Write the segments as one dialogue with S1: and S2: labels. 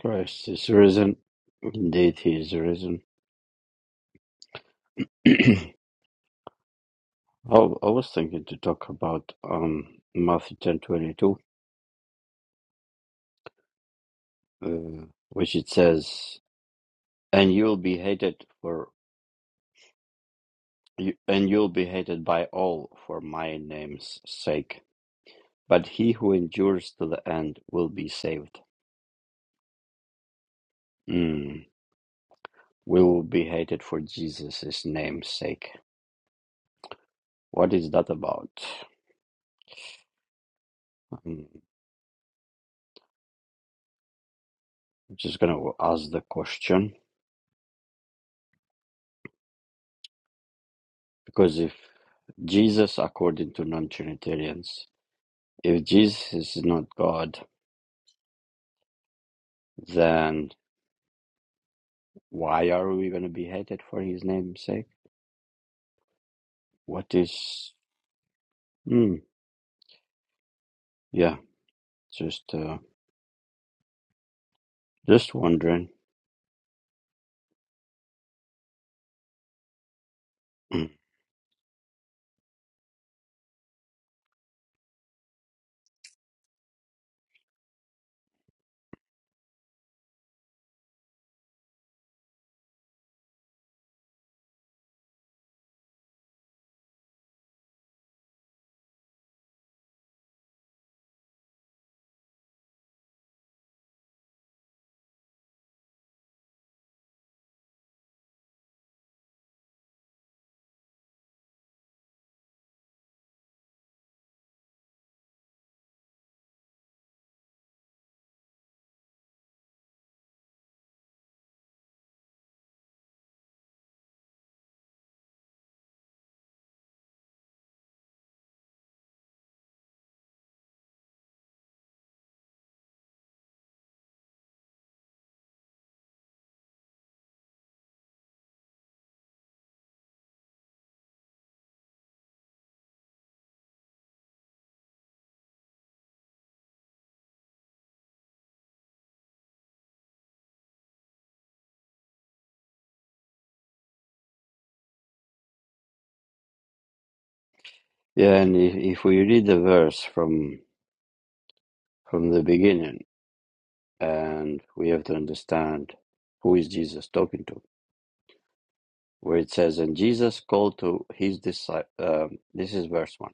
S1: Christ is risen. Indeed, he is risen. I, I was thinking to talk about um, Matthew ten twenty two, uh, which it says, "And you'll be hated for, you, and you'll be hated by all for my name's sake. But he who endures to the end will be saved." Mm. We will be hated for Jesus' name's sake. What is that about? Hmm. I'm just gonna ask the question because if Jesus according to non-Trinitarians. If Jesus is not God, then why are we going to be hated for his name's sake? What is... Hmm, yeah, just uh, just wondering. Hmm. Yeah, and if, if we read the verse from from the beginning, and we have to understand who is Jesus talking to, where it says, "And Jesus called to his disciples." Um, this is verse one.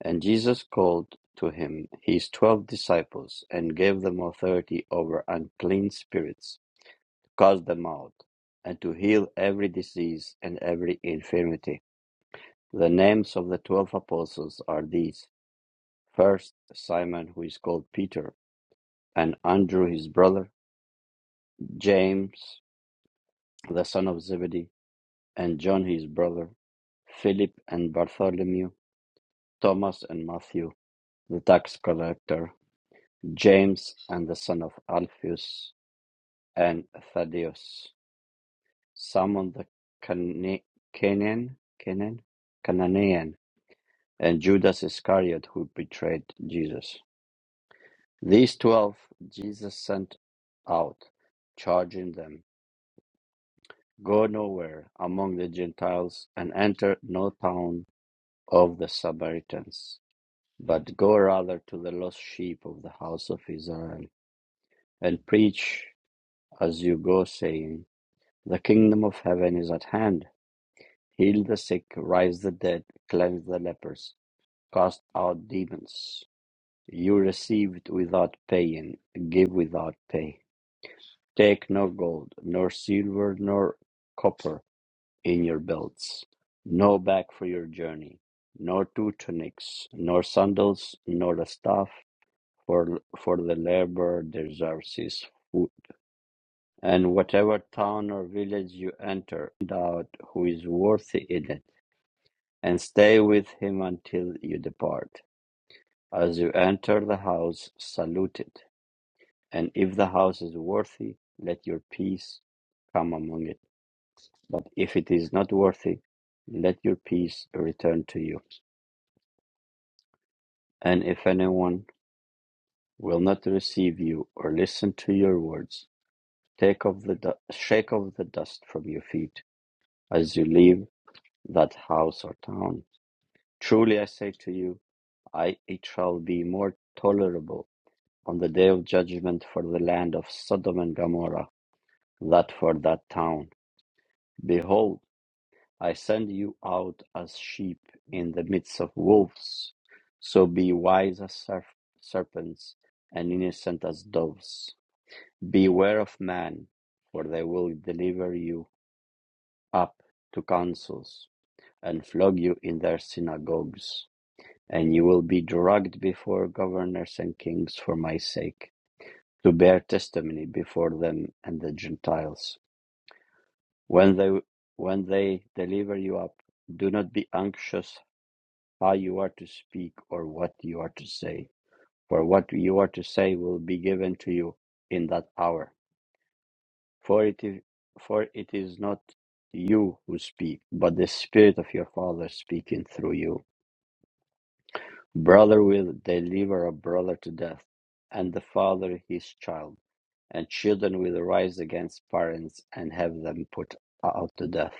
S1: And Jesus called to him his twelve disciples, and gave them authority over unclean spirits, to cast them out, and to heal every disease and every infirmity. The names of the twelve apostles are these first, Simon, who is called Peter, and Andrew his brother, James, the son of Zebedee, and John his brother, Philip and Bartholomew, Thomas and Matthew, the tax collector James and the son of Alphaeus and Thaddeus Simon the Cana- Canaan, Canaan, Canaan, and Judas Iscariot, who betrayed Jesus. These twelve Jesus sent out, charging them, Go nowhere among the Gentiles and enter no town of the Samaritans, but go rather to the lost sheep of the house of Israel and preach as you go, saying, The kingdom of heaven is at hand. Heal the sick, raise the dead, cleanse the lepers, cast out demons. You received without paying, give without pay. Take no gold, nor silver, nor copper in your belts, no bag for your journey, nor two tunics, nor sandals, nor a staff, for, for the laborer deserves his food. And whatever town or village you enter, find out who is worthy in it And stay with him until you depart. As you enter the house, salute it. And if the house is worthy, let your peace come among it. But if it is not worthy, let your peace return to you. And if anyone will not receive you or listen to your words, take off the du- shake off the dust from your feet as you leave that house or town. Truly I say to you, I, it shall be more tolerable on the day of judgment for the land of Sodom and Gomorrah, that for that town. Behold, I send you out as sheep in the midst of wolves. So be wise as serp- serpents and innocent as doves. Beware of man, for they will deliver you up to councils and flog you in their synagogues. And you will be dragged before governors and kings for my sake to bear testimony before them and the Gentiles. When they when they deliver you up, do not be anxious how you are to speak or what you are to say, for what you are to say will be given to you in that hour. For it is, for it is not you who speak, but the Spirit of your Father speaking through you. Brother will deliver a brother to death, and the father his child, and children will rise against parents and have them put out to death.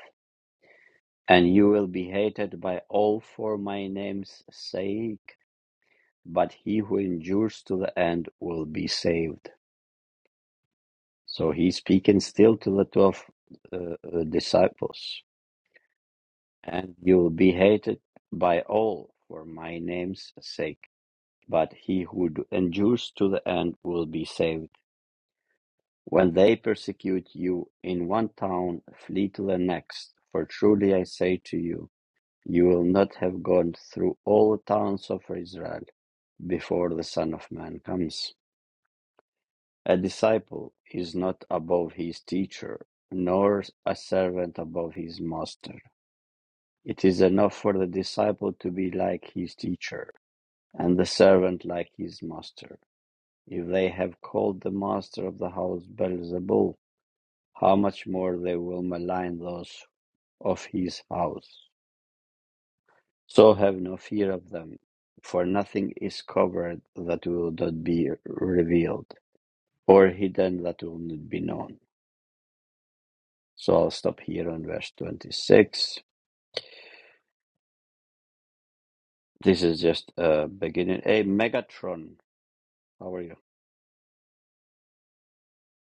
S1: And you will be hated by all for my name's sake, but he who endures to the end will be saved. So he's speaking still to the 12 uh, uh, disciples. And you will be hated by all for my name's sake, but he who endures to the end will be saved. When they persecute you in one town, flee to the next. For truly I say to you, you will not have gone through all the towns of Israel before the Son of Man comes. A disciple is not above his teacher, nor a servant above his master. It is enough for the disciple to be like his teacher, and the servant like his master. If they have called the master of the house Beelzebul, how much more they will malign those of his house. So have no fear of them, for nothing is covered that will not be revealed, or hidden that will not be known. So I'll stop here on verse 26. This is just a beginning. Hey, Megatron, how are you?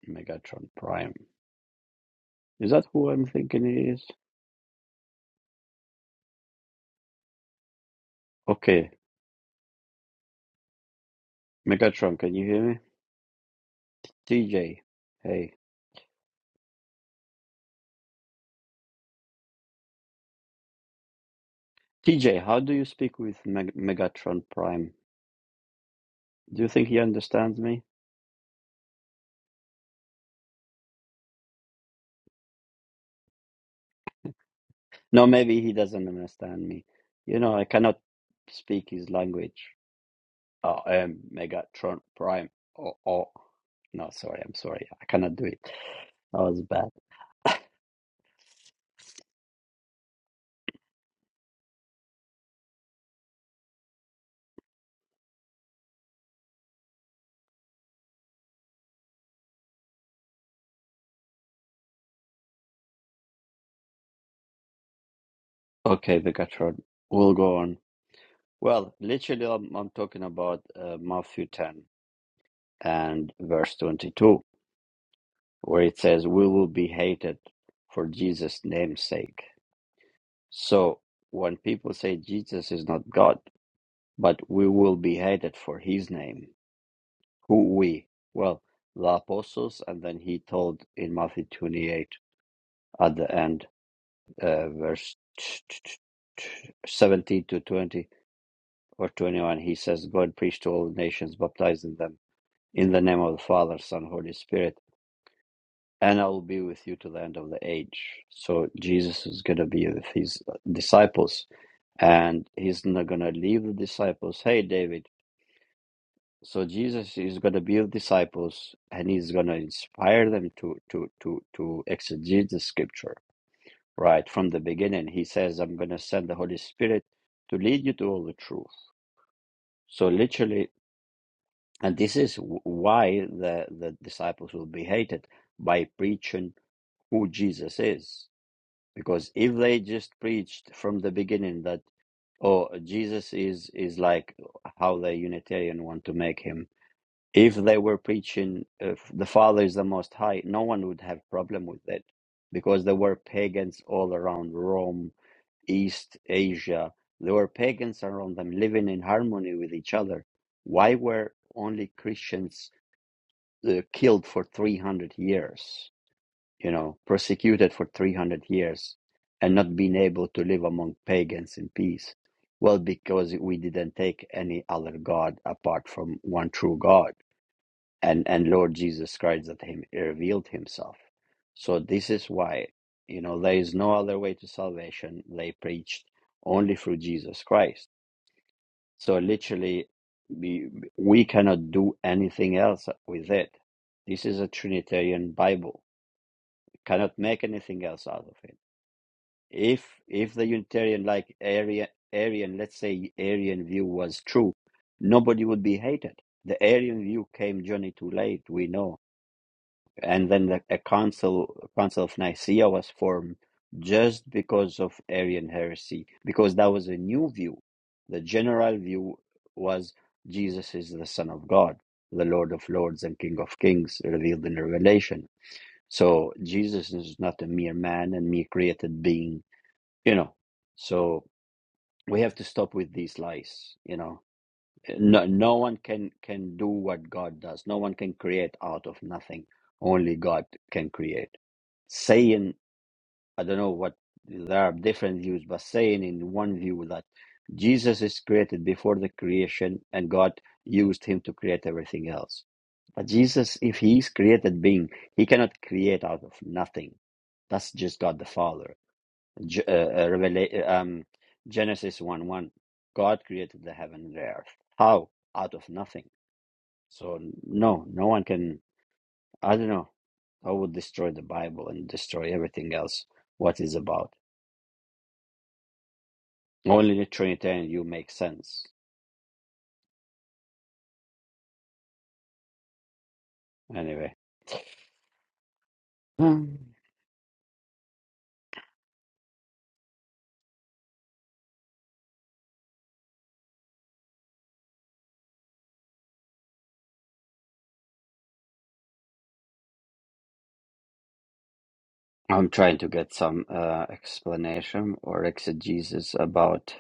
S1: Megatron Prime. Is that who I'm thinking it is? Okay, Megatron, can you hear me? TJ, hey. TJ, how do you speak with Meg- Megatron Prime? Do you think he understands me? No, maybe he doesn't understand me. You know, I cannot speak his language. Oh, I am Megatron Prime. Oh, oh. No, sorry, I'm sorry. I cannot do it. That was bad. Okay, Megatron, we'll go on. Well, literally, I'm, I'm talking about uh, Matthew 10 and verse 22, where it says, We will be hated for Jesus' name's sake. So when people say Jesus is not God, but we will be hated for his name, who we? Well, the apostles, and then he told in Matthew 28 at the end, uh, verse 17 to 20 or 21, he says, Go and preach to all nations, baptizing them in the name of the Father, Son, Holy Spirit, and I will be with you to the end of the age. So Jesus is going to be with his disciples And he's not going to leave the disciples. Hey, David. So Jesus is going to build disciples and he's going to inspire them to, to, to, to exegete the scripture right from the beginning. He says, I'm going to send the Holy Spirit to lead you to all the truth. So literally, and this is w- why the, the disciples will be hated by preaching who Jesus is. Because if they just preached from the beginning that Or Jesus is is like how the Unitarian want to make him. If they were preaching if the Father is the Most High, no one would have problem with that, because there were pagans all around Rome, East Asia. There were pagans around them living in harmony with each other. Why were only Christians uh, killed for three hundred years? you know, persecuted for 300 years and not being able to live among pagans in peace? Well, because we didn't take any other God apart from one true God and, and Lord Jesus Christ that him revealed himself. So this is why, you know, there is no other way to salvation. They preached only through Jesus Christ. So literally, we, we cannot do anything else with it. This is a Trinitarian Bible. We cannot make anything else out of it if if the Unitarian like Arian, Arian, let's say Arian view was true, nobody would be hated. The Arian view came journey too late, we know. And then the, a council council of Nicaea was formed just because of Arian heresy, because that was a new view. The general view was Jesus is the Son of God, the Lord of Lords and King of Kings, revealed in Revelation. So Jesus is not a mere man and mere created being you know so we have to stop with these lies you know eh, no, no one can can do what god does no one can create out of nothing only god can create saying i don't know what there are different views but saying in one view that jesus is created before the creation and god used him to create everything else but jesus if he is created being he cannot create out of nothing that's just god the father G- uh, uh, Revela- um, Genesis 1 1. God created the heaven and the earth. How? Out of nothing. So, no, no one can. I don't know. I would destroy the Bible and destroy everything else what is about. Only the Trinitarian you make sense. Anyway, Hmm. I'm trying to get some uh, explanation or exegesis about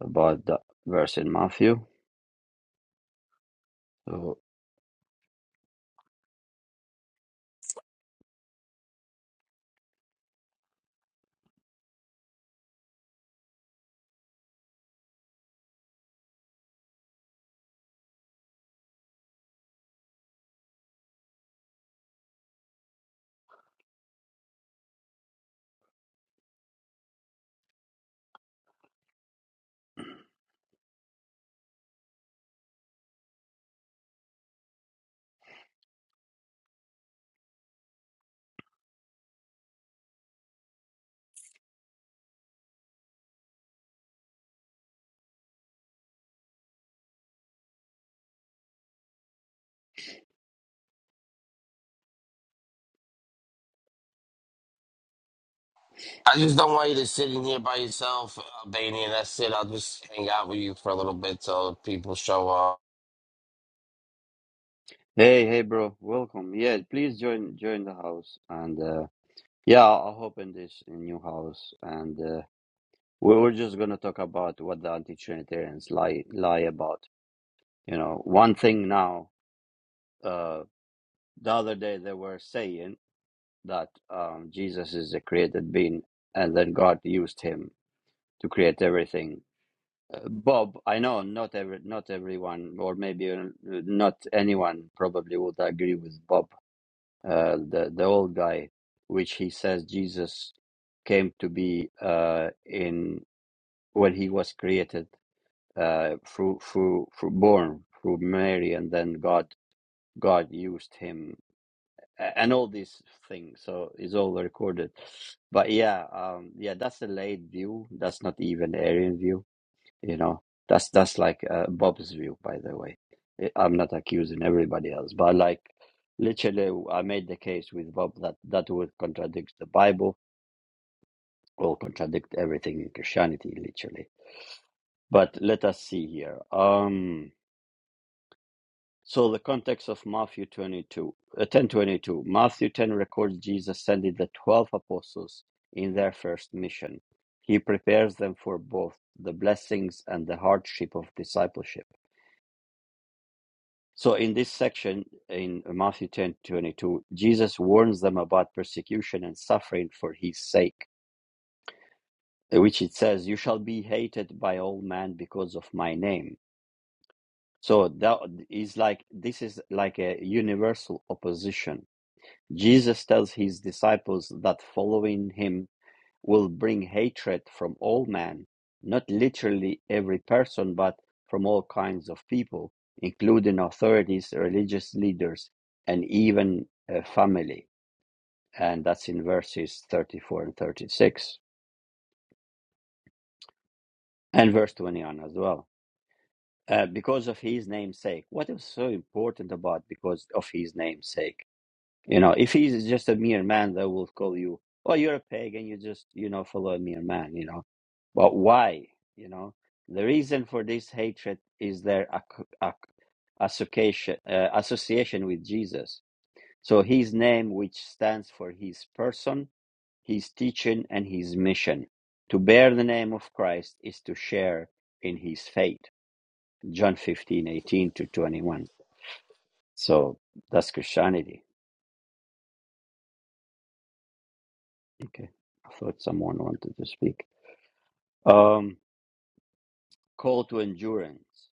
S1: about the verse in Matthew. So,
S2: I just don't want you to sit in here by yourself, Albania. That's it. I'll just hang out with you for a little bit till people show up.
S1: hey, hey, bro, welcome. Yeah, please join join the house and. uh, Yeah, I'll hope in this new house, and uh, we we're just gonna talk about what the anti-Trinitarians lie lie about. You know, one thing now. Uh, the other day they were saying that um, Jesus is a created being, and then God used him to create everything. Uh, Bob, I know not every not everyone, or maybe uh, not anyone, probably would agree with Bob, uh, the the old guy, which he says Jesus came to be uh, in. when he was created uh, through through through born through Mary, and then God God used him a- and all these things. So it's all recorded. But yeah, um, yeah, that's a late view. That's not even Arian view. You know, that's that's like uh, Bob's view, by the way. I- I'm not accusing everybody else, but like literally, I made the case with Bob that that would contradict the Bible or contradict everything in Christianity, literally. But let us see here. Um So the context of Matthew 22, uh, 10:22, Matthew 10 records Jesus sending the 12 apostles in their first mission. He prepares them for both the blessings and the hardship of discipleship. So in this section in Matthew 10:22, Jesus warns them about persecution and suffering for his sake, which it says, "You shall be hated by all men because of my name." So that is like this is like a universal opposition Jesus tells his disciples that following him will bring hatred from all men, not literally every person, but from all kinds of people, including authorities, religious leaders, and even uh, family. And that's in verses 34 and 36, and verse 21 as well. Uh, because of his name's sake. What is so important about because of his name's sake? You know, if he's just a mere man, they will call you, oh, you're a pagan, you just, you know, follow a mere man, you know. But why? You know, the reason for this hatred is their ac- ac- association, uh, association with Jesus. So his name, which stands for his person, his teaching, and his mission. To bear the name of Christ is to share in his fate. John 15 18 to 21. So that's Christianity. Okay. I thought someone wanted to speak. Um, call to endurance.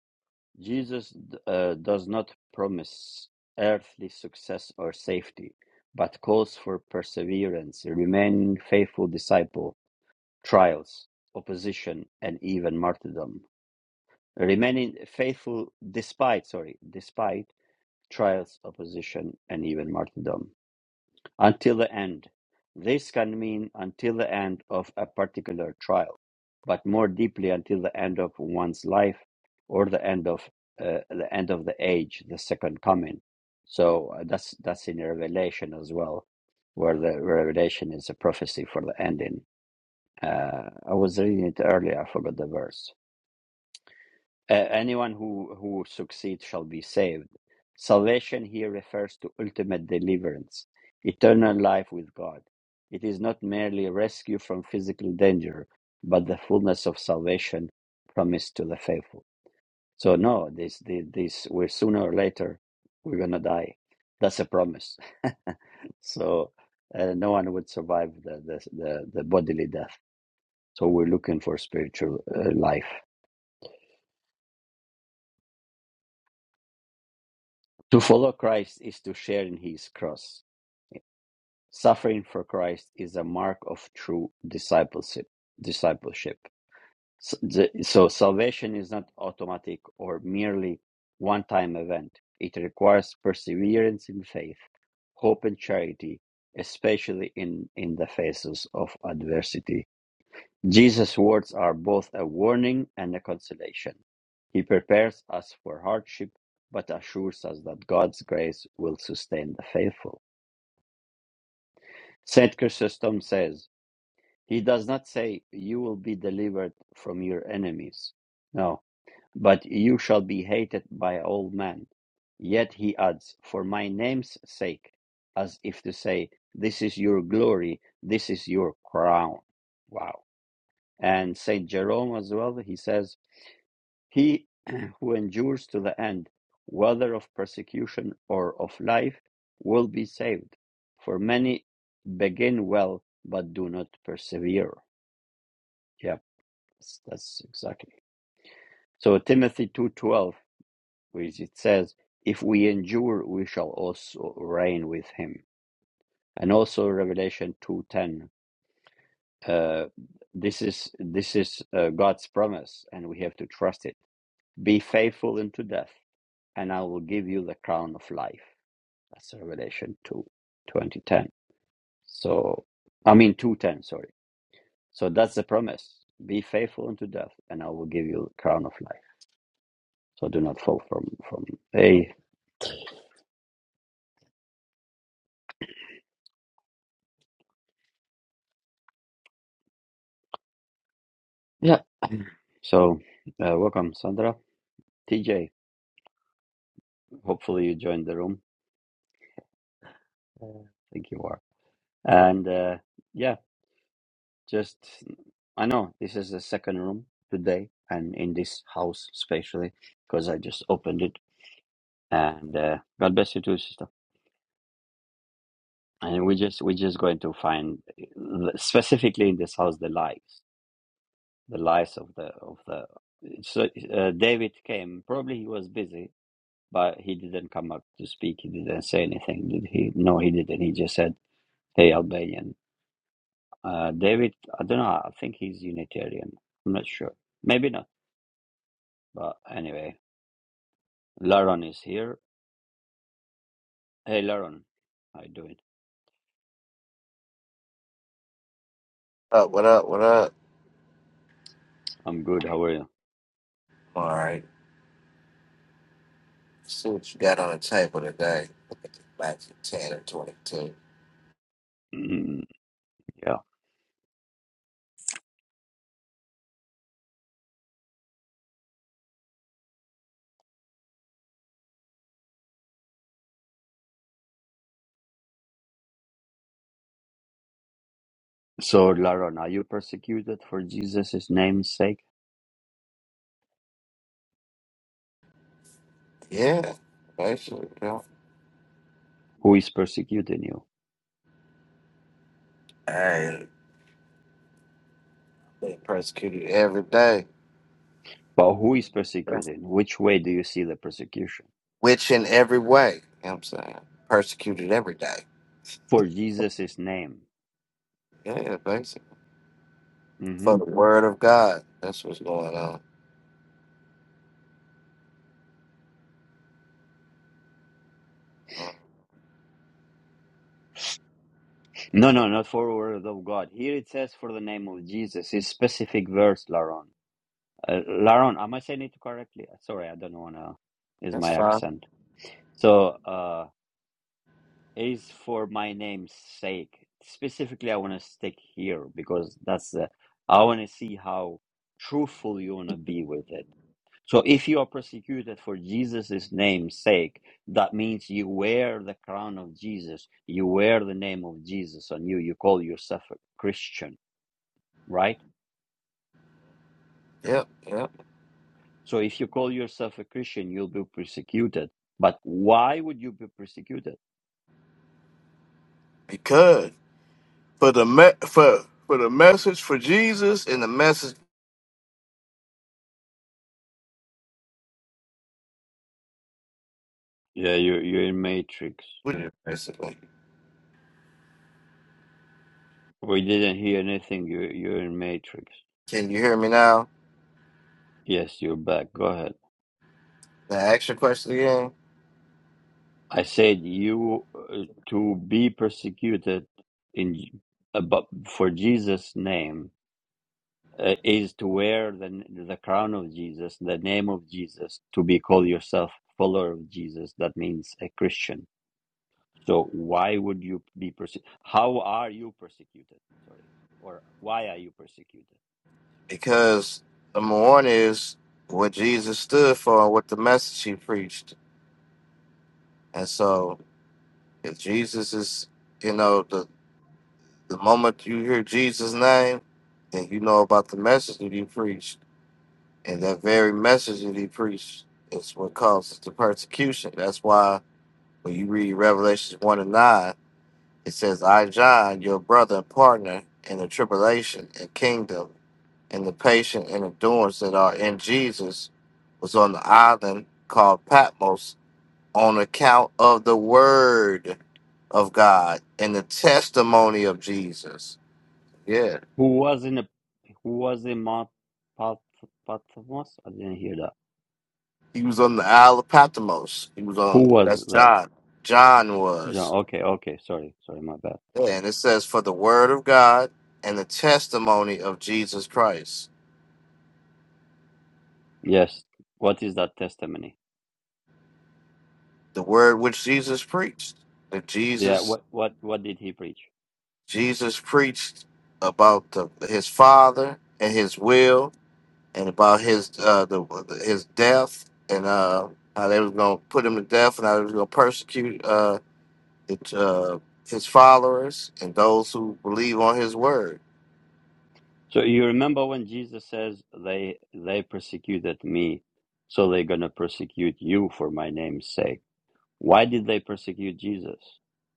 S1: Jesus uh, does not promise earthly success or safety, but calls for perseverance, remaining faithful disciple, trials, opposition, and even martyrdom. Remaining faithful despite, sorry, despite trials, opposition, and even martyrdom. until the end. This can mean until the end of a particular trial, but more deeply until the end of one's life or the end of uh, the end of the age, the second coming. So uh, that's that's in Revelation as well, where the Revelation is a prophecy for the ending. Uh, I was reading it earlier. I forgot the verse. Uh, anyone who, who succeeds shall be saved. Salvation here refers to ultimate deliverance, eternal life with God. It is not merely a rescue from physical danger, but the fullness of salvation promised to the faithful. So no, this this, this we're sooner or later we're gonna die. That's a promise. so uh, no one would survive the, the the the bodily death. So we're looking for spiritual uh, life. To follow Christ is to share in his cross. Suffering for Christ is a mark of true discipleship. Discipleship. So, the- so salvation is not automatic or merely one-time event. It requires perseverance in faith, hope and charity, especially in, in the faces of adversity Jesus' words are both a warning and a consolation. He prepares us for hardship, but assures us that God's grace will sustain the faithful. St. Chrysostom says, He does not say, You will be delivered from your enemies. No, but you shall be hated by all men. Yet he adds, For my name's sake, as if to say, This is your glory, this is your crown. Wow. And St. Jerome as well, he says, He who endures to the end, whether of persecution or of life, will be saved. For many begin well but do not persevere. Yeah, that's, that's exactly. So Timothy 2:12, which it says, if we endure, we shall also reign with him. And also Revelation 2:10, uh, this is this is uh, God's promise and we have to trust it. Be faithful unto death, and I will give you the crown of life. That's Revelation 2, 2010. So, I mean 210, sorry. So that's the promise. Be faithful unto death, and I will give you the crown of life. So do not fall from, from, hey. Yeah. So, uh, welcome, Sandra. TJ, hopefully you joined the room. Uh, I think you are. And, uh, yeah, just, I know this is the second room today, and in this house, especially, because I just opened it. And, uh, God bless you too, Sister and we just we're just going to find the- specifically in this house the lies the lies of the of the so uh, david came probably he was busy but he didn't come up to speak he didn't say anything did he no he didn't he just said hey albanian uh david i don't know i think he's unitarian i'm not sure maybe not but anyway laron is here hey laron how you doing
S3: up? What
S1: Mhm.
S3: up? What up?
S1: i'm good how are
S3: All right. See what you got on the table today. Look at the Back to 10 and 22.
S1: you yeah. So, Laron, are you persecuted for Jesus' name's sake?
S3: Yeah. Basically, yeah.
S1: Who is persecuting you?
S3: Hey, they persecuted every day.
S1: But who is persecuting? Which way do you see the persecution?
S3: Witch in every way. You know what I'm saying? Persecuted every day.
S1: For Jesus' name.
S3: Yeah, basically.
S1: hmm
S3: For the word of God. That's what's going on. Uh,
S1: No, no, not for the word of God. Here it says for the name of Jesus. It's specific verse, Laron. Uh, Laron, am I saying it correctly? Sorry, I don't want to. Is my
S3: That's fine.
S1: accent. So, uh, is for my name's sake. Specifically, I want to stick here because that's the, I want to see how truthful you want to be with it. So if you are persecuted for Jesus' name's sake, that means you wear the crown of Jesus. You wear the name of Jesus on you. You call yourself a Christian, right?
S3: Yep, yep.
S1: So if you call yourself a Christian, you'll be persecuted. But why would you be persecuted?
S3: Because for the me- for for the message for Jesus and the message
S1: Yeah, you're, you're in Matrix.
S3: with Yeah, Basically.
S1: We didn't hear anything. You're, you're in Matrix.
S3: Can you hear me now?
S1: Yes, you're back. Go ahead.
S3: Now ask your question again.
S1: I said you uh, to be persecuted in about for Jesus' name uh, is to wear the the crown of Jesus, the name of Jesus, to be called yourself follower of Jesus. That means a Christian. So why would you be persecuted? How are you persecuted? Sorry, or why are you persecuted?
S3: Because number one is what Jesus stood for and what the message he preached. And so if Jesus is, you know, the, the moment you hear Jesus' name, then you know about the message that he preached. And that very message that he preached is what causes the persecution. That's why when you read Revelations 1 and 9, it says, I, John, your brother and partner in the tribulation and kingdom and the patient and endurance that are in Jesus was on the island called Patmos on account of the word of God and the testimony of Jesus. Yeah.
S1: Who was in a who was in Mount Pat- Patmos? I didn't hear that.
S3: He was on the Isle of Patmos. He was on
S1: Who was
S3: that's
S1: there?
S3: John. John
S1: John.
S3: was.
S1: Okay, okay. Sorry, sorry, my bad.
S3: Yeah, and it says for the word of God and the testimony of Jesus Christ.
S1: Yes. What is that testimony?
S3: The word which Jesus preached. That
S1: Yeah.
S3: Jesus
S1: What what what did he preach?
S3: Jesus preached about the, his father and his will, and about his uh, the, his death, and uh, how they was gonna put him to death, and how they was gonna persecute uh, it, uh, his followers and those who believe on his word.
S1: So you remember when Jesus says they they persecuted me, so they're gonna persecute you for my name's sake. Why did they persecute Jesus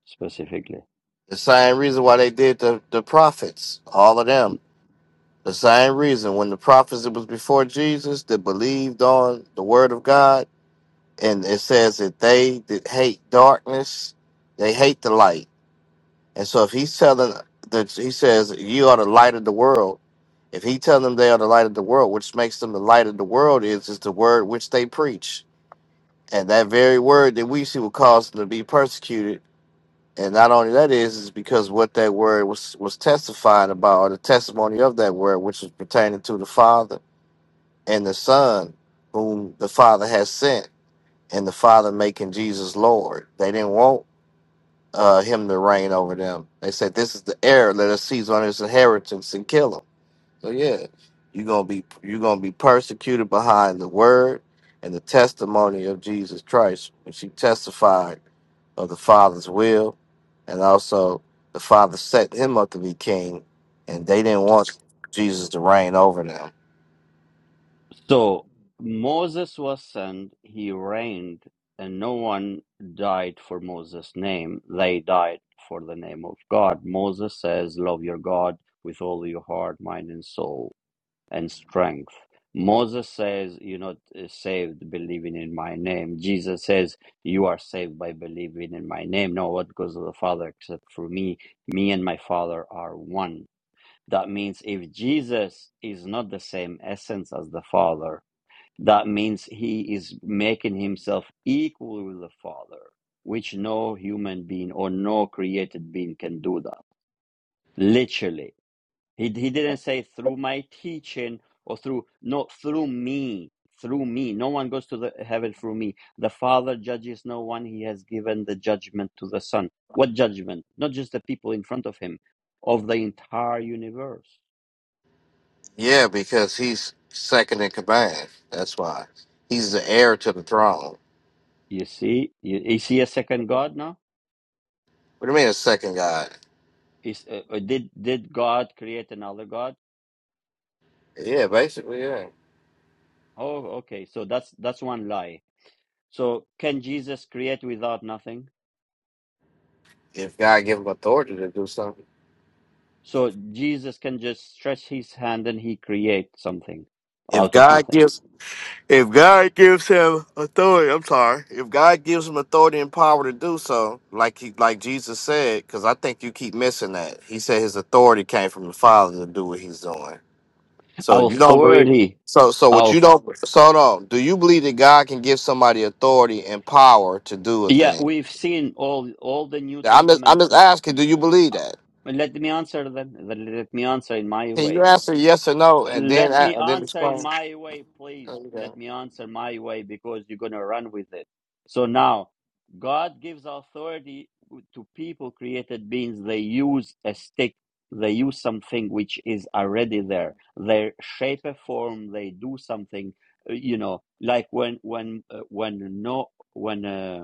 S1: specifically?
S3: The same reason why they did the, the prophets, all of them. The same reason when the prophets that was before Jesus that believed on the word of God, and it says that they that hate darkness, they hate the light And so if he's telling that he says you are the light of the world, if he telling them they are the light of the world, which makes them the light of the world is is the word which they preach. And that very word that we see will cause them to be persecuted. And not only that is is because what that word was was testified about, or the testimony of that word, which was pertaining to the Father and the Son, whom the Father has sent, and the Father making Jesus Lord. They didn't want uh, him to reign over them. They said, "This is the heir. Let us seize on his inheritance and kill him." So yeah, you're gonna be you're gonna be persecuted behind the word and the testimony of Jesus Christ, when she testified of the Father's will, and also the Father set him up to be king, and they didn't want Jesus to reign over them.
S1: So Moses was sent, he reigned, and no one died for Moses' name. They died for the name of God. Moses says, Love your God with all your heart, mind, and soul, and strength. Moses says, You're not uh, saved believing in my name. Jesus says, You are saved by believing in my name. No one goes to the Father except for me. Me and my Father are one. That means if Jesus is not the same essence as the Father, that means he is making himself equal with the Father, which no human being or no created being can do that. Literally. He, he didn't say through my teaching or through, no, through me. Through me. No one goes to the heaven through me. The Father judges no one. He has given the judgment to the Son. What judgment? Not just the people in front of him, of the entire universe.
S3: Yeah, because he's second in command. That's why he's the heir to the throne.
S1: You see? You, you see a second God now?
S3: What do you mean, a second God?
S1: is uh, uh, did did god create another god
S3: Yeah, basically, yeah.
S1: oh okay so that's that's one lie so can jesus create without nothing
S3: If God give him authority to do something.
S1: so jesus can just stretch his hand and he create something
S3: If
S1: out of
S3: God
S1: nothing
S3: gives if God gives him authority, I'm sorry. If God gives him authority and power to do so, like he like Jesus said, because I think you keep missing that. He said his authority came from the Father to do what he's doing. So
S1: Our
S3: you don't believe
S1: authority
S3: so so what you
S1: our
S3: don't so hold on. Do you believe that God can give somebody authority and power to do a
S1: Yeah,
S3: thing?
S1: we've seen all all the New
S3: I'm just I'm
S1: Testament.
S3: just asking, do you believe
S1: uh,
S3: that?
S1: Let me answer them. Let me answer in my
S3: Can you
S1: way.
S3: answer yes or no and then
S1: Let me
S3: and then
S1: answer
S3: explain?
S1: in my way, please.
S3: Okay.
S1: Let me answer my way because you're gonna run with it. So now, God gives authority to people, created beings. They use a stick. They use something which is already there. They shape a form. They do something. uh, You know, like when when uh, when no when. uh,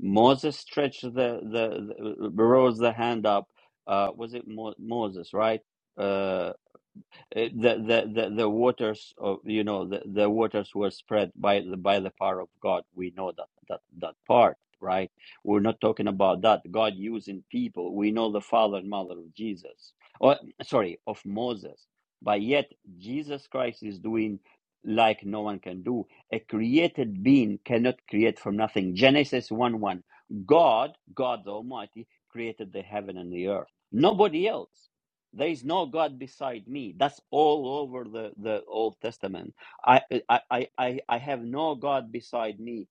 S1: Moses stretched the, the, the rose the hand up. Uh, was it Mo- Moses, right? Uh, uh, the the the the waters of you know the, the waters were spread by the by the power of God. We know that that that part, right? We're not talking about that. God using people. We know the father and mother of Jesus, or sorry, of Moses. But yet Jesus Christ is doing like no one can do. A created being cannot create from nothing. Genesis one one. God, God the Almighty, created the heaven and the earth. Nobody else. There is no God beside me. That's all over the, the Old Testament. I, I, I, I I have no God beside me.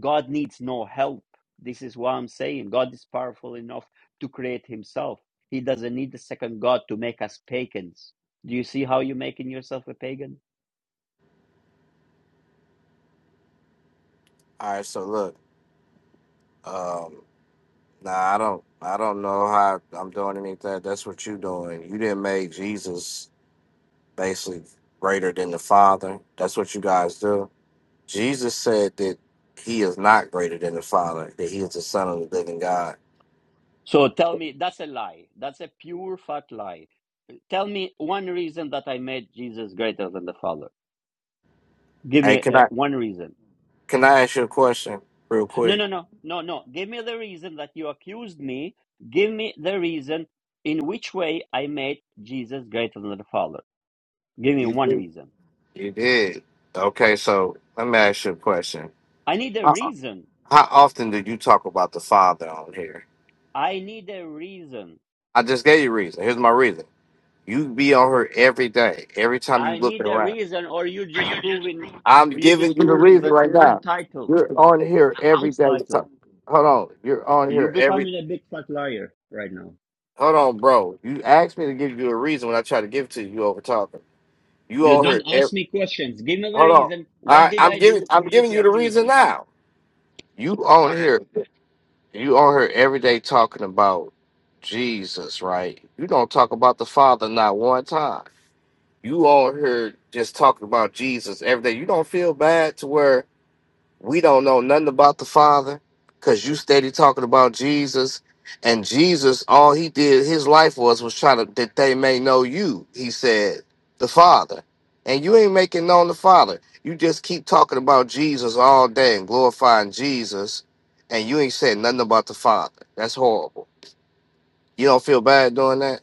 S1: God needs no help. This is what I'm saying. God is powerful enough to create himself. He doesn't need the second God to make us pagans. Do you see how you're making yourself a pagan?
S3: All right, so look. Um Nah, I don't. I don't know how I'm doing anything. That's what you doing. You didn't make Jesus basically greater than the Father. That's what you guys do. Jesus said that he is not greater than the Father. That he is the Son of the Living God.
S1: So tell me, that's a lie. That's a pure fat lie. Tell me one reason that I made Jesus greater than the Father. Give
S3: Hey,
S1: me
S3: can
S1: uh,
S3: I
S1: one reason.
S3: can I ask you a question real
S1: No,
S3: quick?
S1: no, no, no, no. Give me the reason that you accused me. Give me the reason in which way I made Jesus greater than the Father. Give me
S3: You
S1: one
S3: did.
S1: reason.
S3: You did. Okay, so let me ask you a question.
S1: I need a
S3: How,
S1: reason.
S3: how often do you talk about the Father on here?
S1: I need a reason.
S3: I just gave you a reason. Here's my reason. You be on her every day. Every time you
S1: I
S3: looking
S1: need a
S3: around.
S1: reason, or you just proving,
S3: I'm
S1: you
S3: giving
S1: just
S3: you the
S1: proving
S3: reason
S1: the
S3: right
S1: even
S3: now.
S1: title,
S3: You're on here
S1: the
S3: every
S1: house
S3: day. So-
S1: title.
S3: Hold on. You're on
S1: You
S3: here every.
S1: becoming a big fat liar right now.
S3: Hold on, bro. You asked me to give you a reason when I try to give it to you. You over talking. You
S1: You
S3: on
S1: don't
S3: here
S1: ask
S3: every.
S1: me questions. Give me the
S3: Hold on. All
S1: reason. What
S3: right.
S1: did
S3: I'm
S1: I
S3: giving.
S1: do
S3: I'm
S1: for you
S3: giving
S1: to
S3: you the
S1: accuse
S3: reason
S1: me?
S3: now. You
S1: Go
S3: on
S1: ahead.
S3: here. You on here every day talking about Jesus, right? You don't talk about the Father not one time. You on here just talking about Jesus every day. You don't feel bad to where We don't know nothing about the Father because you steady talking about Jesus. And Jesus, all he did, his life was, was trying to, that they may know you, he said, the Father. And you ain't making known the Father. You just keep talking about Jesus all day and glorifying Jesus. And you ain't said nothing about the Father. That's horrible. You don't feel bad doing that?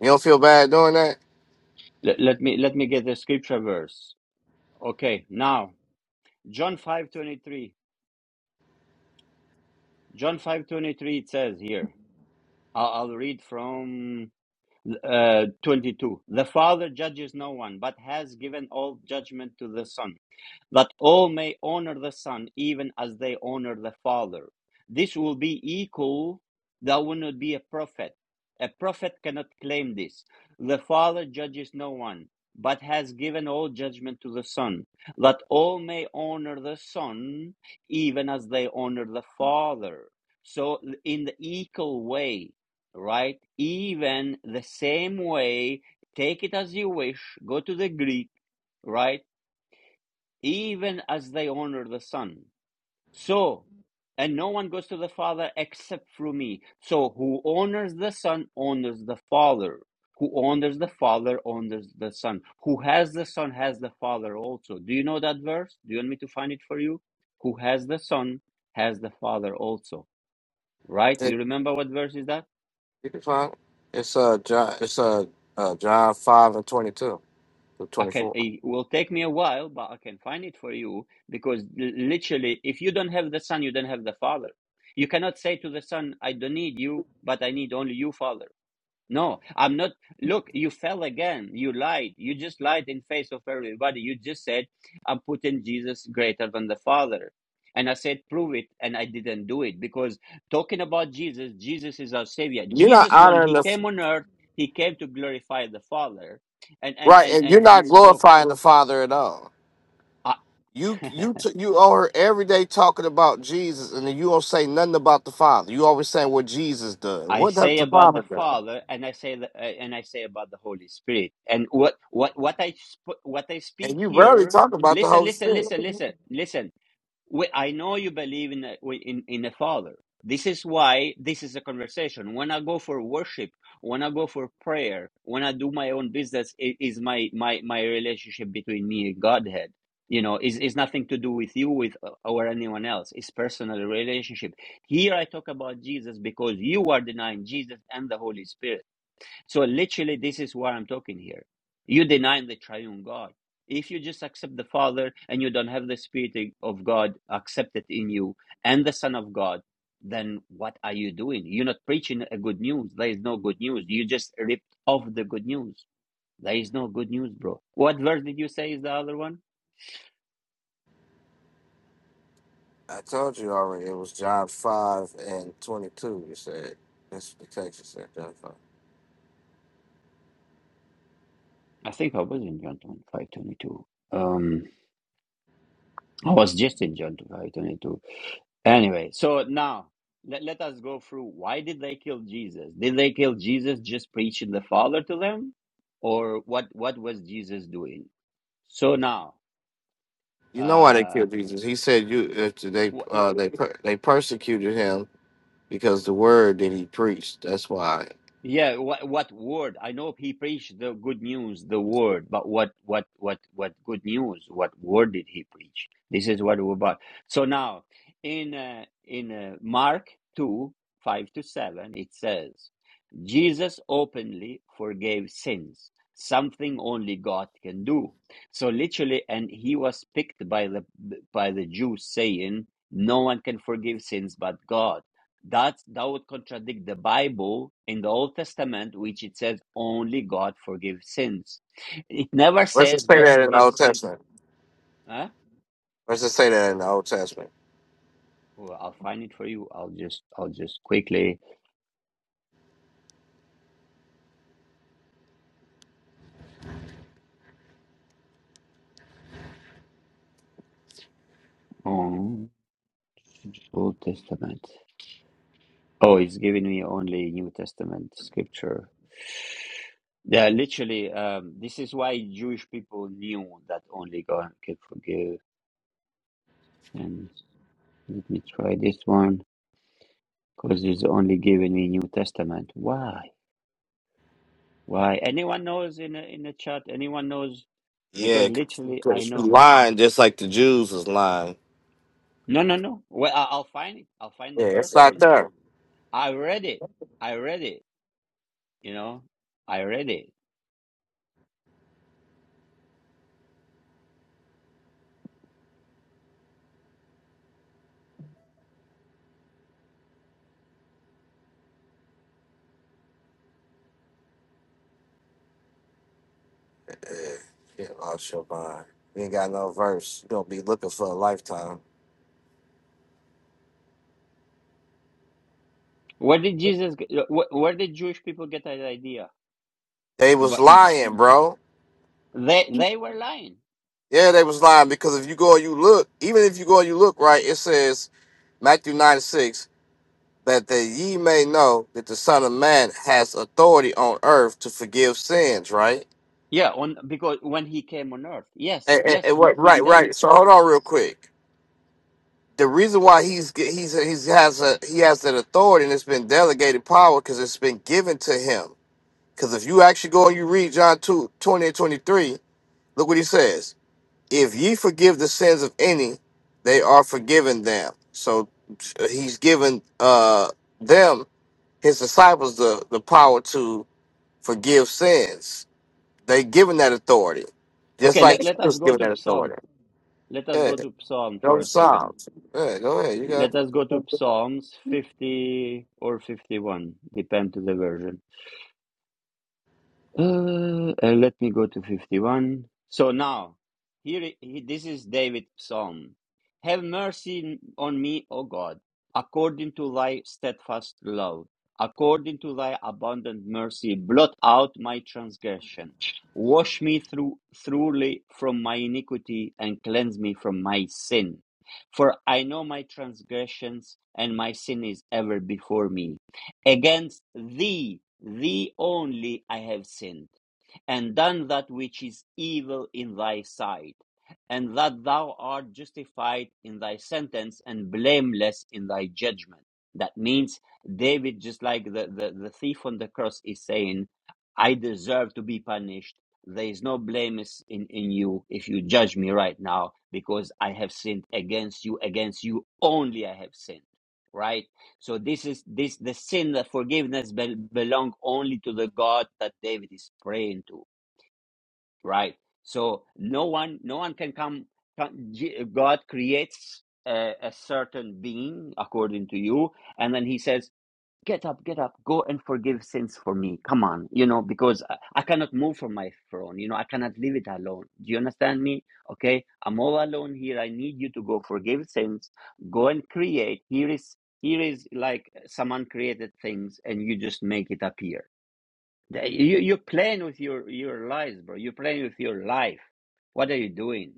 S3: You don't feel bad doing that?
S1: Let, let me let me get the scripture verse. Okay, now John 5:23. John 5:23 it says here. I'll, I'll read from uh, 22. The Father judges no one, but has given all judgment to the Son that all may honor the Son, even as they honor the Father. This will be equal, that will not be a prophet. A prophet cannot claim this. The Father judges no one, but has given all judgment to the Son, that all may honor the Son, even as they honor the Father. So, in the equal way, right? Even the same way, take it as you wish, go to the Greek right? even as they honor the Son. So, and no one goes to the Father except through me. So, who honors the Son honors the Father. Who honors the Father honors the Son. Who has the Son has the Father also. Do you know that verse? Do you want me to find it for you? Who has the Son has the Father also. Right?
S3: It-
S1: You remember what verse is that?
S3: It's fine. It's, uh, John, it's uh, uh, John 5 and 22 to
S1: I can,
S3: 24.
S1: it will take me a while, but I can find it for you because literally, if you don't have the son, you don't have the father. You cannot say to the son, I don't need you, but I need only you, father. No, I'm not. Look, you fell again. You lied. You just lied in face of everybody. You just said, I'm putting Jesus greater than the father. And I said, prove it. And I didn't do it because talking about Jesus, Jesus is our savior.
S3: You're not
S1: Jesus, when
S3: honoring
S1: he
S3: the
S1: came on earth, he came to glorify the father and and
S3: Right,
S1: and
S3: and you're
S1: and he
S3: not
S1: spoke
S3: glorifying the Father at all.
S1: I,
S3: You you t- you owe her every day talking about Jesus, and then you don't say nothing about the Father. You always saying what Jesus does.
S1: I
S3: What does
S1: say
S3: the
S1: about the
S3: Father do?
S1: Father, and I say the, uh, and I say about the Holy Spirit. And what what what I sp- what I speak
S3: And you barely
S1: here.
S3: talk about the
S1: Listen,
S3: Holy
S1: listen,
S3: Spirit.
S1: listen, listen, listen. We, I know you believe in a, in in a Father. This is why this is a conversation. When I go for worship, when I go for prayer, when I do my own business, it is my my my relationship between me and Godhead. You know, is is nothing to do with you, with uh, or anyone else. It's personal relationship. Here I talk about Jesus because you are denying Jesus and the Holy Spirit. So literally, this is what I'm talking here. You denying the triune God. If you just accept the Father and you don't have the Spirit of God accepted in you and the Son of God, then what are you doing? You're not preaching a good news. There is no good news. You just ripped off the good news. There is no good news, bro. What verse did you say is the other one?
S3: I told you already. It was John five and twenty two. You said that's what the text. You said John five.
S1: I think I was in John 5.22. Um, I was just in John 5.22. Anyway, so now let, let us go through why did they kill Jesus? Did they kill Jesus just preaching the Father to them? Or what what was Jesus doing? So now,
S3: You know why they
S1: uh
S3: killed Jesus? He said you if they uh, they per- they persecuted him because the word that he preached. That's why.
S1: Yeah, what what word? I know he preached the good news, the word, but what what what what good news? What word did he preach? This is what we're about. So now, in uh, in uh, Mark two five to seven, it says, Jesus openly forgave sins, something only God can do. So literally, and he was picked by the by the Jews, saying, "No one can forgive sins but God." That that would contradict the Bible in the Old Testament, which it says only God forgives sins. It never
S3: Let's just
S1: says
S3: say
S1: God
S3: that in the
S1: forgives
S3: Old
S1: sins.
S3: Testament.
S1: Huh?
S3: Let's just say that in the Old Testament.
S1: Well, I'll find it for you. I'll just I'll just quickly um, Old Testament. Oh, it's giving me only New Testament scripture. Yeah, literally. Um, this is why Jewish people knew that only God can forgive. And let me try this one because it's only giving me New Testament. Why? Why? Anyone knows in the, in the chat? Anyone knows?
S3: Yeah,
S1: Because
S3: 'cause
S1: literally, I
S3: you
S1: know.
S3: lying just like the Jews was lying.
S1: No, no, no. Well, I- I'll find it. I'll find
S3: Yeah,
S1: the
S3: it's
S1: verse for
S3: not
S1: you.
S3: there.
S1: I read it. I read it. You know, I read it.
S3: Yeah, get lost your mind. You ain't got no verse. You gonna be looking for a lifetime.
S1: Where did Jesus? get- Where, where did Jewish people get that idea?
S3: They was
S1: But
S3: lying, bro.
S1: they they were lying.
S3: Yeah, they was lying because if you go and you look, even if you go and you look right, it says Matthew nine six that the ye may know that the Son of Man has authority on earth to forgive sins. Right.
S1: Yeah, on because when he came on earth, yes,
S3: And, and,
S1: yes,
S3: and
S1: he
S3: what?
S1: he's
S3: Right,
S1: telling.
S3: right. So hold on real quick. the reason why he's he's he's has a he has that authority and it's been delegated power because it's been given to him. Because if you actually go and you read John 2 20 and 23, look what he says. If ye forgive the sins of any, they are forgiven them. So uh, he's given uh them, his disciples, the, the power to forgive sins. They given that authority. Just
S1: Okay,
S3: like
S1: let
S3: he
S1: let us
S3: was
S1: go
S3: given
S1: to
S3: that
S1: Psalm.
S3: authority.
S1: Let us
S3: Yeah.
S1: go to Psalm
S3: Go
S1: for
S3: to
S1: a second.
S3: Psalms. Yeah, go ahead. You got it.
S1: Let us go to Psalms 50 or 51, depend to the version. Uh, uh, let me go to 51. So now, here he, this is David's psalm. Have mercy on me, O God, according to thy steadfast love, according to thy abundant mercy, blot out my transgression. Wash me through, thoroughly from my iniquity and cleanse me from my sin. For I know my transgressions and my sin is ever before me. Against thee, thee only, I have sinned, and done that which is evil in thy sight, and that thou art justified in thy sentence and blameless in thy judgment. That means David, just like the, the, the thief on the cross, is saying, I deserve to be punished. There is no blame is in, in you if you judge me right now, because I have sinned against you, against you only I have sinned right? So this is this the sin that forgiveness bel belong only to the God that David is praying to, right? So no one no one can come. Can, God creates a, a certain being according to you, and then He says get up, get up, go and forgive sins for me. Come on, you know, because I, I cannot move from my throne. You know, I cannot leave it alone. Do you understand me? Okay, I'm all alone here. I need you to go forgive sins, go and create. Here is here is like someone created things, and you just make it appear. The- You you're playing with your your lives, bro. You're playing with your life. What are you doing?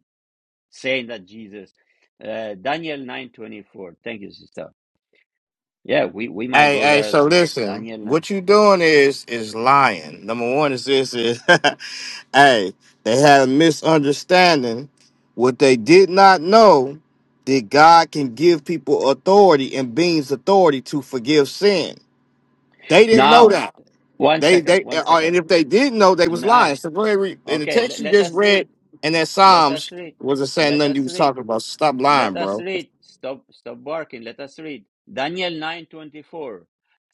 S1: Saying that Jesus, uh, Daniel nine twenty four. Thank you, sister. Yeah, we we might
S3: Hey,
S1: go
S3: hey,
S1: there as
S3: so
S1: well.
S3: listen,
S1: Daniel 9.
S3: what you doing is is lying. Number one is this is hey, they had a misunderstanding. What they did not know that God can give people authority and beings authority to forgive sin. They didn't know
S1: Now,
S3: that.
S1: one
S3: They
S1: second,
S3: they
S1: one
S3: uh, and
S1: second.
S3: if they did know, they was
S1: Now,
S3: lying. So go ahead and read. And the
S1: okay, le-
S3: text you
S1: let
S3: just
S1: us read.
S3: read and that
S1: Let us
S3: Psalms
S1: read.
S3: wasn't saying
S1: Let
S3: nothing you
S1: us
S3: was
S1: read.
S3: talking about. So stop
S1: Let
S3: lying,
S1: us
S3: bro.
S1: read. Stop stop barking. Let us read. Daniel 9:24.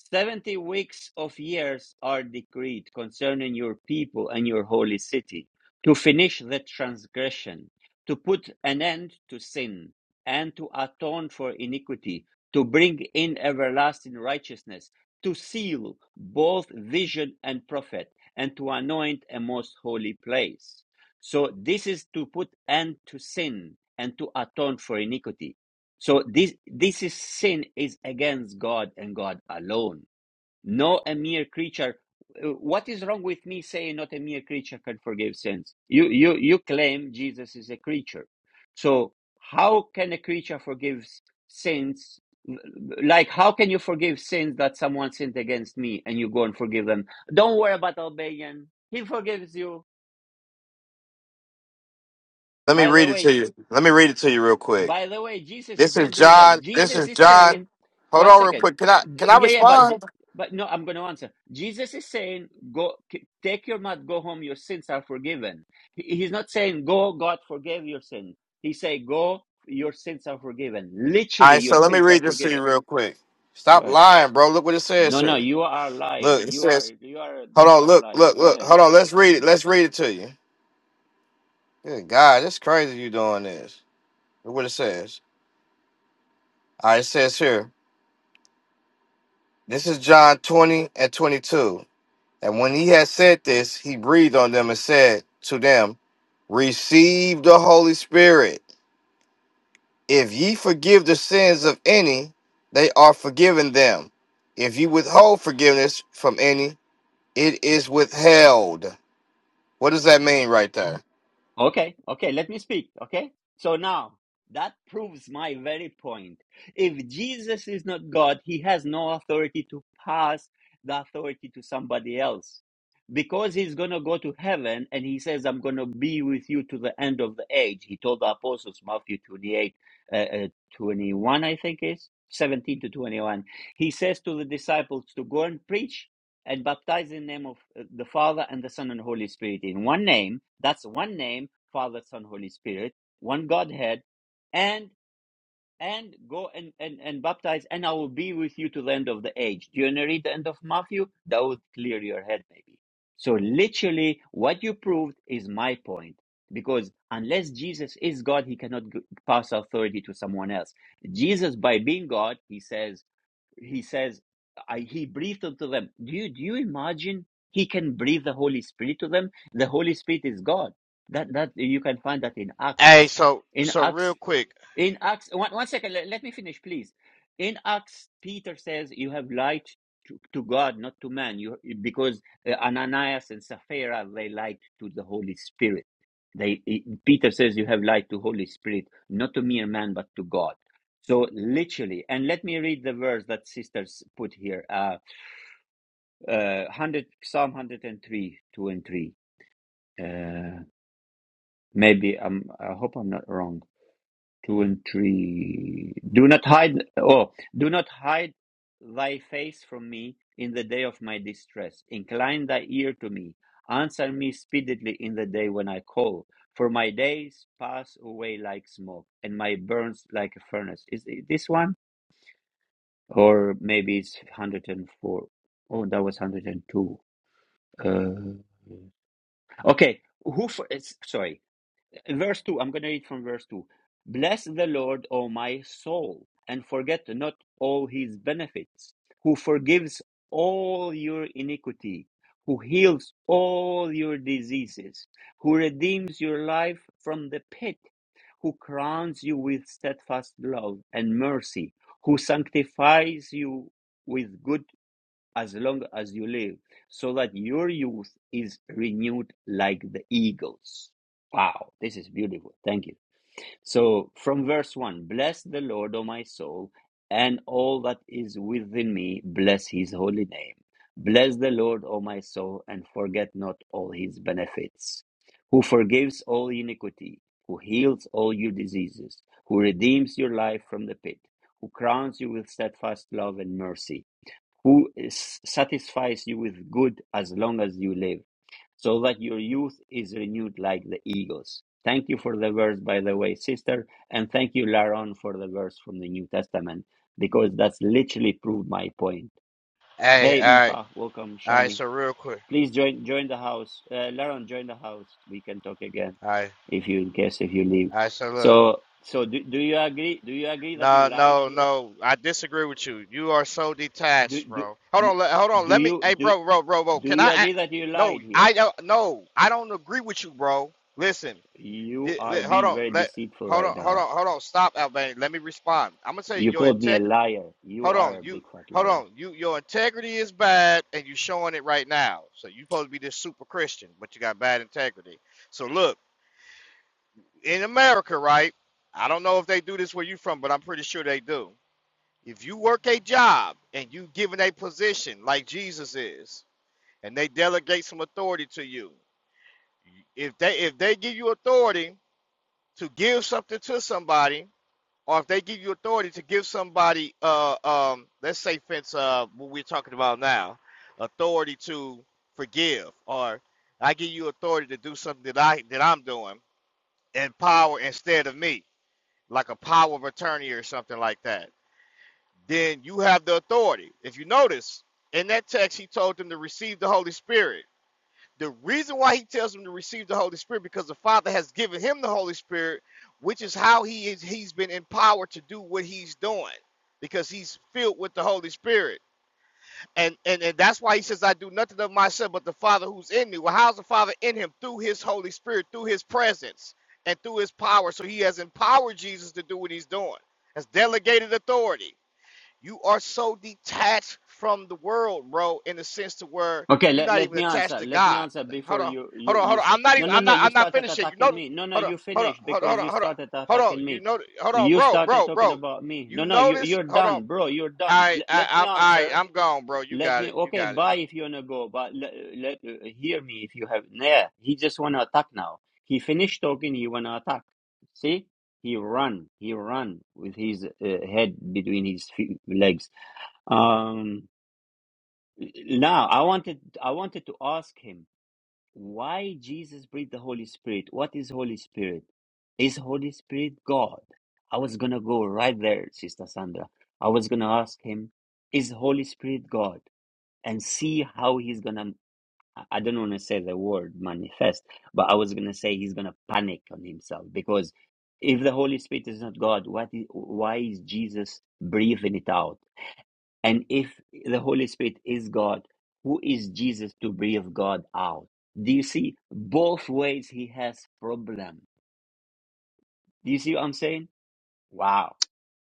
S1: 70 weeks of years are decreed concerning your people and your holy city to finish the transgression, to put an end to sin, and to atone for iniquity, to bring in everlasting righteousness, to seal both vision and prophet, and to anoint a most holy place. So this is to put end to sin and to atone for iniquity. So this this is sin is against God and God alone. No a mere creature. Uh, What is wrong with me saying not a mere creature can forgive sins? You you you claim Jesus is a creature. So how can a creature forgive sins? Like how can you forgive sins that someone sinned against me and you go and forgive them? Don't worry about Albanian. He forgives you.
S3: Let me
S1: By the
S3: read it to
S1: way,
S3: you. Let me read it to you real quick.
S1: By the way, Jesus is
S3: This is
S1: not doing that.
S3: John. This
S1: Jesus
S3: is
S1: is
S3: John.
S1: saying,
S3: Hold
S1: one
S3: on real
S1: second.
S3: quick. Can I can I
S1: Yeah, yeah, but
S3: respond?
S1: but no, I'm going to answer. Jesus is saying, go k- take your mat, go home. Your sins are forgiven. He- He's not saying, go, God forgave your sins. He say, go, your sins are forgiven.
S3: All
S1: Literally,
S3: right,
S1: your
S3: so let me
S1: sins are
S3: read this to you
S1: forgiven.
S3: real quick.
S1: Go
S3: Stop
S1: ahead.
S3: lying, bro. Look what it says
S1: No, no,
S3: here.
S1: you are lying.
S3: Look, it
S1: You are
S3: says,
S1: you are a
S3: hold
S1: big
S3: on,
S1: fat
S3: look,
S1: liar.
S3: look,
S1: Go
S3: look.
S1: ahead.
S3: Hold on, let's read it. Let's read it to you. Good God, it's crazy you doing this. Look what it says. All right, it says here. This is John 20 and 22. And when he had said this, he breathed on them and said to them, Receive the Holy Spirit. If ye forgive the sins of any, they are forgiven them. If ye withhold forgiveness from any, it is withheld. What does that mean right there?
S1: Okay, okay, let me speak. Okay, so now that proves my very point. If Jesus is not God, he has no authority to pass the authority to somebody else because he's going to go to heaven and he says, I'm going to be with you to the end of the age. He told the apostles, Matthew 28 uh, uh, 21, I think is 17 to 21. He says to the disciples to go and preach and baptize in the name of uh, the Father and the Son and Holy Spirit in one name. That's one name Father, Son, Holy Spirit, one Godhead, and and go and, and, and baptize, and I will be with you to the end of the age. Do you want to read the end of Matthew? That would clear your head, maybe. So literally, what you proved is my point. Because unless Jesus is God, he cannot g- pass authority to someone else. Jesus, by being God, he says, he says I, he breathed unto them do you do you imagine he can breathe the holy spirit to them the holy spirit is god that that you can find that in
S3: Hey,
S1: acts
S3: so
S1: in
S3: so
S1: acts
S3: real quick.
S1: in Acts, one, one second, let, let me finish, please. In Acts, Peter says, You have lied to, to God, not to man, you, because uh, Ananias and Sapphira, they lied to the Holy Spirit. They, i- Peter says, You have lied to Holy Spirit, not to mere man, but to God. So literally, and let me read the verse that sisters put here uh, uh, 100, Psalm 103, 2 and 3. Uh, maybe I'm, I hope I'm not wrong. Two and three. Do not hide, oh, do not hide thy face from me in the day of my distress. Incline thy ear to me. Answer me speedily in the day when I call. For my days pass away like smoke, and my burns like a furnace. Is it this one? Or maybe it's 104. Oh, that was 102. Uh, okay. Who for, it's, sorry. verse 2 i'm going to read from verse 2 bless the lord o my soul and forget not all his benefits who forgives all your iniquity who heals all your diseases who redeems your life from the pit who crowns you with steadfast love and mercy who sanctifies you with good as long as you live, so that your youth is renewed like the eagles. Wow, this is beautiful. Thank you. So, from verse 1 Bless the Lord, O my soul, and all that is within me, bless his holy name. Bless the Lord, O my soul, and forget not all his benefits, who forgives all iniquity, who heals all your diseases, who redeems your life from the pit, who crowns you with steadfast love and mercy who is, satisfies you with good as long as you live, so that your youth is renewed like the eagles. Thank you for the verse, by the way, sister, and thank you, Laron, for the verse from the New Testament, because that's literally proved my point.
S3: Hey, all
S1: Hey,
S3: right,
S1: Mfa, welcome,
S3: all right.
S1: Shani.
S3: So real quick.
S1: Please join join the house. Uh, Laron, join the house. We can talk again
S3: All right,
S1: if you in case if you leave.
S3: all right. So look,
S1: So so do, do you agree? Do you agree that
S3: no,
S1: you lied
S3: no,
S1: here?
S3: no. I disagree with you. You are so
S1: Do
S3: detached,
S1: do
S3: bro. Hold on, le- hold on.
S1: do
S3: Let me.
S1: you
S3: Hey,
S1: do?
S3: bro, bro, bro, bro.
S1: Do
S3: Can
S1: you
S3: I?
S1: agree that you
S3: a- No,
S1: lied here?
S3: I don't. No, I don't agree with you, bro. Listen.
S1: You
S3: Yeah, let,
S1: are
S3: hold
S1: being
S3: on.
S1: very
S3: Let
S1: deceitful
S3: hold
S1: right
S3: on. Hold
S1: now.
S3: on. Hold on. Stop, Albanian. Let me respond. I'm gonna say
S1: You
S3: your
S1: called me a
S3: integrity.
S1: liar. You
S3: Hold on.
S1: are a
S3: You
S1: big fat
S3: hold
S1: liar.
S3: on. You your integrity is bad, and you showing it right now. So you supposed to be this super Christian, but you got bad integrity. So look, in America, right? I don't know if they do this where you from, but I'm pretty sure they do. If you work a job and you given a position like Jesus is, and they delegate some authority to you, if they if they give you authority to give something to somebody or if they give you authority to give somebody, uh, um, let's say, fence, uh, what we're talking about now, authority to forgive, or I give you authority to do something that I that I'm doing, and power instead of me, like a power of attorney or something like that, then you have the authority. If you notice in that text, he told them to receive the Holy Spirit. The reason why he tells him to receive the Holy Spirit because the Father has given him the Holy Spirit, which is how he is he's been empowered to do what he's doing because he's filled with the Holy Spirit. And and, and that's why he says, I do nothing of myself but the Father who's in me. Well, how's the Father in him? Through his Holy Spirit, through his presence, and through his power. So he has empowered Jesus to do what he's doing. That's delegated authority you are so detached from the world, bro, in the sense to where
S1: Okay,
S3: you're
S1: let,
S3: not
S1: let
S3: even
S1: me
S3: attached
S1: answer.
S3: to
S1: Let me
S3: God.
S1: answer
S3: Hold
S1: before
S3: on,
S1: you
S3: hold
S1: you
S3: on, hold
S1: you.
S3: on.
S1: sp-
S3: I'm not
S1: No
S3: even.
S1: no
S3: I'm
S1: no.
S3: not.
S1: You
S3: I'm not
S1: started
S3: finished yet. You
S1: attacking
S3: notice?
S1: me. No no.
S3: Hold on,
S1: You
S3: hold on,
S1: finished
S3: hold on,
S1: because
S3: hold on,
S1: you
S3: hold on.
S1: started
S3: Hold on.
S1: attacking
S3: You
S1: me.
S3: know? Hold on,
S1: You
S3: bro,
S1: started
S3: bro,
S1: talking
S3: bro.
S1: about me. No
S3: You
S1: no. You
S3: notice?
S1: you're
S3: Hold on.
S1: done, bro. You're done.
S3: I,
S1: L-
S3: I,
S1: let me
S3: I'm,
S1: answer.
S3: I, I'm gone, bro. You
S1: Let
S3: got
S1: me,
S3: it. You
S1: okay,
S3: got it.
S1: bye if you wanna go, but let, let uh, hear me if you have. Nah, he just wanna attack now. He finished talking, he wanna attack. See, he run, he run with his uh, head between his feet, legs. Um, now I wanted, I wanted to ask him why Jesus breathed the Holy Spirit. What is Holy Spirit? Is Holy Spirit God? I was gonna go right there, Sister Sandra. I was gonna ask him, is Holy Spirit God? and see how he's gonna I I don't want to say the word manifest, but I was gonna say he's gonna panic on himself because if the Holy Spirit is not God, what is, why is Jesus breathing it out? And if the Holy Spirit is God, who is Jesus to breathe God out? Do you see both ways he has problem? Do you see what I'm saying? Wow,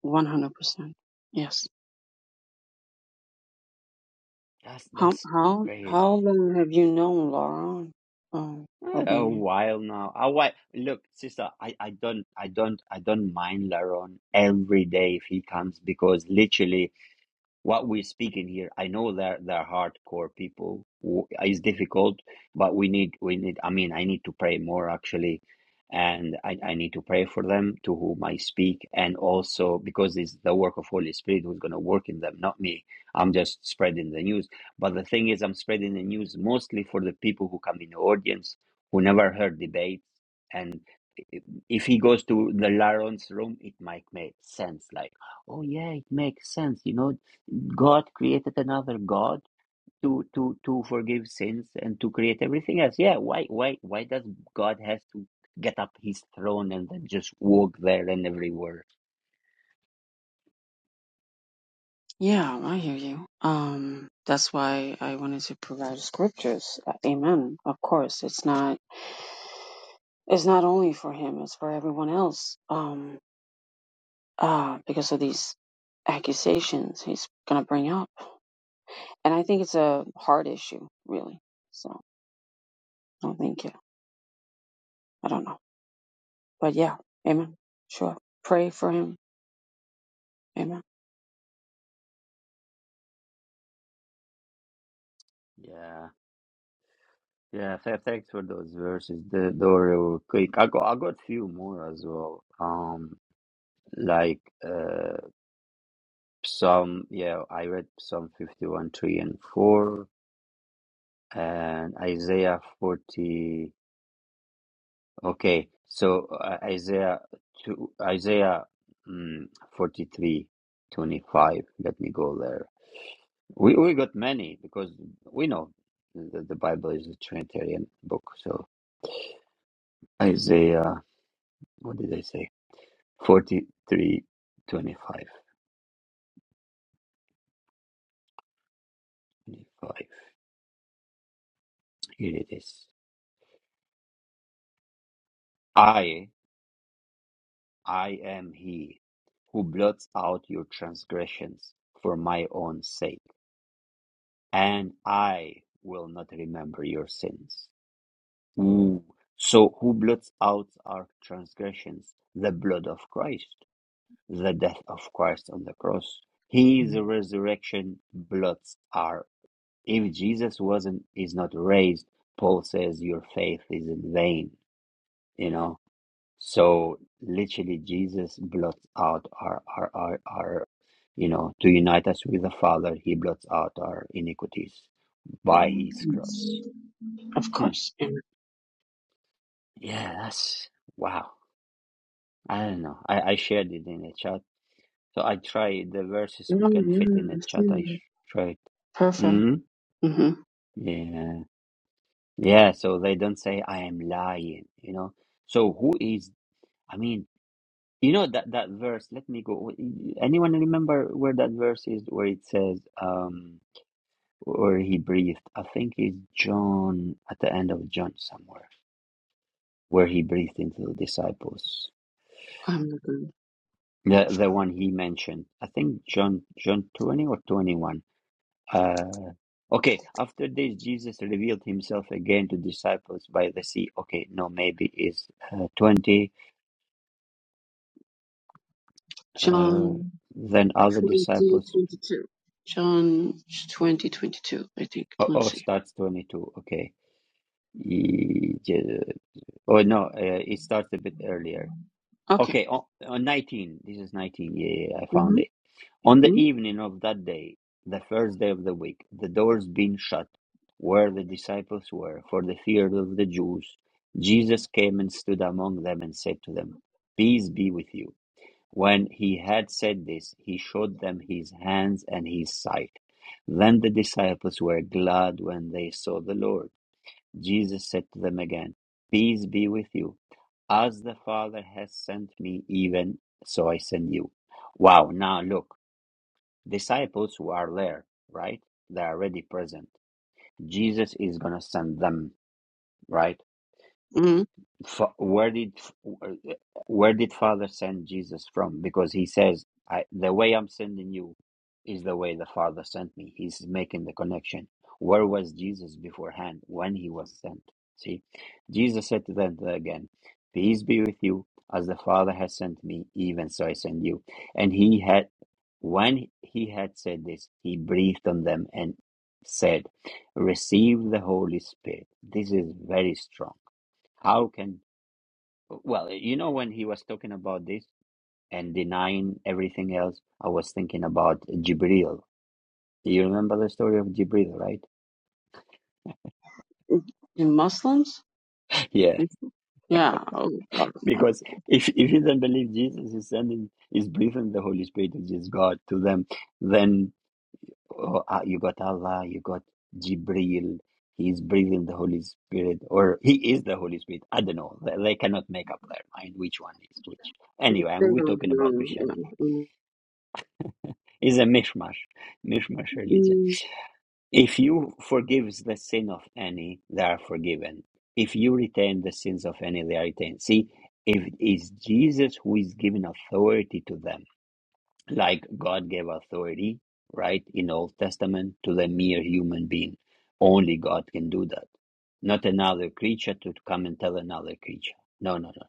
S4: One hundred percent. Yes.
S1: that's
S4: How
S1: that's
S4: how
S1: crazy.
S4: how long have you known Laura um,
S1: Eh, A
S4: Albanian?
S1: while now. I wait. Look, sister, I, I don't I don't I don't mind Laron every day if he comes because literally what we're speaking here i know they're they're hardcore people it's difficult but we need we need i mean i need to pray more actually and I, I need to pray for them to whom i speak and also because it's the work of holy spirit who's going to work in them not me i'm just spreading the news but the thing is i'm spreading the news mostly for the people who come in the audience who never heard debates and if he goes to the Laron's room, it might make sense. Like, oh yeah, it makes sense. You know, God created another God to to to forgive sins and to create everything else. Yeah, why why why does God has to get up his throne and then just walk there and everywhere?
S4: Yeah, I hear you. Um, that's why I wanted to provide scriptures. Uh, Amen. Of course, it's not it's not only for him; it's for everyone else. Um, uh, because of these accusations he's gonna bring up, and I think it's a hard issue, really. So, no, thank you. I don't know, but yeah, Amen. Sure, pray for him. Amen.
S1: Yeah. Yeah, th- thanks for those verses. The the quick. I got I got few more as well. Um like uh Psalm yeah, I read Psalm fifty one three and four and Isaiah 40 Okay, so uh, Isaiah two, Isaiah mm, 43, twenty-five. Let me go there. We we got many because we know the, the Bible is a Trinitarian book. So Isaiah, what did I say? 43, 25. twenty-five. Here it is. I I am he who blots out your transgressions for my own sake, and I will not remember your sins. Ooh. So who blots out our transgressions? The blood of Christ, the death of Christ on the cross. His resurrection blots our. If Jesus wasn't, is not raised, Paul says your faith is in vain. You know. So literally, Jesus blots out our our our, our you know to unite us with the Father. He blots out our iniquities by His
S4: Yes.
S1: cross.
S4: Of
S1: Hmm.
S4: course. Yeah.
S1: Yeah, that's wow. I don't know. I, I shared it in a chat. So I try the verses who
S4: No,
S1: can fit
S4: yeah,
S1: in a
S4: I
S1: chat.
S4: see
S1: I
S4: that.
S1: sh- tried.
S4: Perfect.
S1: Hmm?
S4: hmm
S1: Yeah. Yeah. So they don't say I am lying, you know. So who is, I mean, you know that, that verse, let me go. Anyone remember where that verse is where it says, um, where he breathed? I think it's John at the end of John somewhere where he breathed into the disciples.
S4: I'm looking.
S1: The, the one he mentioned, I think John, John 20 or 21 Uh, okay, after this, Jesus revealed himself again to disciples by the sea. Okay, no, maybe is uh, 20. Uh,
S4: John
S1: then other
S4: 20
S1: disciples.
S4: 22. John 20 22. I think.
S1: Oh,
S4: Let's
S1: oh,
S4: see.
S1: starts 22. Okay. E- Je- Oh, no, uh, it starts a bit earlier.
S4: Okay.
S1: Okay, on, on 19. This is 19. Yeah, yeah, yeah, I found it.
S4: Mm-hmm.
S1: On the
S4: Mm-hmm.
S1: evening of that day, the first day of the week, the doors being shut where the disciples were for the fear of the Jews, Jesus came and stood among them and said to them, Peace be with you. When he had said this, he showed them his hands and his side. Then the disciples were glad when they saw the Lord. Jesus said to them again, Peace be with you. As the Father has sent me, even so I send you. Wow, now look disciples who are there, right? They are already present. Jesus is going to send them, right?
S4: Mm-hmm.
S1: fa- where did where did father send jesus from because he says I, the way i'm sending you is the way the father sent me he's making the connection where was jesus beforehand when he was sent see jesus said to them again peace be with you as the father has sent me even so i send you and he had when he had said this he breathed on them and said receive the holy spirit this is very strong how can well, you know, when he was talking about this and denying everything else, I was thinking about Jibril. You remember the story of Jibril, right?
S4: In Muslims?
S1: Yeah,
S4: Is- Yeah. Oh, God, no.
S1: because if if you don't believe Jesus is sending, is breathing the Holy Spirit, which is God, to them, then oh, uh, you got Allah, you got Jibril. He's breathing the Holy Spirit, or he is the Holy Spirit. I don't know. They, they cannot make up their mind which one is which. Anyway,
S4: They
S1: and we're
S4: don't
S1: talking about
S4: know. Yeah.
S1: Christianity.
S4: mm
S1: It's a mishmash, mishmash religion.
S4: Mm.
S1: If you forgives the sin of any, they are forgiven. If you retain the sins of any, they are retained. See, if it's Jesus who is giving authority to them like God gave authority, right, in Old Testament to the mere human being. Only God can do that. Not another creature to come and tell another creature. No, no, no. no.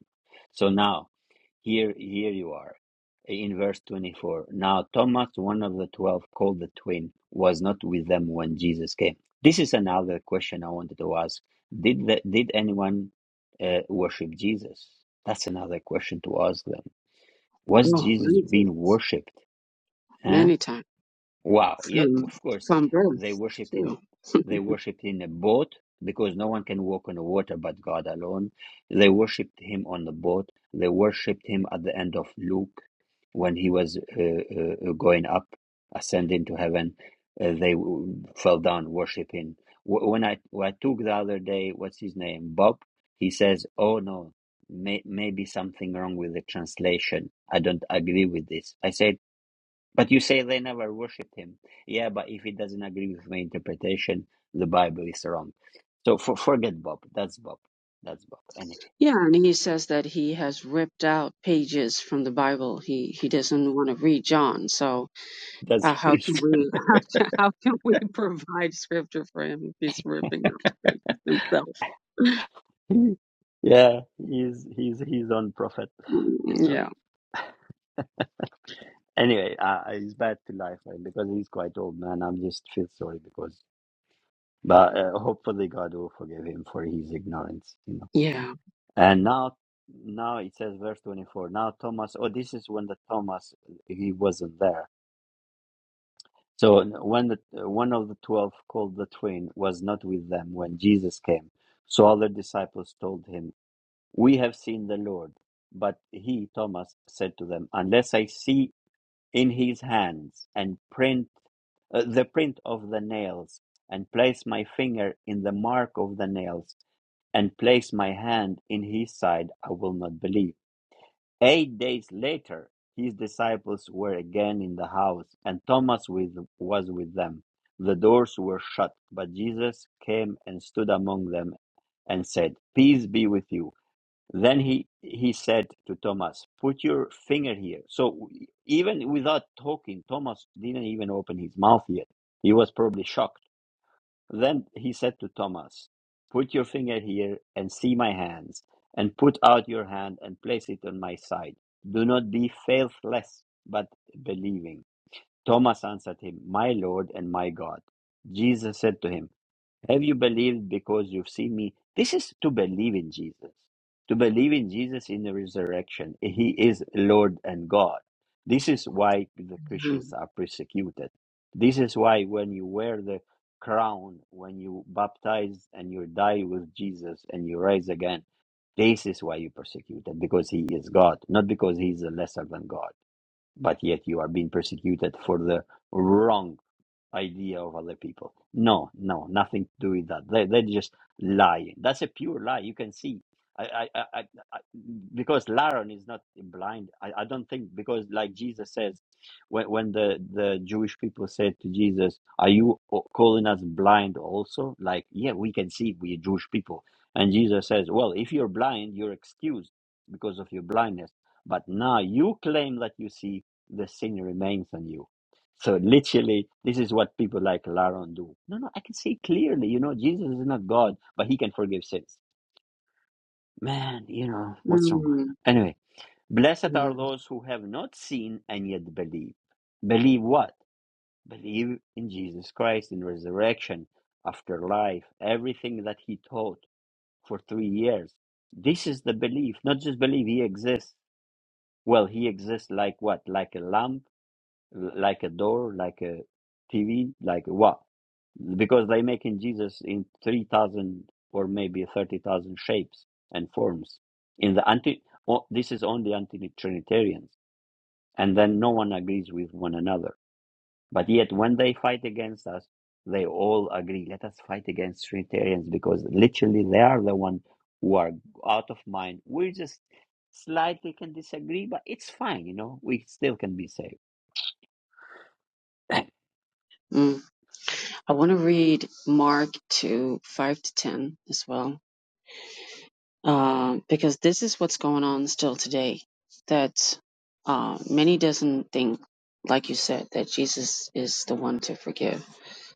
S1: So now, here, here you are, in verse twenty-four. Now Thomas, one of the twelve, called the twin, was not with them when Jesus came. This is another question I wanted to ask. Did the, did anyone uh, worship Jesus? That's another question to ask them. Was
S4: Oh,
S1: Jesus
S4: many times.
S1: being worshipped? Huh?
S4: Many times.
S1: Wow. Yeah,
S4: From,
S1: of course.
S4: from
S1: They
S4: birth,
S1: worshipped
S4: too.
S1: in they worshipped in a boat because no one can walk on the water but God alone. They worshipped him on the boat. They worshipped him at the end of Luke when he was uh, uh, uh, going up, ascending to heaven. Uh, they w- fell down worshiping. Wh- When I when I took the other day, what's his name, Bob? He says, "Oh no, may, maybe something wrong with the translation. I don't agree with this." I said. But you say they never worshipped him. Yeah, but if it doesn't agree with my interpretation, the Bible is wrong. So for, forget Bob. That's Bob. That's Bob. Anyway,
S4: Yeah, and he says that he has ripped out pages from the Bible. He he doesn't want to read John. So
S1: that's
S4: uh, how can we how can, how can we provide scripture for him if he's ripping out pages himself?
S1: yeah. He's he's he's on prophet. You
S4: Mm,
S1: know.
S4: Yeah,
S1: Anyway, uh, he's back to life right? because he's quite old man. I'm just feel sorry because, but uh, hopefully God will forgive him for his ignorance. You know.
S4: yeah.
S1: And now, now it says verse 24. Now Thomas, oh, this is when the Thomas, he wasn't there. So when the, one of the 12 called the twin was not with them when Jesus came. So other disciples told him, we have seen the Lord. But he, Thomas, said to them, unless I see in his hands and print uh, the print of the nails and place my finger in the mark of the nails and place my hand in his side, I will not believe. Eight days later, his disciples were again in the house, and Thomas with, was with them. The doors were shut, but Jesus came and stood among them and said, Peace be with you. Then he, he said to Thomas, Put your finger here. So even without talking, Thomas didn't even open his mouth yet. He was probably shocked then he said to Thomas, Put your finger here and see my hands, and put out your hand and place it on my side. Do not be faithless, but believing. Thomas answered him, My Lord and my God. Jesus said to him, have you believed because you've seen me? This is to believe in Jesus. To believe in Jesus in the resurrection. He is Lord and God. This is why the
S4: Mm,
S1: Christians are persecuted. This is why when you wear the crown, when you baptize and you die with Jesus and you rise again, this is why you're persecuted because he is God, not because he is lesser than God. But yet you are being persecuted for the wrong idea of other people. No, no, nothing to do with that. They, they're just lying. That's a pure lie. You can see. I, I, I, I, I- because Laron is not blind. I, I don't think because like Jesus says, when when the the Jewish people said to Jesus, "Are you o- calling us blind also?" Like, yeah, we can see. we Jewish people, and Jesus says, "Well, if you're blind, you're excused because of your blindness. But now you claim that you see, the sin remains on you." So literally, this is what people like Laron do. No, no, I can see clearly, you know, Jesus is not God, but he can forgive sins. Man, you know, what's wrong?
S4: mm,
S1: Anyway, blessed
S4: mm,
S1: are those who have not seen and yet believe. Believe what? Believe in Jesus Christ, in resurrection, after life, everything that he taught for three years. This is the belief, not just believe he exists. Well, he exists like what? Like a lamb l- like a door, like a TV, like what? Because they making Jesus in three thousand or maybe thirty thousand shapes and forms. In the anti, oh, this is only anti-Trinitarians, and then no one agrees with one another. But yet, when they fight against us, they all agree. Let us fight against Trinitarians because literally they are the one who are out of mind. We just slightly can disagree, but it's fine. You know, we still can be saved.
S4: mm. I want to read Mark two five to ten as well. um, because this is what's going on still today. That uh, many doesn't think, like you said, that Jesus is the one to forgive.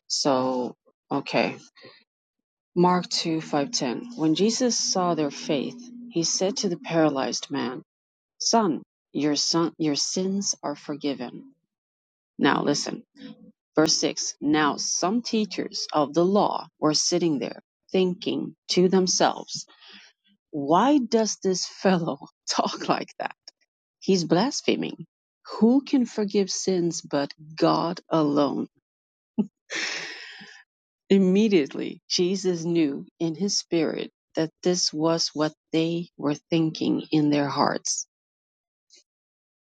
S4: So, okay, Mark two five ten. When Jesus saw their faith, he said to the paralyzed man, "Son, your son, your sins are forgiven." Now listen. Verse 6 Now some teachers of the law were sitting there, thinking to themselves, Why does this fellow talk like that? He's blaspheming. Who can forgive sins but God alone? Immediately, Jesus knew in his spirit that this was what they were thinking in their hearts.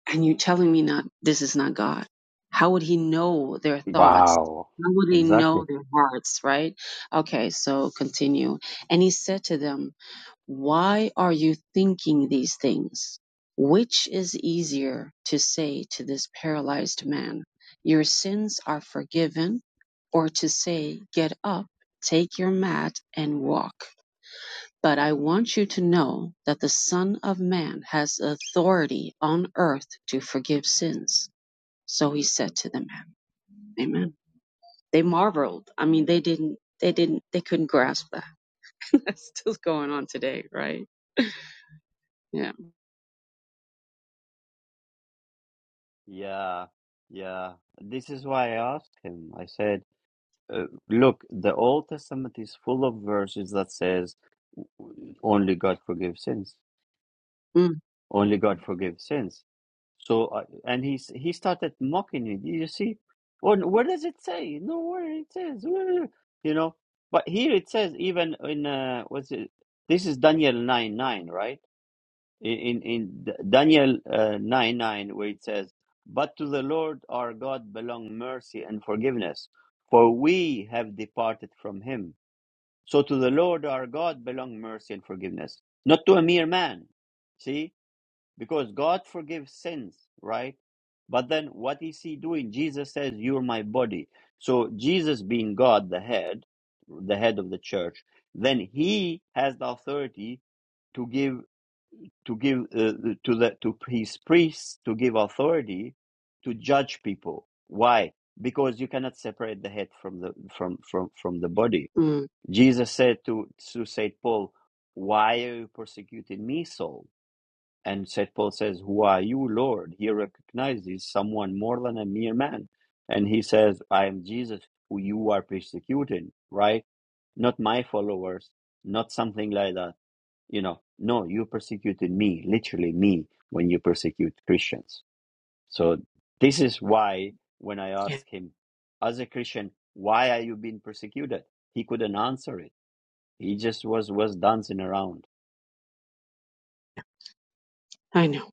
S4: And you're telling me not, this is not God. How would he know their thoughts?
S1: Wow.
S4: How would he know
S1: Exactly.
S4: their hearts, right? Okay, so continue. And he said to them, Why are you thinking these things? Which is easier to say to this paralyzed man, Your sins are forgiven, or to say, Get up, take your mat, and walk? But I want you to know that the Son of Man has authority on earth to forgive sins. So he said to the man, Amen. They marveled. I mean, they didn't, they didn't, they couldn't grasp that. That's still going on today, right? Yeah.
S1: Yeah. Yeah. This is why I asked him. I said, uh, look, the Old Testament is full of verses that says only God forgives sins.
S4: Mm,
S1: Only God forgives sins. So, uh, and he s- he started mocking me. Do you see? Well, where does it say? Nowhere it says. Where- You know. But here it says even in uh, what's it? This is Daniel nine nine, right? in in D- Daniel uh, nine nine, where it says, "But to the Lord our God belong mercy and forgiveness, for we have departed from Him." So to the Lord our God belong mercy and forgiveness, not to a mere man. See, because God forgives sins, right? But then what is He doing? Jesus says, "You're my body." So Jesus, being God, the head, the head of the church, then He has the authority to give to give uh, to the to his priests to give authority to judge people why because you cannot separate the head from the from from from the body
S4: mm.
S1: jesus said to to saint paul why are you persecuting me saul and saint paul says who are you lord he recognizes someone more than a mere man and he says i am jesus who you are persecuting right not my followers not something like that you know, no, you persecuted me, literally me, when you persecute Christians. So this is why when I
S4: yeah.
S1: asked him, as a Christian, why are you being persecuted? He couldn't answer it. He just was was dancing around.
S4: I know.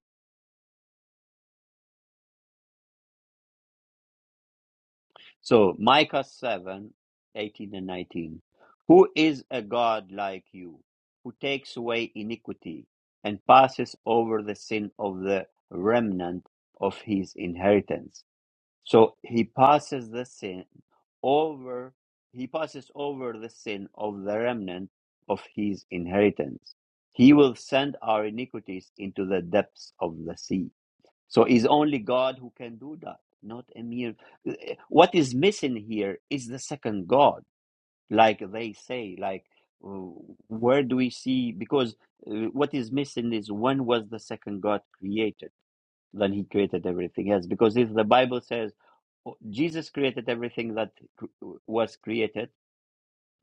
S1: So Micah 7 18 and 19. Who is a God like you, who takes away iniquity and passes over the sin of the remnant of his inheritance? So he passes the sin over, he passes over the sin of the remnant of his inheritance. He will send our iniquities into the depths of the sea. So is only God who can do that, not a mere. What is missing here is the second God, like they say, like. uh, Where do we see? Because uh, what is missing is when was the second God created? than he created everything else. Because if the Bible says "Oh, Jesus created everything that cr- was created,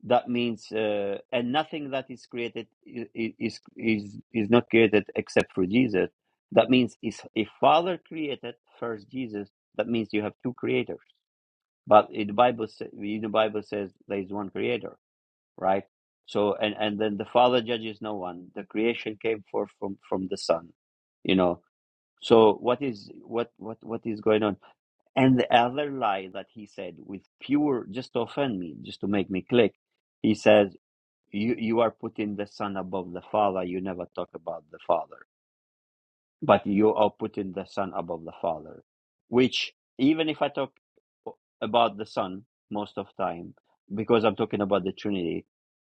S1: that means uh, and nothing that is created i- is is is not created except for Jesus. That means is if Father created first Jesus, that means you have two creators. But in the Bible, sa- in the Bible says there is one Creator, right? So and and then the Father judges no one. The creation came forth from from the Son, you know so what is what what what is going on? And the other lie that he said with pure just to offend me, just to make me click, he says, You you are putting the son above the father, you never talk about the father. But you are putting the son above the father. Which even if I talk about the son most of time, because I'm talking about the Trinity,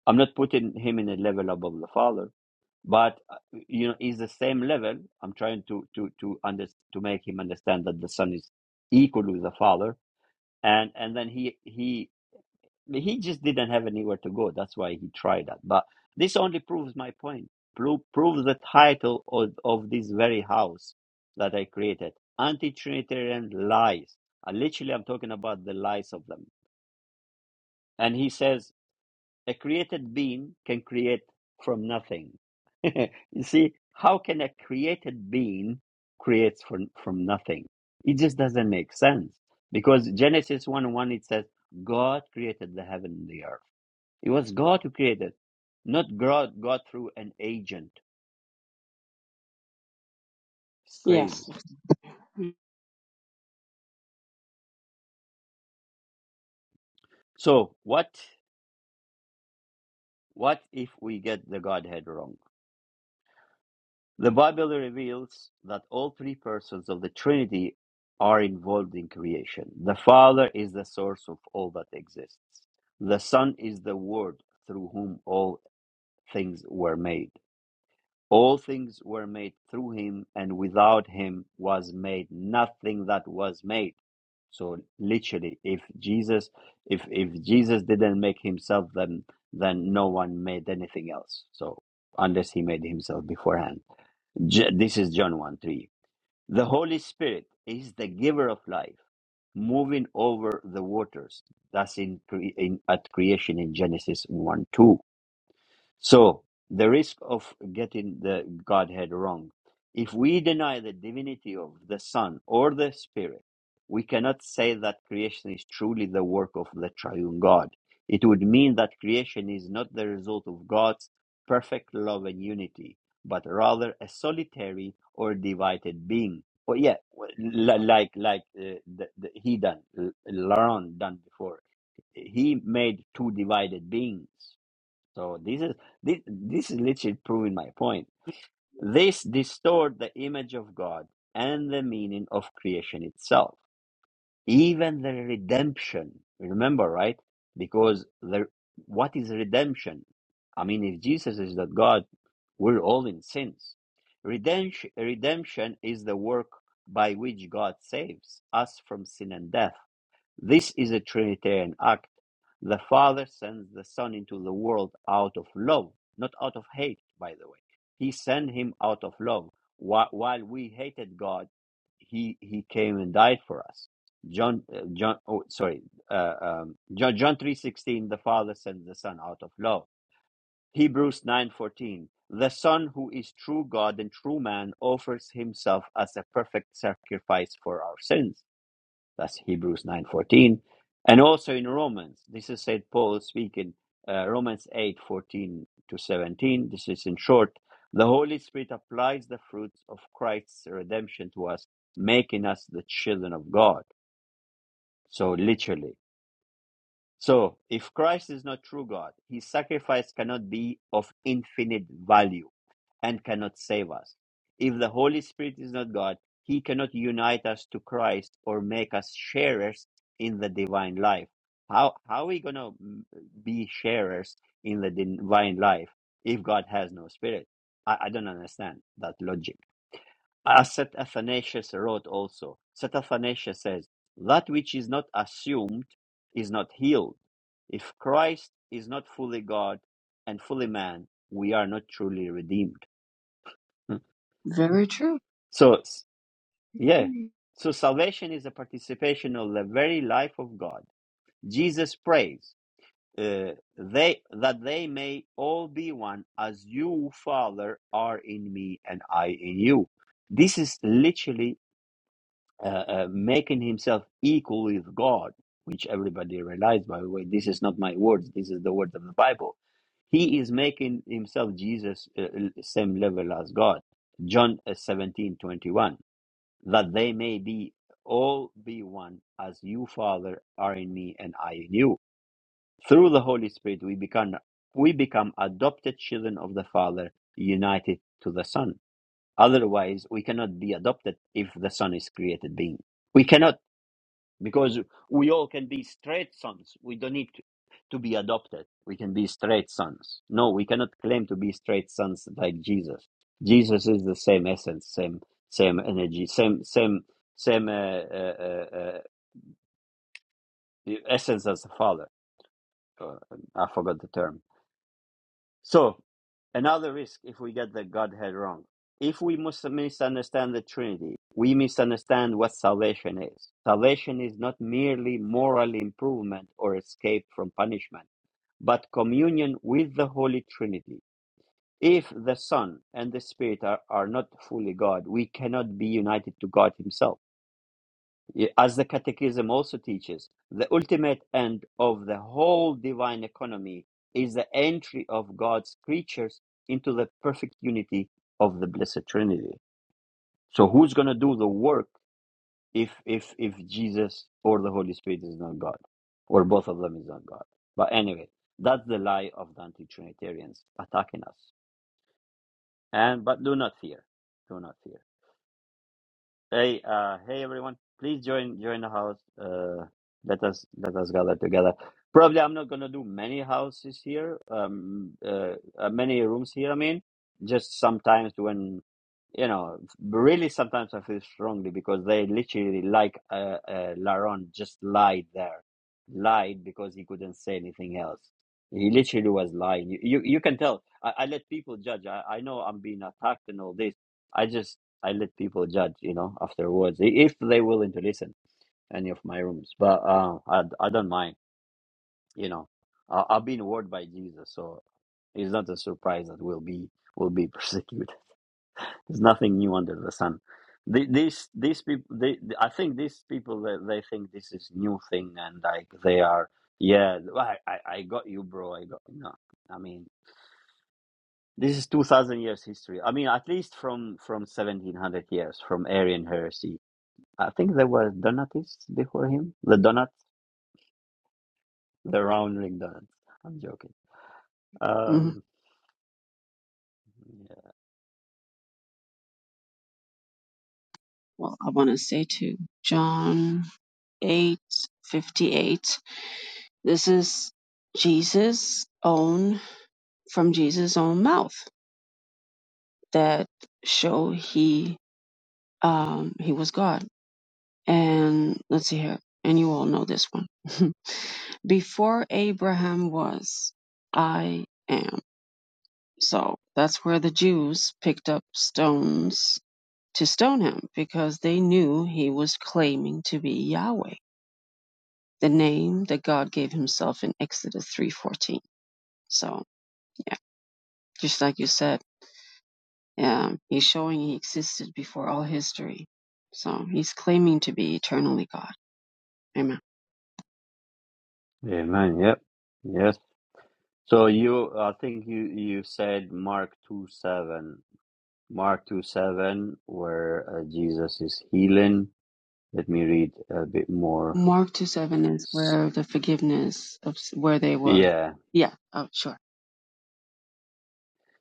S1: I'm not putting him in a level above the father but uh, you know is the same level i'm trying to to to under, to make him understand that the son is equal with the father and and then he he he just didn't have anywhere to go that's why he tried that but this only proves my point Pro- proves the title of, of this very house that i created anti-trinitarian lies and literally i'm talking about the lies of them and he says a created being can create from nothing you see, how can a created being creates from, from nothing? It just doesn't make sense. Because Genesis 1 1, it says, God created the heaven and the earth. It was God who created, not God, God through an agent. It's crazy.
S4: Yes.
S1: So, what, what if we get the Godhead wrong? The Bible reveals that all three persons of the Trinity are involved in creation. The Father is the source of all that exists. The Son is the Word through whom all things were made. All things were made through him, and without him was made nothing that was made. So literally, if Jesus, if if Jesus didn't make himself, then then no one made anything else. So unless he made himself beforehand. J- this is John 1 3. The Holy Spirit is the giver of life, moving over the waters. That's in, cre- in at creation in Genesis 1 2. So, the risk of getting the Godhead wrong. If we deny the divinity of the Son or the Spirit, we cannot say that creation is truly the work of the triune God. It would mean that creation is not the result of God's perfect love and unity, but rather a solitary or divided being. Well, yeah, well, li- like like uh, the, the, he done, L- Laurent done before. He made two divided beings so this is this, this is literally proving my point. This distort the image of God and the meaning of creation itself, even the redemption. Remember, right? Because the what is redemption? I mean, if Jesus is not God, we're all in sins. Redemption, redemption is the work by which God saves us from sin and death this is a Trinitarian act. The Father sends the Son into the world out of love, not out of hate, by the way. He sent him out of love. While we hated God, he, he came and died for us. John, uh, John, oh, sorry, uh, um, John, John three sixteen. The Father sends the Son out of love. Hebrews nine fourteen. The Son, who is true God and true man, offers Himself as a perfect sacrifice for our sins that's Hebrews 9:14. And also in Romans, this is St. Paul speaking, uh, Romans 8:14 to 17. This is in short, the Holy Spirit applies the fruits of Christ's redemption to us, making us the children of God. So literally. So, if Christ is not true God, his sacrifice cannot be of infinite value and cannot save us. If the Holy Spirit is not God, he cannot unite us to Christ or make us sharers in the divine life. How, how are we going to be sharers in the divine life if God has no spirit? I, I don't understand that logic as St. Athanasius wrote also, St. Athanasius says, That which is not assumed is not healed. If Christ is not fully God and fully man, we are not truly redeemed. Hmm.
S4: Very true.
S1: So, s- yeah. So, salvation is a participation of the very life of God. Jesus prays uh, they, that they may all be one as you, Father, are in me and I in you. This is literally uh, uh, making himself equal with God, which everybody realized, by the way, this is not my words, this is the words of the Bible. He is making himself Jesus uh, same level as God. John uh, 17 21. that they may be all be one as you, Father, are in me and I in you. Through the Holy Spirit, we become we become adopted children of the Father, united to the Son. Otherwise, we cannot be adopted if the Son is created being. We cannot because we all can be straight sons. We don't need to, to be adopted. We can be straight sons. No, we cannot claim to be straight sons like Jesus. Jesus is the same essence, same same energy, same same same uh, uh, uh, uh, essence as the Father. Uh, I forgot the term So, another risk if we get the Godhead wrong. If we must misunderstand the Trinity, we misunderstand what salvation is. Salvation is not merely moral improvement or escape from punishment, but communion with the Holy Trinity. If the Son and the Spirit are, are not fully God, we cannot be united to God Himself. Y- As the Catechism also teaches, the ultimate end of the whole divine economy is the entry of God's creatures into the perfect unity of the Blessed Trinity. So, who's going to do the work if if if Jesus or the Holy Spirit is not God, or both of them is not God? But anyway, that's the lie of the anti-Trinitarians attacking us. And but do not fear, do not fear. Hey, uh, hey everyone! Please join join the house. Uh, let us let us gather together. Probably I'm not gonna do many houses here. Um, uh, uh, many rooms here. I mean, just sometimes when you know, really sometimes I feel strongly because they literally like uh, uh, Laron just lied there, lied because he couldn't say anything else. He literally was lying. You you, you can tell. I, I let people judge. I, I know I'm being attacked and all this. I just I let people judge, you know, afterwards i- if they willing to listen any of my rooms. But uh, I I don't mind, you know. I, I've been warned by Jesus, so it's not a surprise that we'll be will be persecuted. There's nothing new under the sun. The- These these people, they, I think these people they, they think this is new thing and like they are yeah. Well, I I, I got you, bro. I got no. I mean. This is two thousand years history. I mean, at least from from seventeen hundred years from Arian heresy I think there were Donatists before him. The donuts, the round ring donuts. I'm joking.
S4: Mhm.
S1: Um, yeah.
S4: Well, I want to say to John eight fifty eight. this is Jesus' own, from Jesus' own mouth that show he, um, he was God. And let's see here. And you all know this one. Before Abraham was, I am. So that's where the Jews picked up stones to stone him because they knew he was claiming to be Yahweh, the name that God gave himself in Exodus 3:14. So, just like you said, um, he's showing he existed before all history. So, he's claiming to be eternally God. Amen.
S1: Yeah, man. Yep. Yes. So you, I think you you said Mark two seven, Mark two seven, where uh, Jesus is healing. Let me read a bit more.
S4: Mark two seven is
S1: S-
S4: where the forgiveness of s- where they were.
S1: Yeah.
S4: Yeah, oh, sure.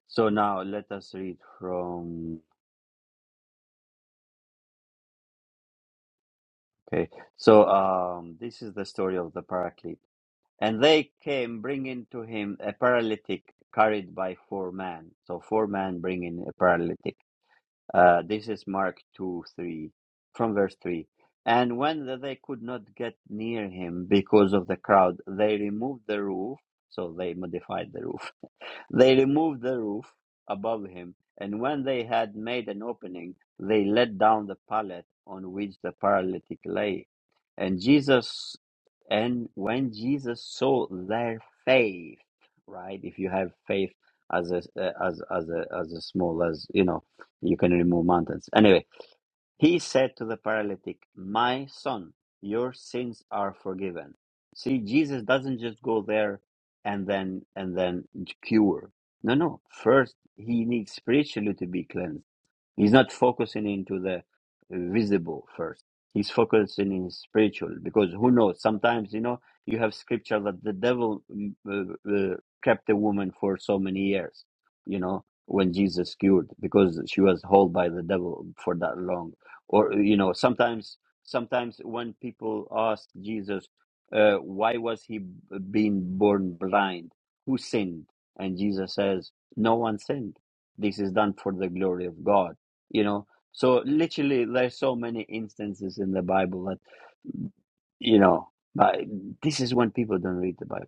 S1: So now let us read from. Okay. So um, this is the story of the paraclete. And they came bringing to him a paralytic carried by four men. So four men bringing a paralytic. Uh, this is Mark 2 3, from verse 3. And when the- they could not get near him because of the crowd, they removed the roof. So they modified the roof they removed the roof above him, and when they had made an opening, they let down the pallet on which the paralytic lay. And Jesus, and when Jesus saw their faith, right? If you have faith as a as as a as a small as you know, you can remove mountains. Anyway, he said to the paralytic, My son, your sins are forgiven. See, Jesus doesn't just go there and then and then cure. No, no. First he needs spiritually to be cleansed. He's not focusing into the visible first. He's focusing in spiritual because who knows? Sometimes you know you have scripture that the devil mm, uh, uh, kept a woman for so many years. You know when Jesus cured because she was held by the devil for that long or you know sometimes sometimes when people ask jesus uh, why was he b- being born blind who sinned and jesus says no one sinned this is done for the glory of god you know so literally there's so many instances in the bible that you know but this is when people don't read the bible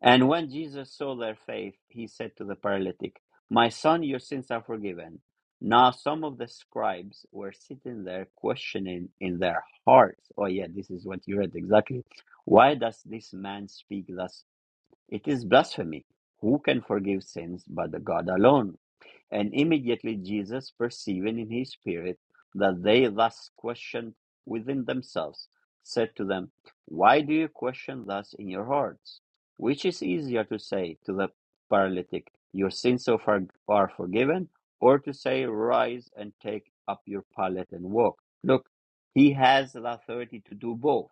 S1: and when Jesus saw their faith, he said to the paralytic, My son, your sins are forgiven. Now, some of the scribes were sitting there questioning in their hearts. Oh, yeah, this is what you read exactly. Why does this man speak thus? It is blasphemy. Who can forgive sins but the God alone? And immediately Jesus, perceiving in his spirit that they thus questioned within themselves, said to them, Why do you question thus in your hearts? Which is easier to say to the paralytic, Your sins so far are forgiven, or to say, Rise and take up your pallet and walk? Look, he has the authority to do both,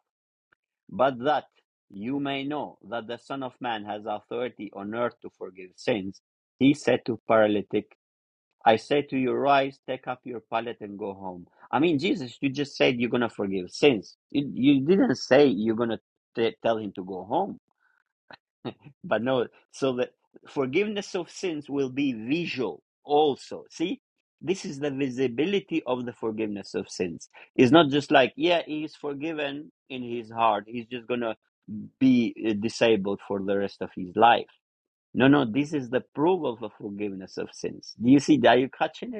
S1: but that you may know that the Son of Man has authority on earth to forgive sins, he said to paralytic I say to you, rise, take up your pallet and go home. I mean, Jesus, you just said you're going to forgive sins. You, you didn't say you're going to tell him to go home. But no, so the forgiveness of sins will be visual also. See, this is the visibility of the forgiveness of sins. It's not just like, yeah, he's forgiven in his heart. He's just going to be uh, disabled for the rest of his life. No, no, this is the proof of the forgiveness of sins. Do you see? Are you catching it?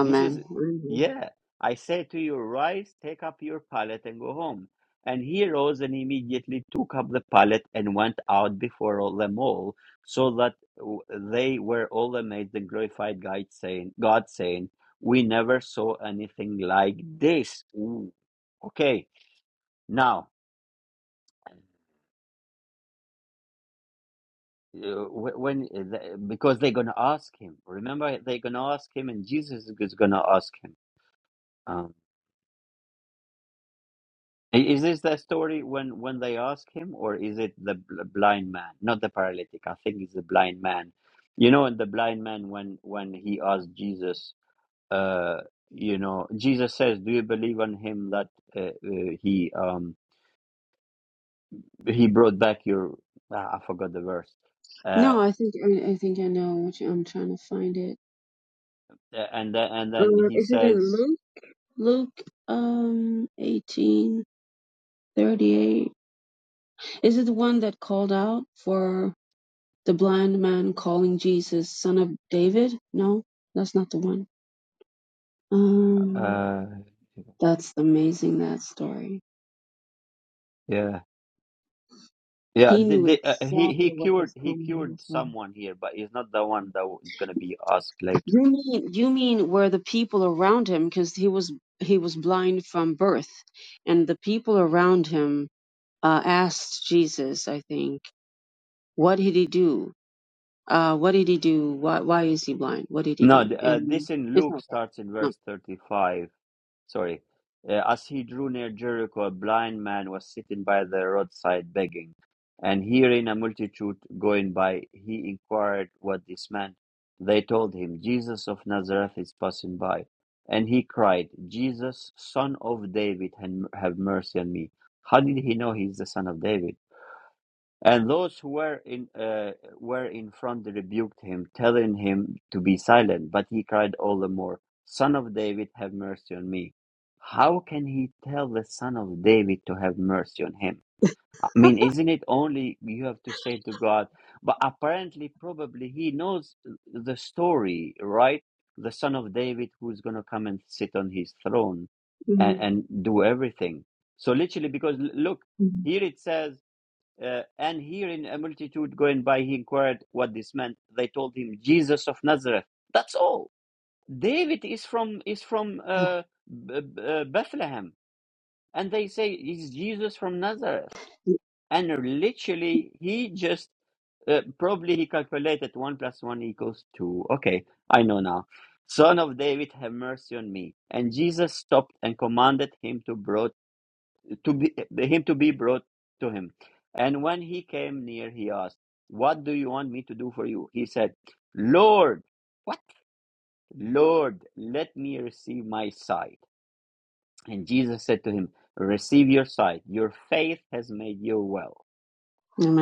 S1: This is, yeah. I say to you, rise, take up your pallet and go home. And he rose and immediately took up the pallet and went out before all them all, so that w- they were all amazed and glorified God, saying, God saying, we never saw anything like this. Ooh. Okay, now, uh, wh- when uh, the, because they're gonna ask him. Remember, they're gonna ask him, and Jesus is gonna ask him. um, I- Is this the story when when they ask him, or is it the bl- blind man, not the paralytic? I think it's the blind man. You know, and the blind man when when he asked Jesus, uh, you know, Jesus says, "Do you believe on him that uh, uh, he um he brought back your?" ah, I forgot the verse. Uh,
S4: No, I think I, I think I know what you, I'm trying to find it.
S1: uh, and then and then
S4: Uh,
S1: he
S4: is it in
S1: says,
S4: Luke? Luke um eighteen thirty eight. Is it the one that called out for the blind man calling Jesus son of David? No, that's not the one. Um,
S1: uh,
S4: that's amazing that story.
S1: yeah. Yeah,
S4: He
S1: the,
S4: knew
S1: the, uh, he he
S4: exactly what
S1: cured
S4: was
S1: he
S4: coming
S1: cured
S4: as well.
S1: someone here, but he's not the one that w- is going to be asked later.
S4: You mean you mean were the people around him because he was he was blind from birth, and the people around him uh, asked Jesus, I think, what did he do? Uh, what did he do? Why, why is he blind? What did he
S1: No,
S4: do?
S1: th- uh,
S4: And
S1: this in
S4: it's
S1: Luke
S4: not that.
S1: starts in
S4: No.
S1: verse 35. Sorry. Uh, as he drew near Jericho, a blind man was sitting by the roadside begging. And hearing a multitude going by, he inquired what this meant. They told him, Jesus of Nazareth is passing by. And he cried, Jesus, son of David, han- have mercy on me. How did he know he's the son of David? And those who were in uh, were in front rebuked him, telling him to be silent. But he cried all the more, "Son of David, have mercy on me." How can he tell the son of David to have mercy on him? I mean, isn't it only you have to say to God? But apparently, probably he knows the story, right? The son of David who's going to come and sit on his throne and,
S4: Mhm.
S1: and do everything. So literally, because l- look,
S4: Mhm.
S1: here it says. Uh, and hearing a multitude going by, he inquired what this meant. They told him, Jesus of Nazareth. That's all. David is from is from
S4: Yeah.
S1: uh, B- uh, B- uh, Bethlehem, and they say it's Jesus from Nazareth. And literally, he just uh, probably he calculated one plus one equals two. Okay, I know now. Son of David, have mercy on me. And Jesus stopped and commanded him to to be him to be brought to him. And when he came near, he asked, "What do you want me to do for you?" He said, "Lord, what? Lord, let me receive my sight." And Jesus said to him, "Receive your sight. Your faith has made you well."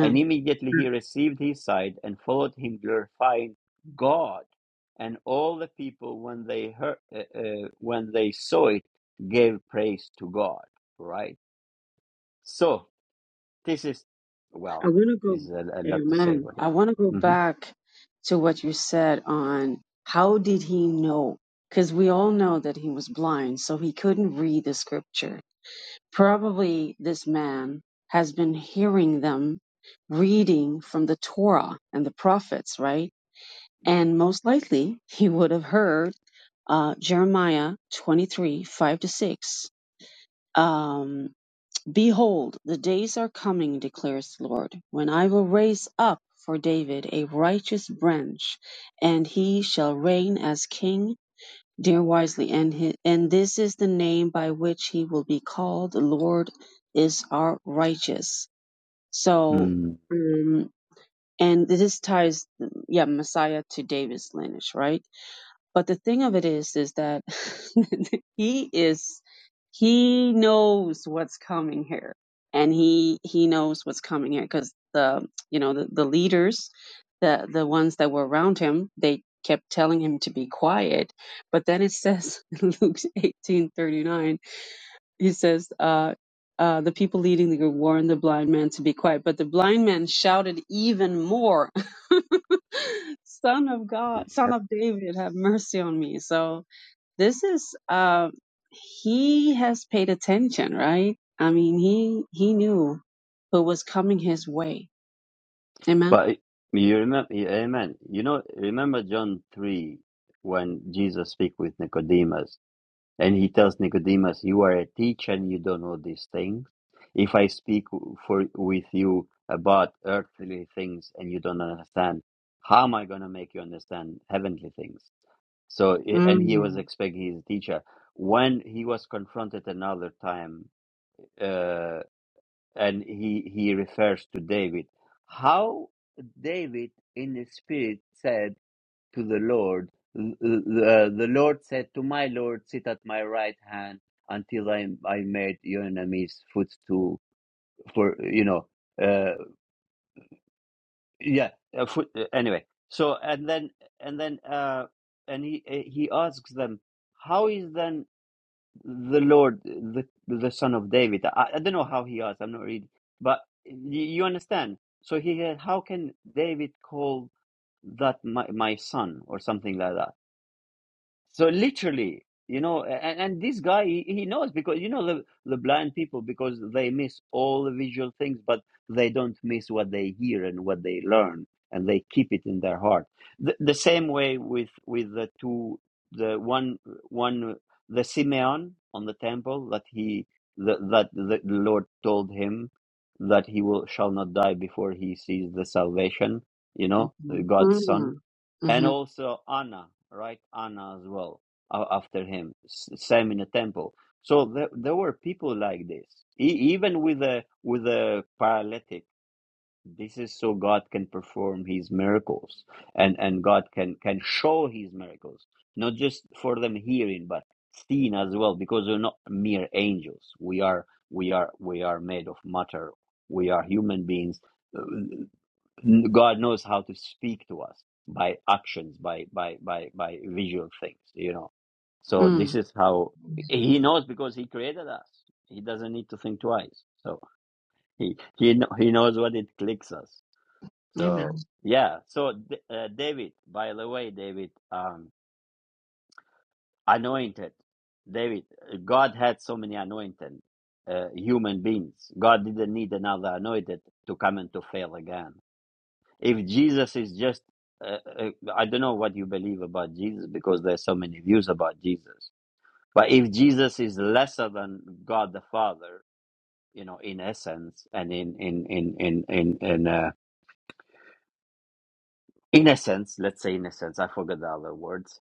S1: And immediately he received his sight and followed him, glorifying God. And all the people, when they heard, uh, uh, when they saw it, gave praise to God. Right. So This is,
S4: I
S1: well,
S4: want to go,
S1: this is a, a lot to say
S4: amen.
S1: about this.
S4: I want to go
S1: hmm
S4: back to what you said on how did he know? Because we all know that he was blind, so he couldn't read the scripture. Probably this man has been hearing them reading from the Torah and the prophets, right? And most likely, he would have heard uh, Jeremiah 23 5 to 6. Um, Behold, the days are coming, declares the Lord, when I will raise up for David a righteous branch, and he shall reign as king. Dear wisely, and, his, and this is the name by which he will be called. The Lord is our righteous. So,
S1: Mm,
S4: um, and this ties, yeah, Messiah to David's lineage, right? But the thing of it is, is that he is, he knows what's coming here, and he he knows what's coming here because the you know the, the leaders, the the ones that were around him, they kept telling him to be quiet. But then it says in Luke eighteen thirty nine he says, uh, uh, the people leading the group warned the blind man to be quiet, but the blind man shouted even more, "Son of God, Son
S1: yep.
S4: of David, have mercy on me!" So this is uh, he has paid attention, right? I mean, he he knew who was coming his way. Amen.
S1: But you remember, amen. You know, remember John 3 when Jesus speaks with Nicodemus and he tells Nicodemus, You are a teacher and you don't know these things. If I speak for with you about earthly things and you don't understand, how am I going to make you understand heavenly things? So, i- and he was
S4: Mm,
S1: expecting his teacher. When he was confronted another time uh, and he he refers to David. How David in the spirit said to the Lord, l- l- uh, the Lord said to my Lord, sit at my right hand until I I made your enemies footstool for you know uh yeah uh, foot uh, anyway so and then and then uh and he uh, he asks them how is then the Lord, the the Son of David. I, I don't know how he asked. I'm not reading, but you, you understand. So he said, "How can David call that my, my son or something like that?" So literally, you know, and, and this guy he, he knows because you know the the blind people because they miss all the visual things, but they don't miss what they hear and what they learn, and they keep it in their heart. The, the same way with with the two, the one one the Simeon on the temple that he the, that the Lord told him that he will shall not die before he sees the salvation, you know,
S4: mm,
S1: God's son
S4: mm,
S1: and
S4: mm,
S1: also Anna, right? Anna as well a- after him, S- same in the temple. So there, there were people like this, e- even with a with a paralytic. This is so God can perform His miracles, and and God can can show His miracles, not just for them hearing, but seen as well, because we're not mere angels. We are we are we are made of matter. We are human beings God knows how to speak to us by actions, by by by by visual things, you know. So
S4: mm.
S1: this is how He knows because He created us. He doesn't need to think twice. So He He kn- He knows what it clicks us.
S4: Amen.
S1: So yeah. So D- uh, David, by the way, David, um, anointed. David, God had so many anointed uh, human beings. God didn't need another anointed to come and to fail again If Jesus is just, uh, uh, I don't know what you believe about Jesus because there's so many views about Jesus. But if Jesus is lesser than God the Father, you know, in essence and in in in in in in uh, in essence, let's say in essence, I forgot the other words.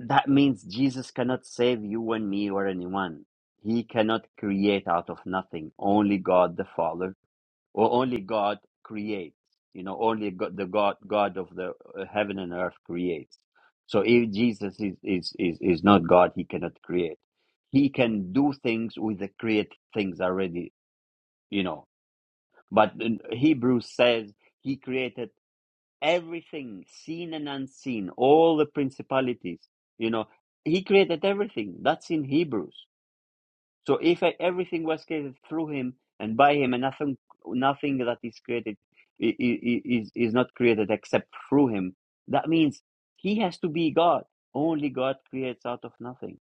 S1: That means Jesus cannot save you and me or anyone. He cannot create out of nothing. Only God the Father or only God creates. You know, only God, the God God of the uh, heaven and earth creates. So if Jesus is, is is is not God, he cannot create. He can do things with the created things already. You know, but in Hebrews says he created everything, seen and unseen, all the principalities. You know, he created everything. That's in Hebrews. So if e- everything was created through him and by him, and nothing, nothing that is created i- i- i- is is not created except through him, that means he has to be God. Only God creates out of nothing.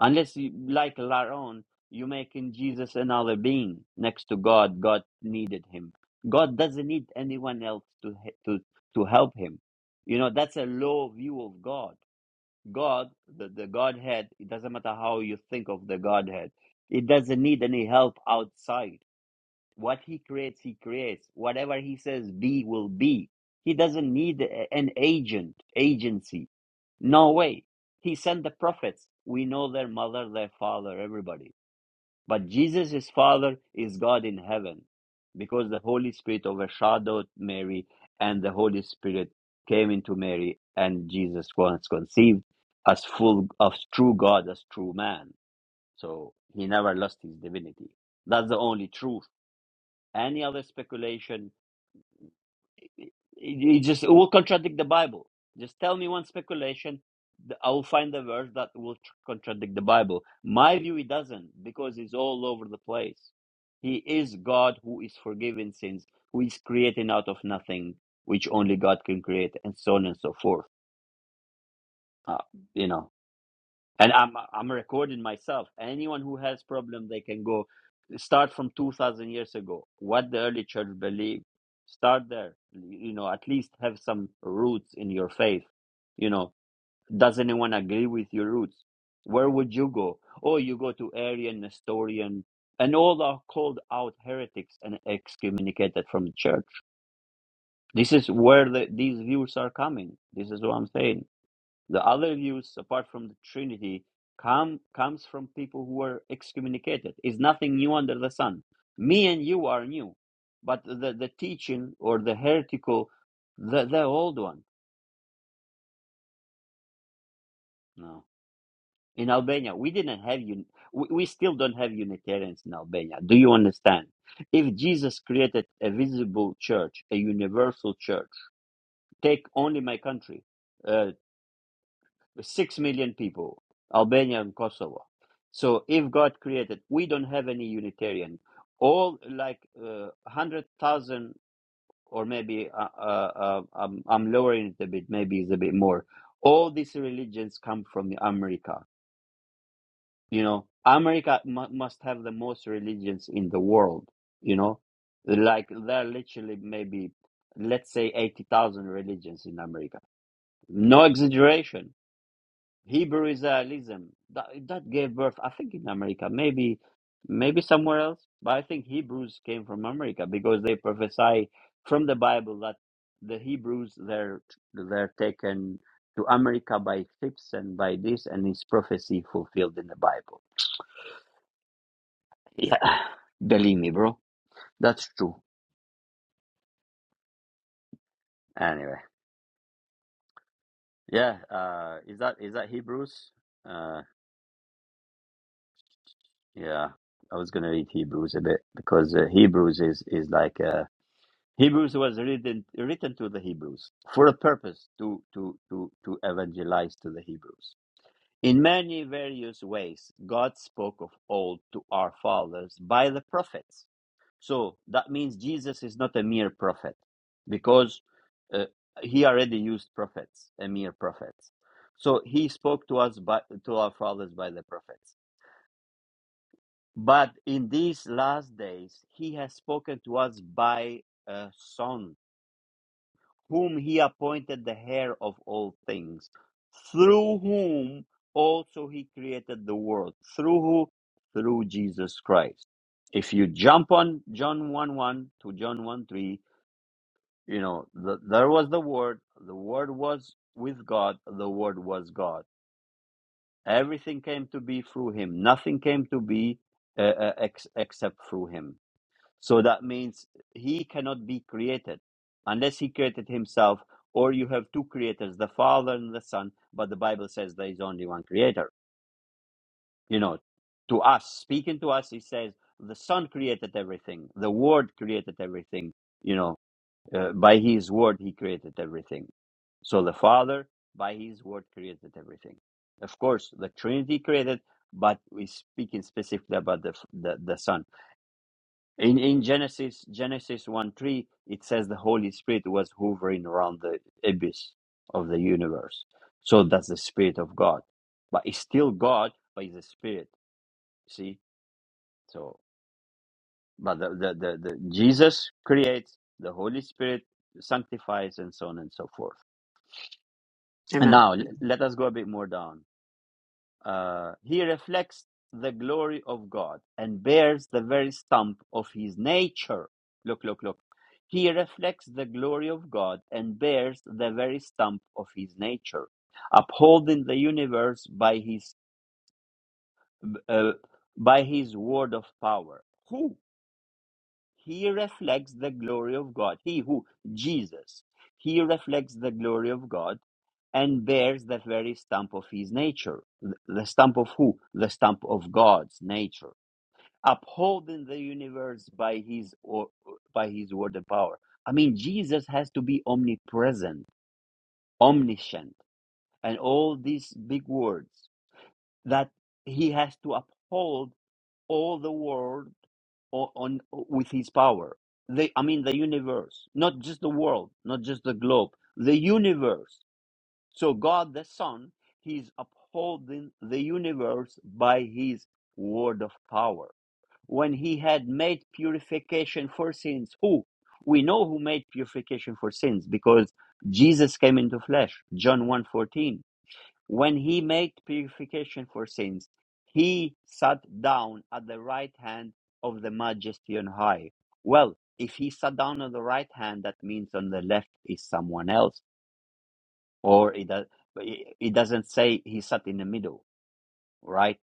S1: Unless, you, like Laron, you making Jesus another being next to God. God needed him. God doesn't need anyone else to he- to to help him. You know that's a low view of God God, the, the Godhead, it doesn't matter how you think of the Godhead, it doesn't need any help outside. What He creates, He creates. Whatever He says be will be. He doesn't need a- an agent, agency. No way. He sent the prophets. We know their mother, their father, everybody but Jesus' Father is God in heaven because the Holy Spirit overshadowed Mary and the Holy Spirit came into Mary and Jesus was conceived as full of true God, as true man. So he never lost his divinity. That's the only truth. Any other speculation it it just it will contradict the Bible. Just tell me one speculation. th- I will find a verse that will tr- contradict the Bible. My view, it doesn't because it's all over the place. He is God who is forgiving sins, who is creating out of nothing, which only God can create, and so on and so forth. Uh, you know and I'm I'm recording myself. Anyone who has problem, they can go start from two thousand years ago. What the early church believed, start there. You know, at least have some roots in your faith. You know, does anyone agree with your roots? Where would you go? Oh, you go to Arian, Nestorian, and all are called out heretics and excommunicated from the church. This is where the, these views are coming. This is what I'm saying the other views, apart from the Trinity, come comes from people who were excommunicated. Is nothing new under the sun. Me and you are new, but the, the teaching or the heretical, the the old one. No, in Albania we didn't have un, we, we still don't have Unitarians in Albania. Do you understand? If Jesus created a visible church, a universal church, take only my country. uh, six million people, Albania and Kosovo. So if God created, we don't have any Unitarian. All like uh, hundred thousand, or maybe uh, uh, uh, I'm, I'm lowering it a bit. Maybe it's a bit more. All these religions come from America. You know, America mu must have the most religions in the world. You know, like there are literally maybe let's say eighty thousand religions in America. No exaggeration Hebrew Israelism that, that gave birth, I think, in America, maybe, maybe somewhere else, but I think Hebrews came from America because they prophesy from the Bible that the Hebrews they're they're taken to America by ships and by this, and his prophecy fulfilled in the Bible. Yeah, believe me, bro, that's true. Anyway, yeah, uh, is that is that Hebrews? Uh, yeah, I was gonna read Hebrews a bit because uh, Hebrews is is like. Uh, Hebrews was written written to the Hebrews for a purpose to to to to evangelize to the Hebrews. In many various ways, God spoke of old to our fathers by the prophets. So that means Jesus is not a mere prophet, because uh, he already used prophets, a mere prophets. So he spoke to us by to our fathers by the prophets. But in these last days, he has spoken to us by a son whom he appointed the heir of all things, through whom also he created the world, through who? Through Jesus Christ. If you jump on John 1 1 to John 1 3, you know, the, there was the Word, the Word was with God, the Word was God. Everything came to be through him, nothing came to be uh, uh, ex- except through him so that means he cannot be created unless he created himself, or you have two creators, the Father and the Son, but the Bible says there is only one creator. You know, to us, speaking to us, he says, the Son created everything, the Word created everything, you know, uh, by his Word, he created everything. So the Father, by his Word, created everything. Of course, the Trinity created, but we're speaking specifically about the, the, the Son. In in Genesis Genesis one three, it says the Holy Spirit was hovering around the abyss of the universe. So that's the Spirit of God, but it's still God, but it's a spirit. See, so but the the the, the Jesus creates the Holy Spirit sanctifies and so on and so forth. And
S4: Amen.
S1: now l- let us go a bit more down. Uh, he reflects the glory of God and bears the very stamp of his nature. Look, look, look. He reflects the glory of God and bears the very stamp of his nature, upholding the universe by his uh, by his word of power. Who? He reflects the glory of God. He who, Jesus, he reflects the glory of God and bears the very stamp of his nature. Th- The stamp of who? The stamp of God's nature, upholding the universe by his or by his word and power. I mean, Jesus has to be omnipresent, omniscient, and all these big words that he has to uphold all the world o- on with his power the i mean the universe not just the world not just the globe the universe so god the son he's upholding the universe by his word of power when he had made purification for sins who we know who made purification for sins because jesus came into flesh john 1 fourteen. When he made purification for sins, he sat down at the right hand of the majesty on high. Well, if he sat down on the right hand, that means on the left is someone else, or it, does, it doesn't say he sat in the middle, right?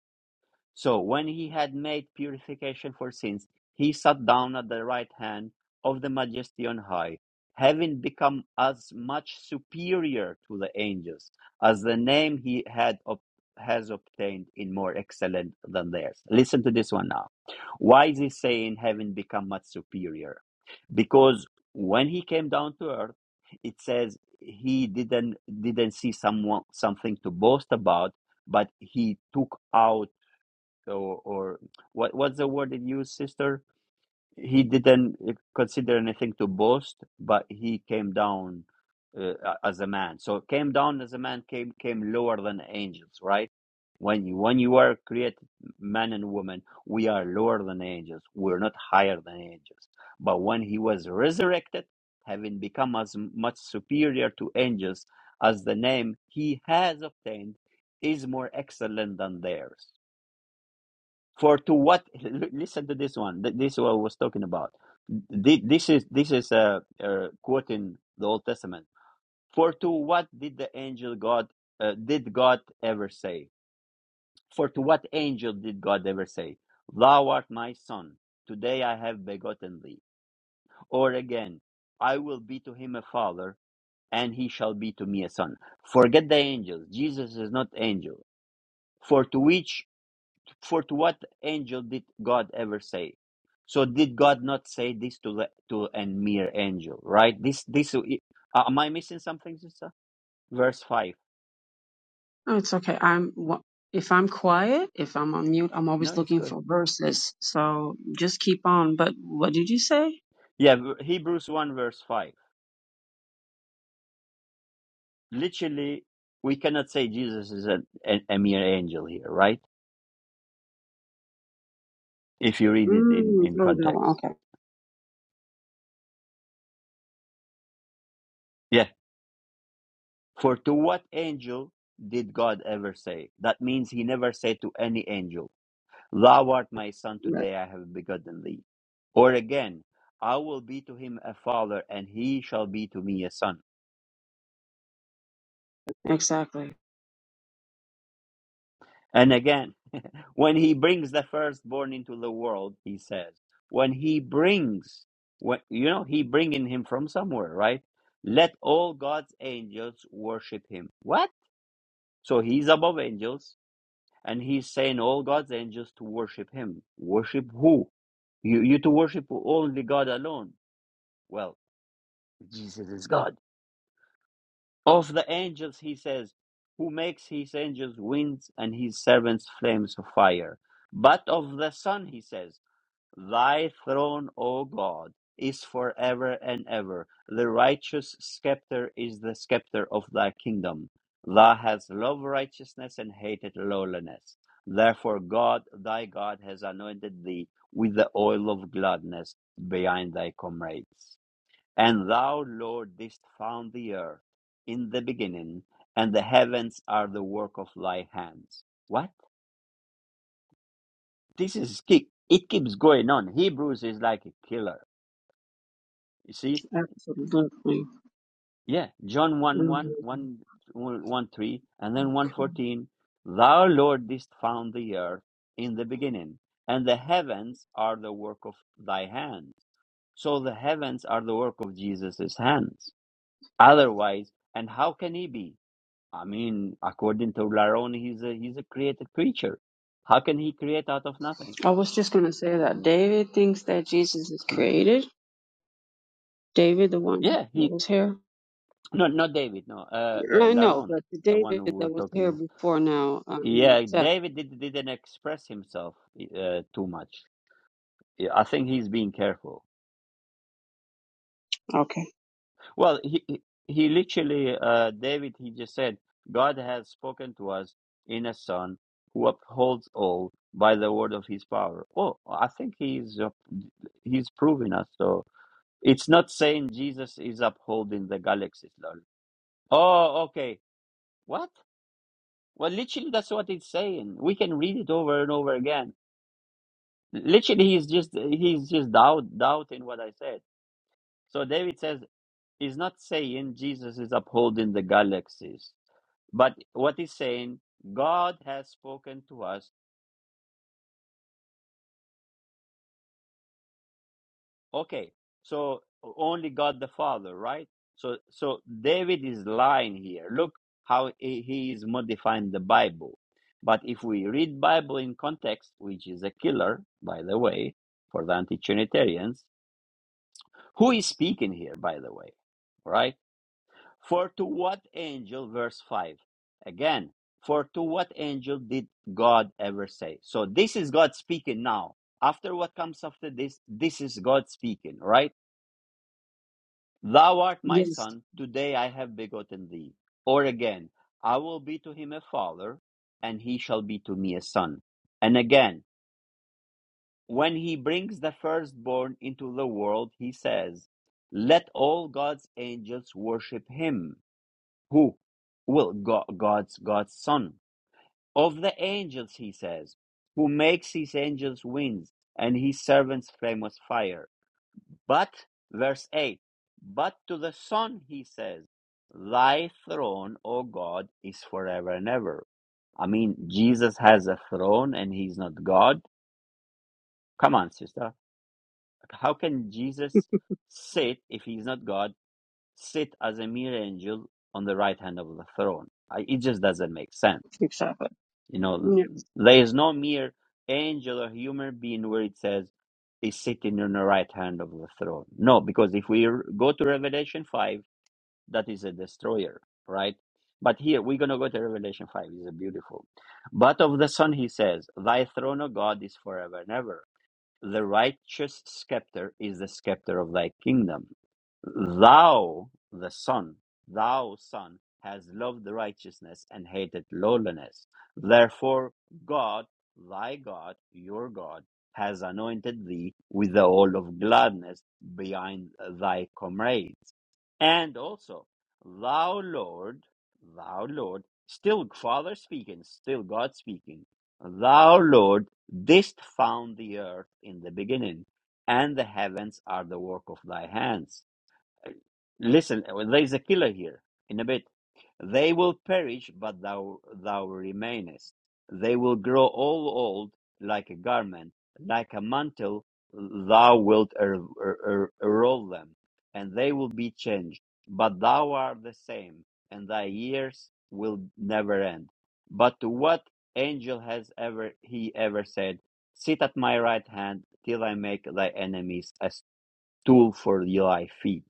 S1: So when he had made purification for sins, he sat down at the right hand of the majesty on high, having become as much superior to the angels as the name he had ob- has obtained in more excellent than theirs. Listen to this one now. Why is he saying having become much superior? Because when he came down to earth, it says he didn't didn't see someone something to boast about, but he took out or, or what what's the word it used, sister? He didn't uh, consider anything to boast, but he came down uh, as a man. So came down as a man came came lower than angels, right? When you when you are created man and woman, we are lower than angels. We're not higher than angels. But when he was resurrected, having become as much superior to angels as the name he has obtained is more excellent than theirs for to what? l- Listen to this one. Th- This is what I was talking about. Th- This is this is uh, uh, quoting the Old Testament. For to what did the angel God uh, did God ever say? For to what angel did God ever say, "Thou art my son; today I have begotten thee"? Or again, "I will be to him a father, and he shall be to me a son." Forget the angels. Jesus is not angel. For to which For to what angel did God ever say? So did God not say this to the, to a mere angel, right? This this uh, am I missing something, sister? Verse five.
S4: Oh, it's okay. I'm wha- if I'm quiet, if I'm on mute, I'm
S1: No,
S4: always
S1: it's
S4: looking
S1: good.
S4: for verses. So just keep on. But what did you say?
S1: Yeah, v- Hebrews one verse five. Literally, we cannot say Jesus is a, a, a mere angel here, right? If you read it in
S4: Mm,
S1: in
S4: oh, that one.
S1: context.
S4: Okay.
S1: Yeah. For to what angel did God ever say? That means He never said to any angel Thou art my son,
S4: Right.
S1: today I have begotten thee. Or again, I will be to him a father, and he shall be to me a son.
S4: Exactly.
S1: And again, when he brings the firstborn into the world, he says, when he brings, when, you know, he bringing him from somewhere, right? Let all God's angels worship him. What? So he's above angels, and he's saying all God's angels to worship him. Worship who? You, you to worship only God alone. Well, Jesus is God. Of the angels, he says, who makes his angels winds and his servants flames of fire. But of the Son, he says, Thy throne, O God, is forever and ever. The righteous scepter is the scepter of thy kingdom. Thou hast loved righteousness and hated lowliness. Therefore, God, thy God, has anointed thee with the oil of gladness behind thy comrades. And thou, Lord, didst found the earth in the beginning, and the heavens are the work of thy hands. What? This is keep it keeps going on. Hebrews is like a killer. You see?
S4: Absolutely.
S1: Yeah. John one
S4: Mhm.
S1: one one one 3, and then one 14. Thou, Lord, didst found the earth in the beginning, and the heavens are the work of thy hands. So the heavens are the work of Jesus' hands. Otherwise, and how can he be? I mean, according to Laron, he's a he's a created creature. How can he create out of nothing?
S4: I was just going to say that
S1: Mm.
S4: David thinks that Jesus is created. David, the one
S1: yeah,
S4: that
S1: he
S4: was here.
S1: no not David, no, uh, uh
S4: I know,
S1: Laron,
S4: but the
S1: the one who
S4: David
S1: we're
S4: that was
S1: talking
S4: here
S1: about.
S4: before now, um,
S1: Yeah,
S4: Seth.
S1: David did, didn't express himself uh, too much. Yeah, I think he's being careful.
S4: Okay.
S1: Well, he he he literally uh David he just said, God has spoken to us in a son who upholds all by the word of his power. Oh, I think he's uh, he's proving us so It's not saying Jesus is upholding the galaxies, lol. Oh, okay. What? Well, literally, that's what it's saying. We can read it over and over again. Literally, he's just he's just doubt, doubting what I said. So David says he's not saying Jesus is upholding the galaxies, but what he's saying, God has spoken to us Okay, so only God the Father, right? So so David is lying here. Look how he he is modifying the Bible. But if we read Bible in context, which is a killer, by the way, for the anti-Trinitarians, who is speaking here, by the way, right? For to what angel, verse five, again, for to what angel did God ever say? So this is God speaking now. After what comes after this, this is God speaking, right? Thou art my
S4: Yes,
S1: son, today I have begotten thee. Or again, I will be to him a father, and he shall be to me a son. And again, when he brings the firstborn into the world, he says, Let all God's angels worship him. Who? Well, God's God's son. Of the angels, he says, who makes his angels winds and his servants flame with fire. But, verse 8, but to the Son he says, Thy throne, O God, is forever and ever. I mean, Jesus has a throne and he's not God. Come on, sister. How can Jesus sit, if he's not God, sit as a mere angel on the right hand of the throne? I, it just doesn't make sense.
S4: exactly.
S1: You know,
S4: Yeah.
S1: there is no mere angel or human being where it says is sitting on the right hand of the throne. No, because if we r- go to Revelation 5, that is a destroyer, right? But here we're going to go to Revelation 5. It's a beautiful. But of the Son, he says, Thy throne, O God, is forever and ever. The righteous scepter is the scepter of thy kingdom. Thou, the Son, thou, Son, has loved righteousness and hated lowliness. Therefore, God, thy God, your God, has anointed thee with the oil of gladness behind thy comrades. And also, thou, Lord, thou, Lord, still Father speaking, still God speaking, thou, Lord, didst found the earth in the beginning, and the heavens are the work of thy hands. Listen, there is a killer here in a bit. They will perish, but thou thou remainest. They will grow all old like a garment, like a mantle. Thou wilt er, er, er- roll them, and they will be changed. But thou art the same, and thy years will never end. But to what angel has ever he ever said, "Sit at my right hand till I make thy enemies a stool for thy feet"?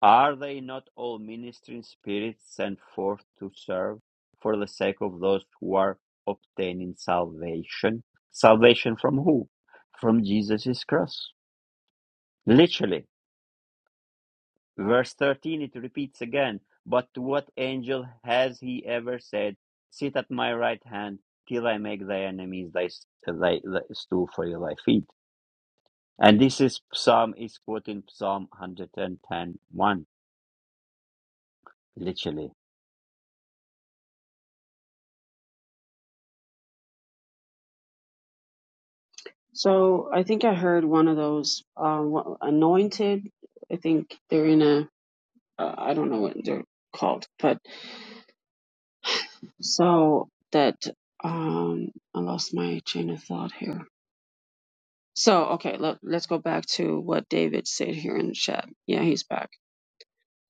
S1: Are they not all ministering spirits sent forth to serve for the sake of those who are obtaining salvation? Salvation from who? From Jesus' cross. Literally. Verse 13, it repeats again. But to what angel has he ever said, Sit at my right hand till I make thy enemies thy, thy, thy stool for thy feet? And this is Psalm, is quoting Psalm one hundred and ten one. literally.
S4: So I think I heard one of those uh, wha- anointed. I think they're in a. Uh, I don't know what they're called, but so that um, I lost my chain of thought here. So okay, let, let's go back to what David said here in the chat. Yeah, he's back.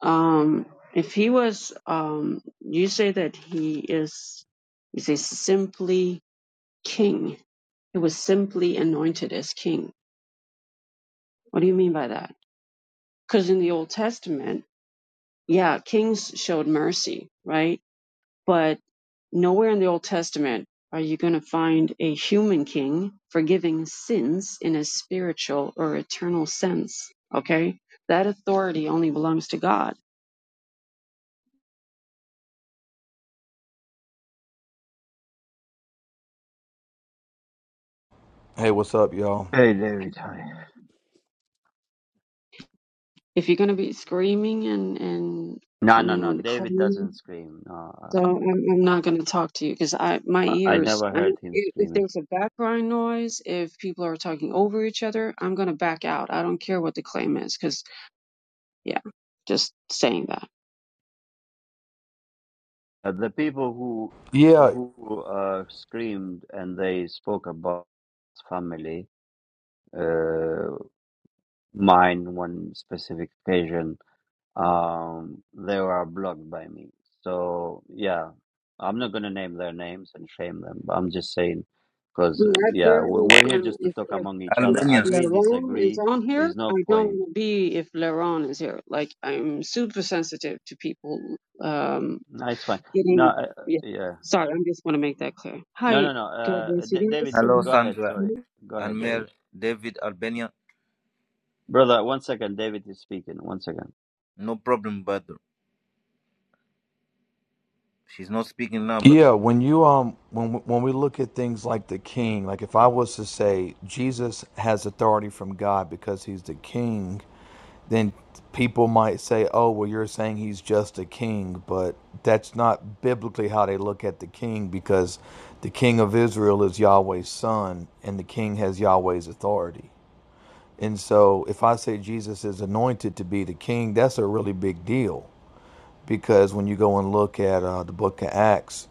S4: Um, if he was, um, you say that he is, you say simply king. He was simply anointed as king. What do you mean by that? Because in the Old Testament, yeah, kings showed mercy, right? But nowhere in the Old Testament are you going to find a human king forgiving sins in a spiritual or eternal sense. Okay? That authority only belongs to God.
S5: Hey, what's up, y'all?
S1: Hey, David. hi.
S4: If you're going to be screaming and, and
S1: No, no,
S4: coming
S1: no.
S4: with a
S1: David
S4: claim,
S1: doesn't scream. No,
S4: so I'm, I'm not going to talk to you because I my
S1: I, I
S4: ears.
S1: never
S4: I,
S1: heard him
S4: if if
S1: screaming.
S4: there's a background noise, if people are talking over each other, I'm going to back out. I don't care what the claim is because yeah, just saying that.
S1: Uh, the people who
S5: Yeah,
S1: who uh, screamed and they spoke about family, uh, mine one specific occasion, um, they were blocked by me. So yeah, I'm not gonna name their names and shame them. But I'm just saying, because
S4: Well,
S1: uh,
S4: I
S1: yeah, we-
S4: barely
S1: we're here
S4: can.
S1: just to
S4: If
S1: talk
S4: if
S1: among each
S4: if
S1: other.
S6: Albanians.
S1: Agree,
S4: Laron is
S1: disagree.
S4: on here,
S1: Is
S4: I
S1: no
S4: don't
S1: point.
S4: want to be if Laron is here. Like I'm super sensitive to people um
S1: No, It's fine. No,
S4: getting.
S1: uh, uh,
S4: Yeah,
S1: yeah.
S4: sorry. I just want to make that clear.
S1: No,
S4: Hi,
S1: no, no.
S4: God
S1: Uh,
S4: bless
S1: D-
S4: you
S1: David,
S4: guys.
S1: go,
S6: Hello,
S1: go
S4: and,
S1: ahead.
S6: Sandra
S4: you
S1: Sorry.
S4: know,
S1: Go ahead,
S6: and
S1: David.
S6: Mayor David Albania.
S1: Brother, one second. David is speaking. One second.
S6: No problem, brother. She's not speaking now, brother.
S5: yeah. When you um, when when we look at things like the King, like if I was to say Jesus has authority from God because he's the King, then people might say, "Oh, well, you're saying he's just a king," but that's not biblically how they look at the King because the King of Israel is Yahweh's son, and the King has Yahweh's authority. And so, if I say Jesus is anointed to be the King, that's a really big deal because when you go and look at uh, the book of Acts,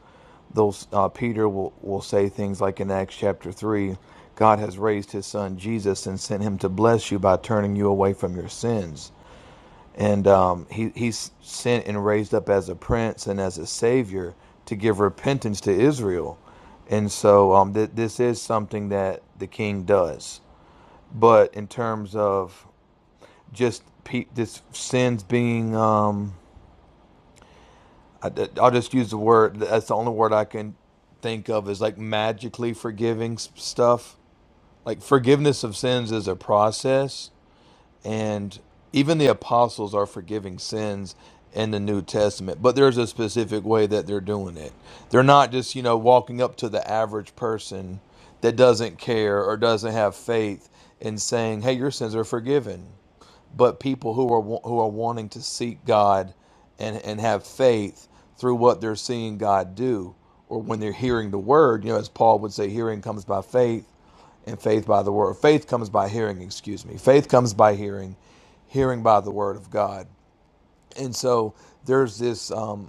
S5: those uh, Peter will, will say things like in Acts chapter three, God has raised His Son Jesus and sent Him to bless you by turning you away from your sins, and um, He He's sent and raised up as a Prince and as a Savior to give repentance to Israel, and so um, th- this is something that the King does. But in terms of just pe- this sins being um, I, will just use the word. That's the only word I can think of is like magically forgiving stuff. Like forgiveness of sins is a process, and even the apostles are forgiving sins in the New Testament. But there's a specific way that they're doing it. They're not just you know walking up to the average person that doesn't care or doesn't have faith and saying, "Hey, your sins are forgiven." but people who are who are wanting to seek God and and have faith through what they're seeing God do or when they're hearing the word you know as Paul would say hearing comes by faith and faith by the word faith comes by hearing excuse me faith comes by hearing hearing by the word of God and so there's this um,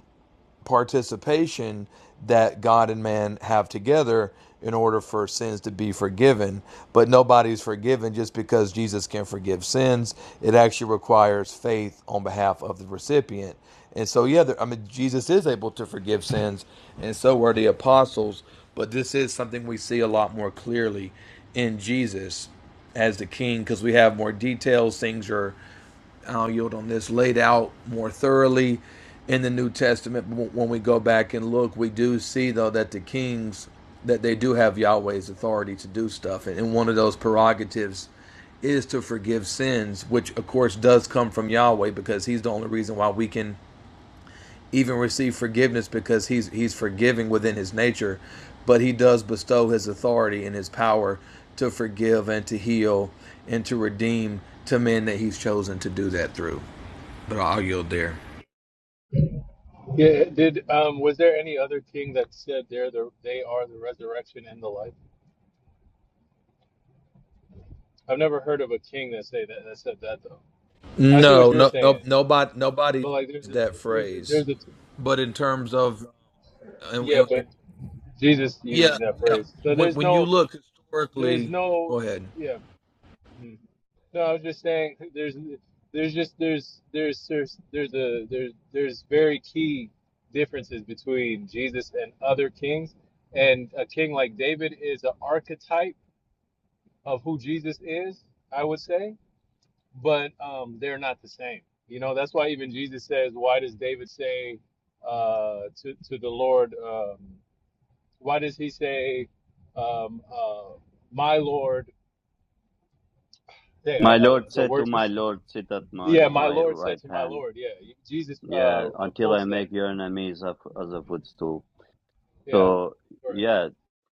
S5: participation that God and man have together in order for sins to be forgiven. But nobody's forgiven just because Jesus can forgive sins. It actually requires faith on behalf of the recipient. And so, yeah, there, I mean, Jesus is able to forgive sins, and so are the apostles. But this is something we see a lot more clearly in Jesus as the king because we have more details. Things are I'll yield on this, laid out more thoroughly in the New Testament. But When we go back and look, we do see though that the kings that they do have Yahweh's authority to do stuff, and one of those prerogatives is to forgive sins, which of course does come from Yahweh because He's the only reason why we can even receive forgiveness because He's He's forgiving within His nature, but He does bestow His authority and His power to forgive and to heal and to redeem to men that He's chosen to do that through. But I'll yield there.
S7: Yeah, did um was there any other king that said they're the they are the resurrection and the life? I've never heard of a king that say that that said that though. I see what
S5: No,
S7: you're
S5: no, no,
S7: saying,
S5: nobody, nobody
S7: but like there's
S5: says
S7: a,
S5: that
S7: there's a,
S5: phrase.
S7: there's a
S5: But in terms of, and,
S7: yeah,
S5: and- and-
S7: but Jesus
S5: yeah,
S7: uses that
S5: yeah,
S7: phrase, so
S5: when,
S7: there's
S5: when you
S7: no
S5: look
S7: there's
S5: historically,
S7: no
S5: go ahead.
S7: yeah. hmm. No, I was just saying there's there's just there's there's there's there's a there's there's very key differences between Jesus and other kings, and a king like David is an archetype of who Jesus is, I would say, but um, they're not the same. You know, that's why even Jesus says, why does David say uh, to, to the Lord, um, why does he say, um, uh, my Lord, hey, uh,
S1: My
S7: uh,
S1: Lord
S7: the
S1: said to
S7: words are,
S1: my Lord, sit at my,
S7: yeah, my
S1: my
S7: Lord said
S1: right
S7: to my
S1: hand.
S7: Lord. Yeah, Jesus uh,
S1: Yeah,
S7: uh,
S1: until I
S7: quotes that.
S1: make your enemies of, as a footstool.
S7: Yeah,
S1: So,
S7: correct.
S1: yeah,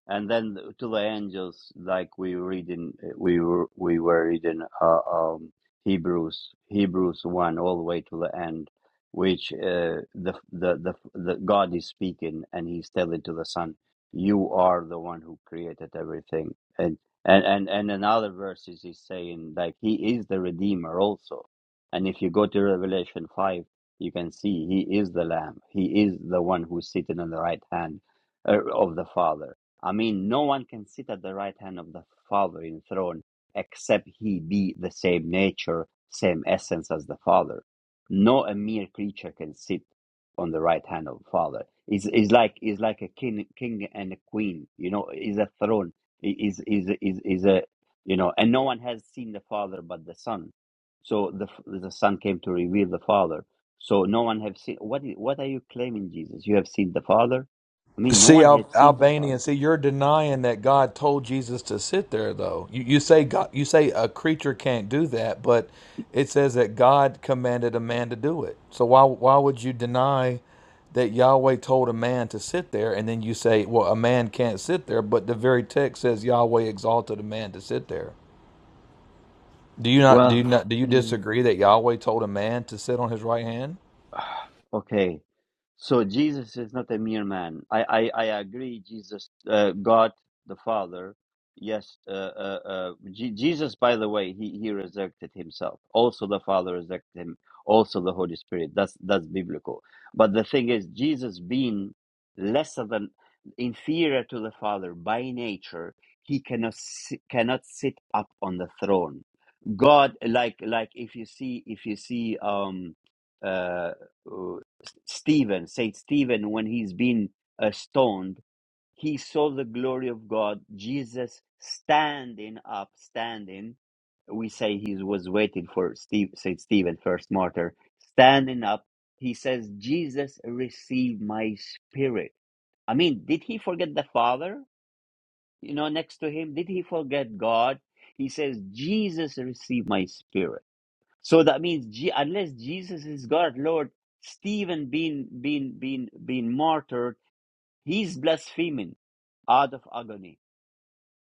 S1: and then to the angels like we read in we were we were reading uh, um hebrews hebrews 1 all the way to the end which uh, the, the the the god is speaking and he's telling to the son you are the one who created everything and and and, and in other verses he's saying like he is the redeemer also and if you go to revelation 5 you can see he is the lamb he is the one who's sitting on the right hand uh, of the father I mean, no one can sit at the right hand of the Father in the throne except he be the same nature, same essence as the Father. No a mere creature can sit on the right hand of the Father. Is is like is like a king, king and a queen. You know, is a throne. Is is is is a you know, and no one has seen the Father but the Son. So the the Son came to reveal the Father. So no one have seen. What is, what are you claiming, Jesus? You have seen the Father. I mean, no
S5: See
S1: one has
S5: Al-
S1: seen the Father.
S5: Albanian. See, you're denying that God told Jesus to sit there, though. You you say God, you say a creature can't do that, but it says that God commanded a man to do it. So why why would you deny that Yahweh told a man to sit there, and then you say, well, a man can't sit there, but the very text says Yahweh exalted a man to sit there. Do you not do you
S1: Well,
S5: not do you
S1: mm,
S5: disagree that Yahweh told a man to sit on his right hand?
S1: okay. So Jesus is not a mere man. I, I, I agree. Jesus, uh, God the Father. Yes, uh, uh, uh, Je- Jesus. By the way, he he resurrected himself. Also, the Father resurrected him. Also, the Holy Spirit. That's that's biblical. But the thing is, Jesus being lesser than inferior to the Father by nature, he cannot si- cannot sit up on the throne God, like like if you see if you see um uh, uh Stephen, Saint Stephen, when he's been uh, stoned, he saw the glory of God. Jesus standing up, standing. We say he was waiting for Steve, Saint Stephen, first martyr, standing up. He says, "Jesus, receive my spirit." I mean, did he forget the Father? You know, next to him, did he forget God? He says, "Jesus, receive my spirit." So that means, Je- unless Jesus is God, Lord, Stephen being being being being martyred, he's blaspheming out of agony.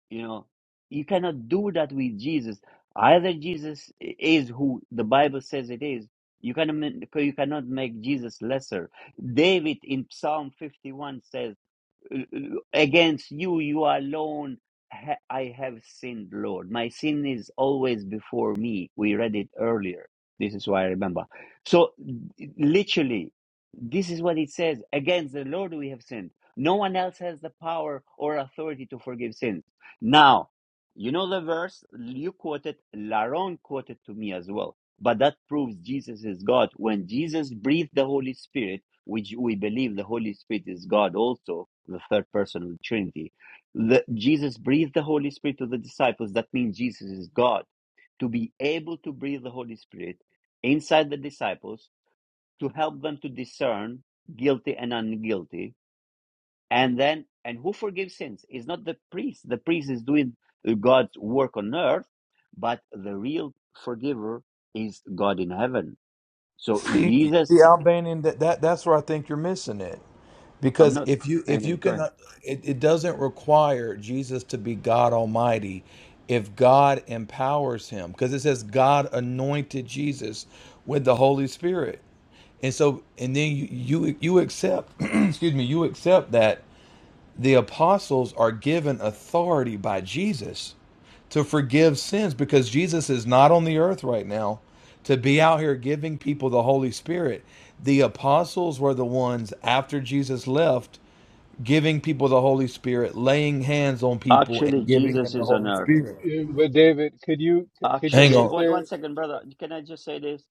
S1: You know, you cannot do that with Jesus. Either Jesus i- is who the Bible says it is. You cannot ma- you cannot make Jesus lesser. David in Psalm 51 says against you, you alone, ha- I have sinned, Lord. My sin is always before me. We read it earlier. This is why I remember. So, literally, this is what it says Against the Lord we have sinned. No one else has the power or authority to forgive sins. Now, you know the verse you quoted, Laron quoted to me as well. But that proves Jesus is God. When Jesus breathed the Holy Spirit, which we believe the Holy Spirit is God also, the third person of the Trinity, the, Jesus breathed the Holy Spirit to the disciples. That means Jesus is God. To be able to breathe the Holy Spirit inside the disciples to help them to discern guilty and unguilty and then and who forgives sins is not the priest the priest is doing uh, god's work on earth but the real forgiver is god in heaven so
S5: See,
S1: jesus
S5: see Albanian, that, that that's where I think you're missing it.
S1: i'm
S5: because
S1: not
S5: if you
S1: i
S5: if
S1: know
S5: you
S1: go
S5: can
S1: ahead
S5: uh, it, it doesn't require jesus to be god almighty if god empowers him because it says god anointed jesus with the holy spirit and so and then you you, you accept excuse me you accept that the apostles are given authority by jesus to forgive sins because Jesus is not on the earth right now to be out here giving people the Holy Spirit. The apostles were the ones after Jesus left giving people the Holy Spirit, laying hands on people and
S1: actually
S5: giving them
S1: jesus
S5: the
S1: is on
S5: Holy
S1: earth
S5: Spirit.
S7: Yeah, But David, could you could you
S5: Hang
S1: actually
S7: sit
S5: on.
S1: one,
S7: there?
S1: one second brother can i just say this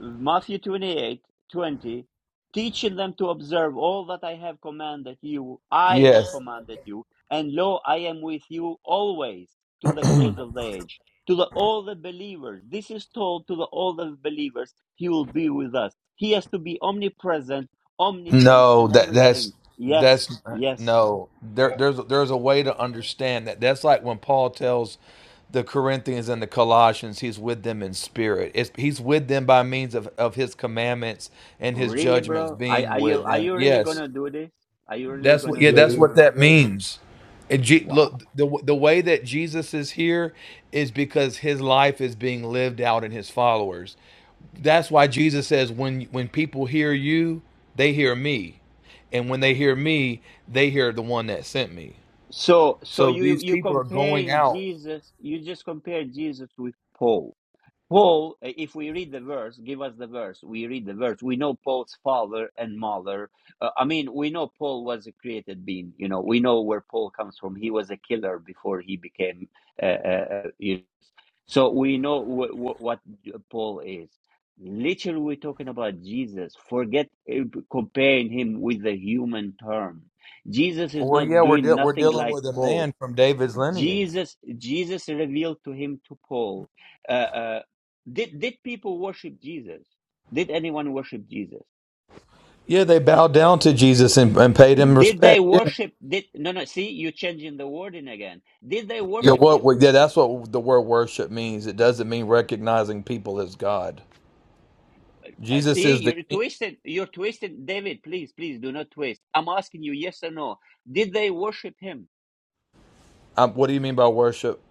S1: Matthew 28 20, teaching them to observe all that I have commanded you, I have
S5: Yes.
S1: commanded you, and lo, I am with you always to the close of the age. To the, all the believers, this is told to the, all the believers, He will be with us. He has to be omnipresent, omniscient,
S5: No,
S1: and
S5: that
S1: everything.
S5: that's
S1: Yes,
S5: that's
S1: yes.
S5: no. There
S7: Uh,
S5: there's there's a way to understand that. That's like when Paul tells the Corinthians and the Colossians, he's with them in spirit. It's, he's with them by means of, of his commandments and his
S1: Really,
S5: judgments
S1: bro? Are,
S5: being
S1: are you
S5: with
S1: are
S5: them.
S1: you really
S5: Yes.
S1: gonna do this? Are you really
S5: That's what.
S1: gonna
S5: Yeah,
S7: yeah.
S1: do
S5: that's
S1: this?
S5: what
S7: you
S5: that
S7: know,
S5: means. And Je-
S1: Wow.
S5: look, the the way that Jesus is here is because his life is being lived out in his followers. That's why Jesus says, "When when people hear you, they hear me, and when they hear me, they hear the one that sent me."
S1: So, so
S5: So
S1: you
S5: these
S1: you
S5: people are going
S1: comparing
S5: out.
S1: Jesus, you just compare Jesus with Paul. Paul, uh, if we read the verse, give us the verse. We read the verse. We know Paul's father and mother. Uh, I mean, we know Paul was a created being. You know, we know where Paul comes from. He was a killer before he became, uh, uh, uh, you so we know wh- wh- what Paul is. Literally, we're talking about Jesus. Forget uh, comparing him with the human term. Jesus is
S5: Well,
S1: not
S5: yeah, we're
S1: doing
S5: deal we're
S1: nothing
S5: dealing
S1: like
S5: with a
S1: Paul.
S5: man from David's lineage.
S1: Jesus, Jesus revealed to him to Paul. Uh, uh, did did people worship Jesus? Did anyone worship Jesus?
S5: Yeah, they bowed down to Jesus and, and paid him
S1: Did they
S5: respect. Yeah.
S1: worship? Did no no? See, you're changing the wording again. Did they
S5: Yeah,
S1: worship
S5: what?
S1: him?
S5: we- Yeah, that's what the word worship means. It doesn't mean recognizing people as God.
S1: Uh,
S5: Jesus
S1: see,
S5: is the
S1: you're
S5: King.
S1: twisted. You're twisted, David. Please, please do not twist. I'm asking you, yes or no. Did they worship him?
S5: Um, what do you mean by worship?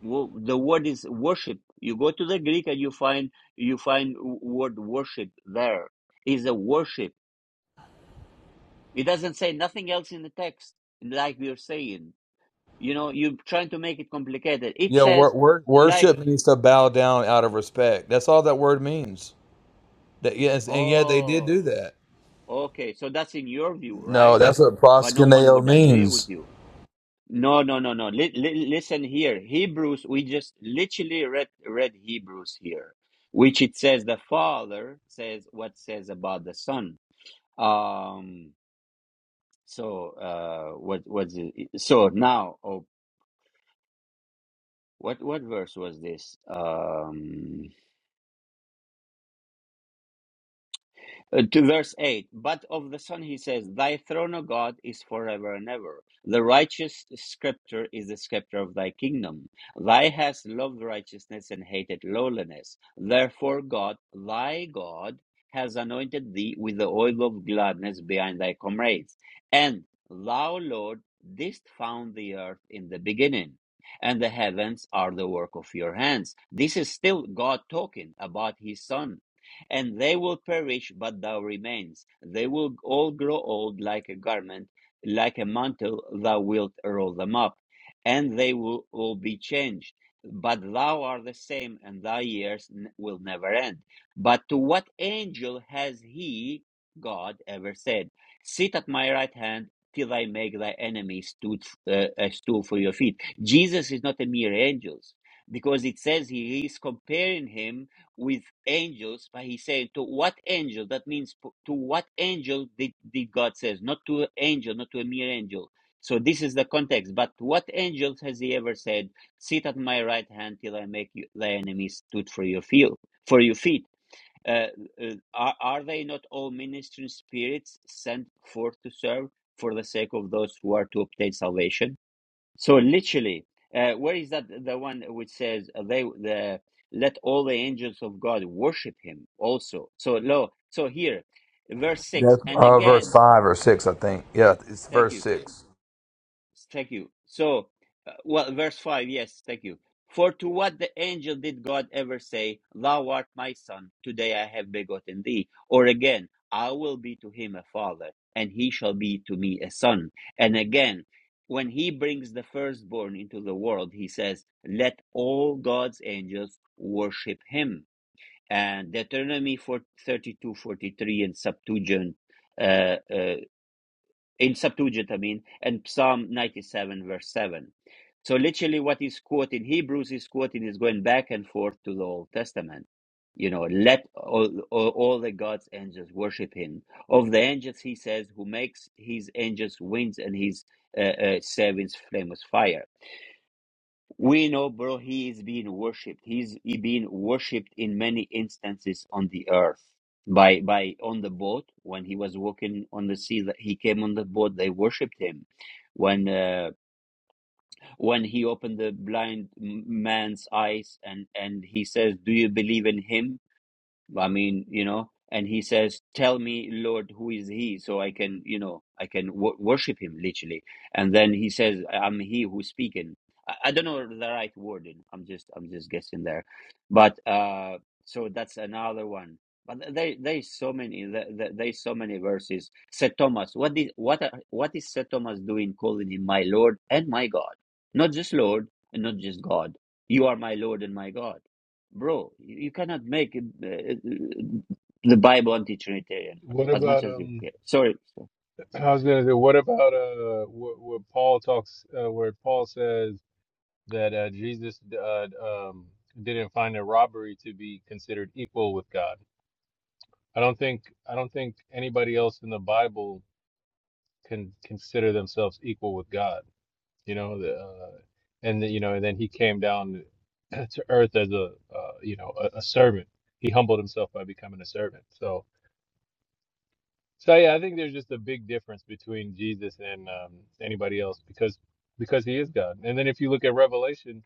S1: Wo- The word is worship. You go to the Greek and you find you find w- word worship there. Is a worship. It doesn't say nothing else in the text, like we are saying. You know, you're trying to make it complicated. It
S5: Yeah,
S1: says,
S5: wor- wor-
S1: like,
S5: worship means to bow down out of respect. That's all that word means. That yes, and yet they did do
S1: oh,
S5: that.
S1: okay. So that's in your view,
S5: No,
S1: right?
S5: that's what
S1: But no one
S5: proskuneo
S1: would agree with
S5: means.
S1: you No, no, no, no. Li- li- listen here. Hebrews, we just literally read read Hebrews here, which it says the Father says what says about the Son. Um. So, uh, what what's it? So now, oh, what what verse was this? Um. Uh, to verse 8 but of the son he says thy throne o god is forever and ever the righteous scepter is the scepter of thy kingdom thy hast loved righteousness and hated lowliness therefore god thy god has anointed thee with the oil of gladness behind thy comrades and thou lord didst found the earth in the beginning and the heavens are the work of your hands this is still god talking about his son and they will perish, but thou remains. They will all grow old like a garment, like a mantle, thou wilt roll them up, and they will all be changed. But thou art the same, and thy years n- will never end. But to what angel has he, God, ever said, Sit at my right hand till I make thy enemies stood, uh, a stool for your feet? Jesus is not a mere angel, because it says he is comparing him with angels, but he saying to what angel? That means to what angel did, did God says, not to an angel, not to a mere angel. So this is the context. But what angels has he ever said, "Sit at my right hand till I make you, thy enemies stood for your field, for your feet"? Uh, uh, are, are they not all ministering spirits sent forth to serve for the sake of those who are to obtain salvation? So literally, uh, where is that the one which says uh, they the let all the angels of God worship him also. So lo, so here, verse six,
S5: That's
S1: and
S5: uh, verse
S1: again,
S5: five or six, I think. Yeah, it's
S1: thank
S5: verse
S1: you.
S5: six.
S1: Thank you. So, uh, well, verse 5, yes, thank you. For to what the angel did God ever say, Thou art my son, today I have begotten thee? Or again, I will be to him a father, and he shall be to me a son. And again, when he brings the firstborn into the world, he says, Let all God's angels worship him. And Deuteronomy 4, 32, 43, and Septuagint uh, uh in Septuagint, I mean, and Psalm 97, verse 7. So literally what is quoted in Hebrews is quoted is going back and forth to the Old Testament. You know, let all, all, all the God's angels worship him. Of the angels, he says, who makes his angels winds and his uh, uh, servants flames fire. We know, bro, he is being worshipped. He's he being worshipped in many instances on the earth. By by on the boat when he was walking on the sea, that he came on the boat. They worshipped him. When uh, when he opened the blind m- man's eyes and and he says, "Do you believe in him?" I mean, you know, and he says, "Tell me, Lord, who is he, so I can, you know, I can w- worship him literally." And then he says, "I'm he who's speaking." I, I don't know the right wording. I'm just, I'm just guessing there, but uh, so that's another one. But th- there, there's so many, there, there- there's so many verses. Said Thomas, "What did, what, are, what is Said Thomas doing, calling him my Lord and my God? Not just Lord, and not just God. You are my Lord and my God." bro, you you cannot make it, uh, the Bible anti-Trinitarian
S7: What
S1: as much
S7: about
S1: as you
S7: um?
S1: can. Sorry.
S7: I was gonna say, what about uh, what what Paul talks, uh, where Paul says that uh, Jesus uh, um, didn't find a robbery to be considered equal with God. I don't think I don't think anybody else in the Bible can consider themselves equal with God. You know, the, uh, and the, you know, and then he came down to earth as a uh, you know a, a servant. He humbled himself by becoming a servant. So So yeah, I think there's just a big difference between Jesus and um, anybody else because because he is God. And then if you look at Revelation,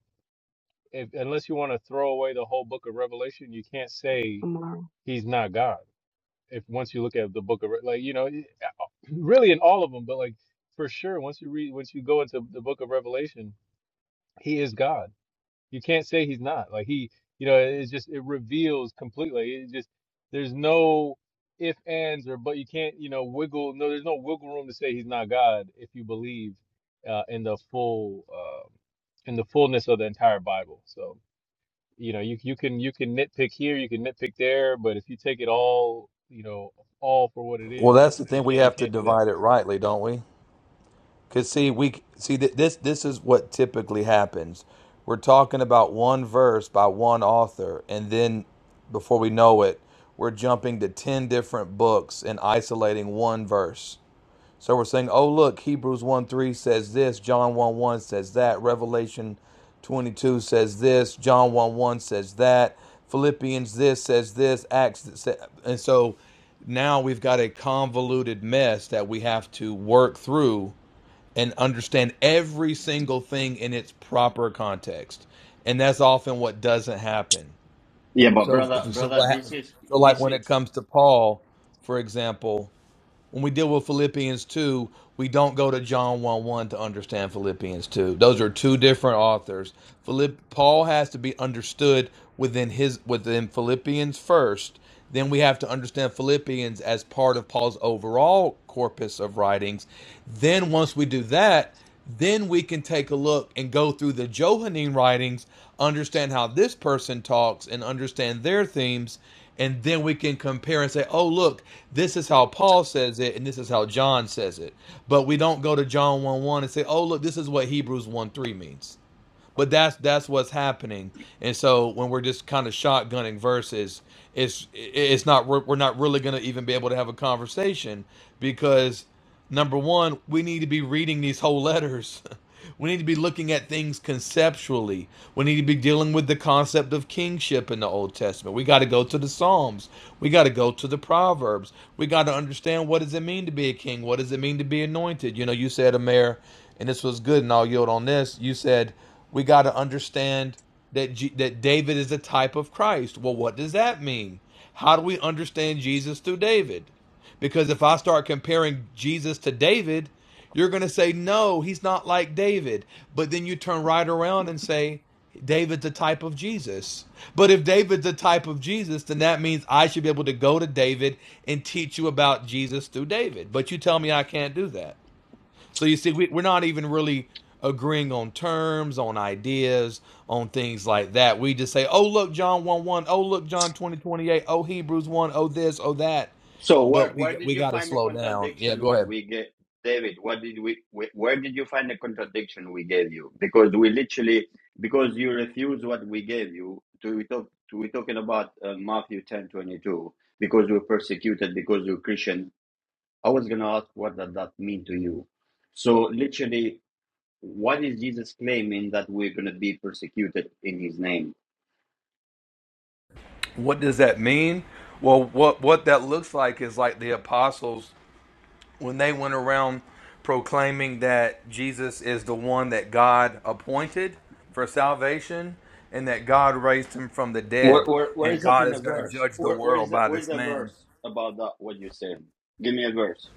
S7: if, unless you want to throw away the whole book of Revelation, you can't say
S4: Amara.
S7: he's not God. If once you look at the book of Re- like you know, it- really in all of them, but like for sure once you read once you go into the book of Revelation, he is God you can't say he's not. Like he, you know, it's just it reveals completely. It just there's no if ands or but you can't, you know, wiggle. No, there's no wiggle room to say he's not God if you believe uh, in the full um in the fullness of the entire Bible. So you know, you you can you can nitpick here, you can nitpick there, but if you take it all, you know, all for what it
S5: Well,
S7: is,
S5: that's the
S7: you
S5: thing. We
S7: can't you
S5: have to
S7: can't do that.
S5: divide it rightly, don't we? Cause see, we see that this this is what typically happens. We're talking about one verse by one author, and then before we know it, we're jumping to ten different books and isolating one verse. So we're saying, oh look, Hebrews one three says this, John one one says that, Revelation twenty two says this, John one one says that, Philippians this says this, Acts this, sa- and so now we've got a convoluted mess that we have to work through and understand every single thing in its proper context. And that's often what doesn't happen.
S1: Yeah, but
S5: So,
S1: brother,
S5: if, so,
S1: brother,
S5: what hap-
S1: this is
S5: so like
S1: this
S5: when it
S1: is.
S5: comes to Paul, for example, when we deal with Philippians 2, we don't go to John 1 1 to understand Philippians 2. Those are two different authors. Philipp, Paul has to be understood within his within Philippians first. Then we have to understand Philippians as part of Paul's overall corpus of writings. Then once we do that, then we can take a look and go through the Johannine writings, understand how this person talks, and understand their themes. And then we can compare and say, oh, look, this is how Paul says it, and this is how John says it. But we don't go to John 1 1 and say, oh, look, this is what Hebrews 1 3 means. But that's that's what's happening, and so when we're just kind of shotgunning verses, it's it's not we're not really going to even be able to have a conversation because Number one, we need to be reading these whole letters. We need to be looking at things conceptually. We need to be dealing with the concept of kingship in the Old Testament. We got to go to the Psalms. We got to go to the Proverbs. We got to understand what does it mean to be a king? What does it mean to be anointed? You know, you said, Amir, and this was good, and I'll yield on this. You said, we got to understand that, G- that David is a type of Christ. Well, what does that mean? How do we understand Jesus through David? Because if I start comparing Jesus to David, you're going to say, no, he's not like David. But then you turn right around and say, David's a type of Jesus. But if David's a type of Jesus, then that means I should be able to go to David and teach you about Jesus through David. But you tell me I can't do that. So you see, we, we're not even really agreeing on terms, on ideas, on things like that. We just say, oh, look, John 1 1. Oh, look, John 20 twenty-eight. Oh, Hebrews 1. Oh, this, oh, that
S1: So where
S5: but
S1: where
S5: we
S1: did
S5: we
S1: you
S5: got to
S1: find the
S5: slow down. Yeah,
S1: contradiction?
S5: go
S1: What
S5: ahead.
S1: we get, David? What did we? we- Where did you find the contradiction we gave you? Because we literally because you refuse what we gave you. To we talk to we talking about uh, Matthew ten twenty two. Because we're persecuted because you are Christian. I was gonna ask what does that mean to you. So literally, What is Jesus claiming that we're going to be persecuted in His name?
S5: What does that mean? Well, what what that looks like is like the apostles when they went around proclaiming that Jesus is the one that God appointed for salvation and that God raised him from the
S1: Where,
S5: dead
S1: where, where
S5: and
S1: is that
S5: God
S1: in
S5: is
S1: a
S5: going to
S1: verse?
S5: judge the
S1: Where, where
S5: world
S1: is that,
S5: by
S1: where is
S5: this
S1: the
S5: man.
S1: verse about that? What you said? Give me a verse.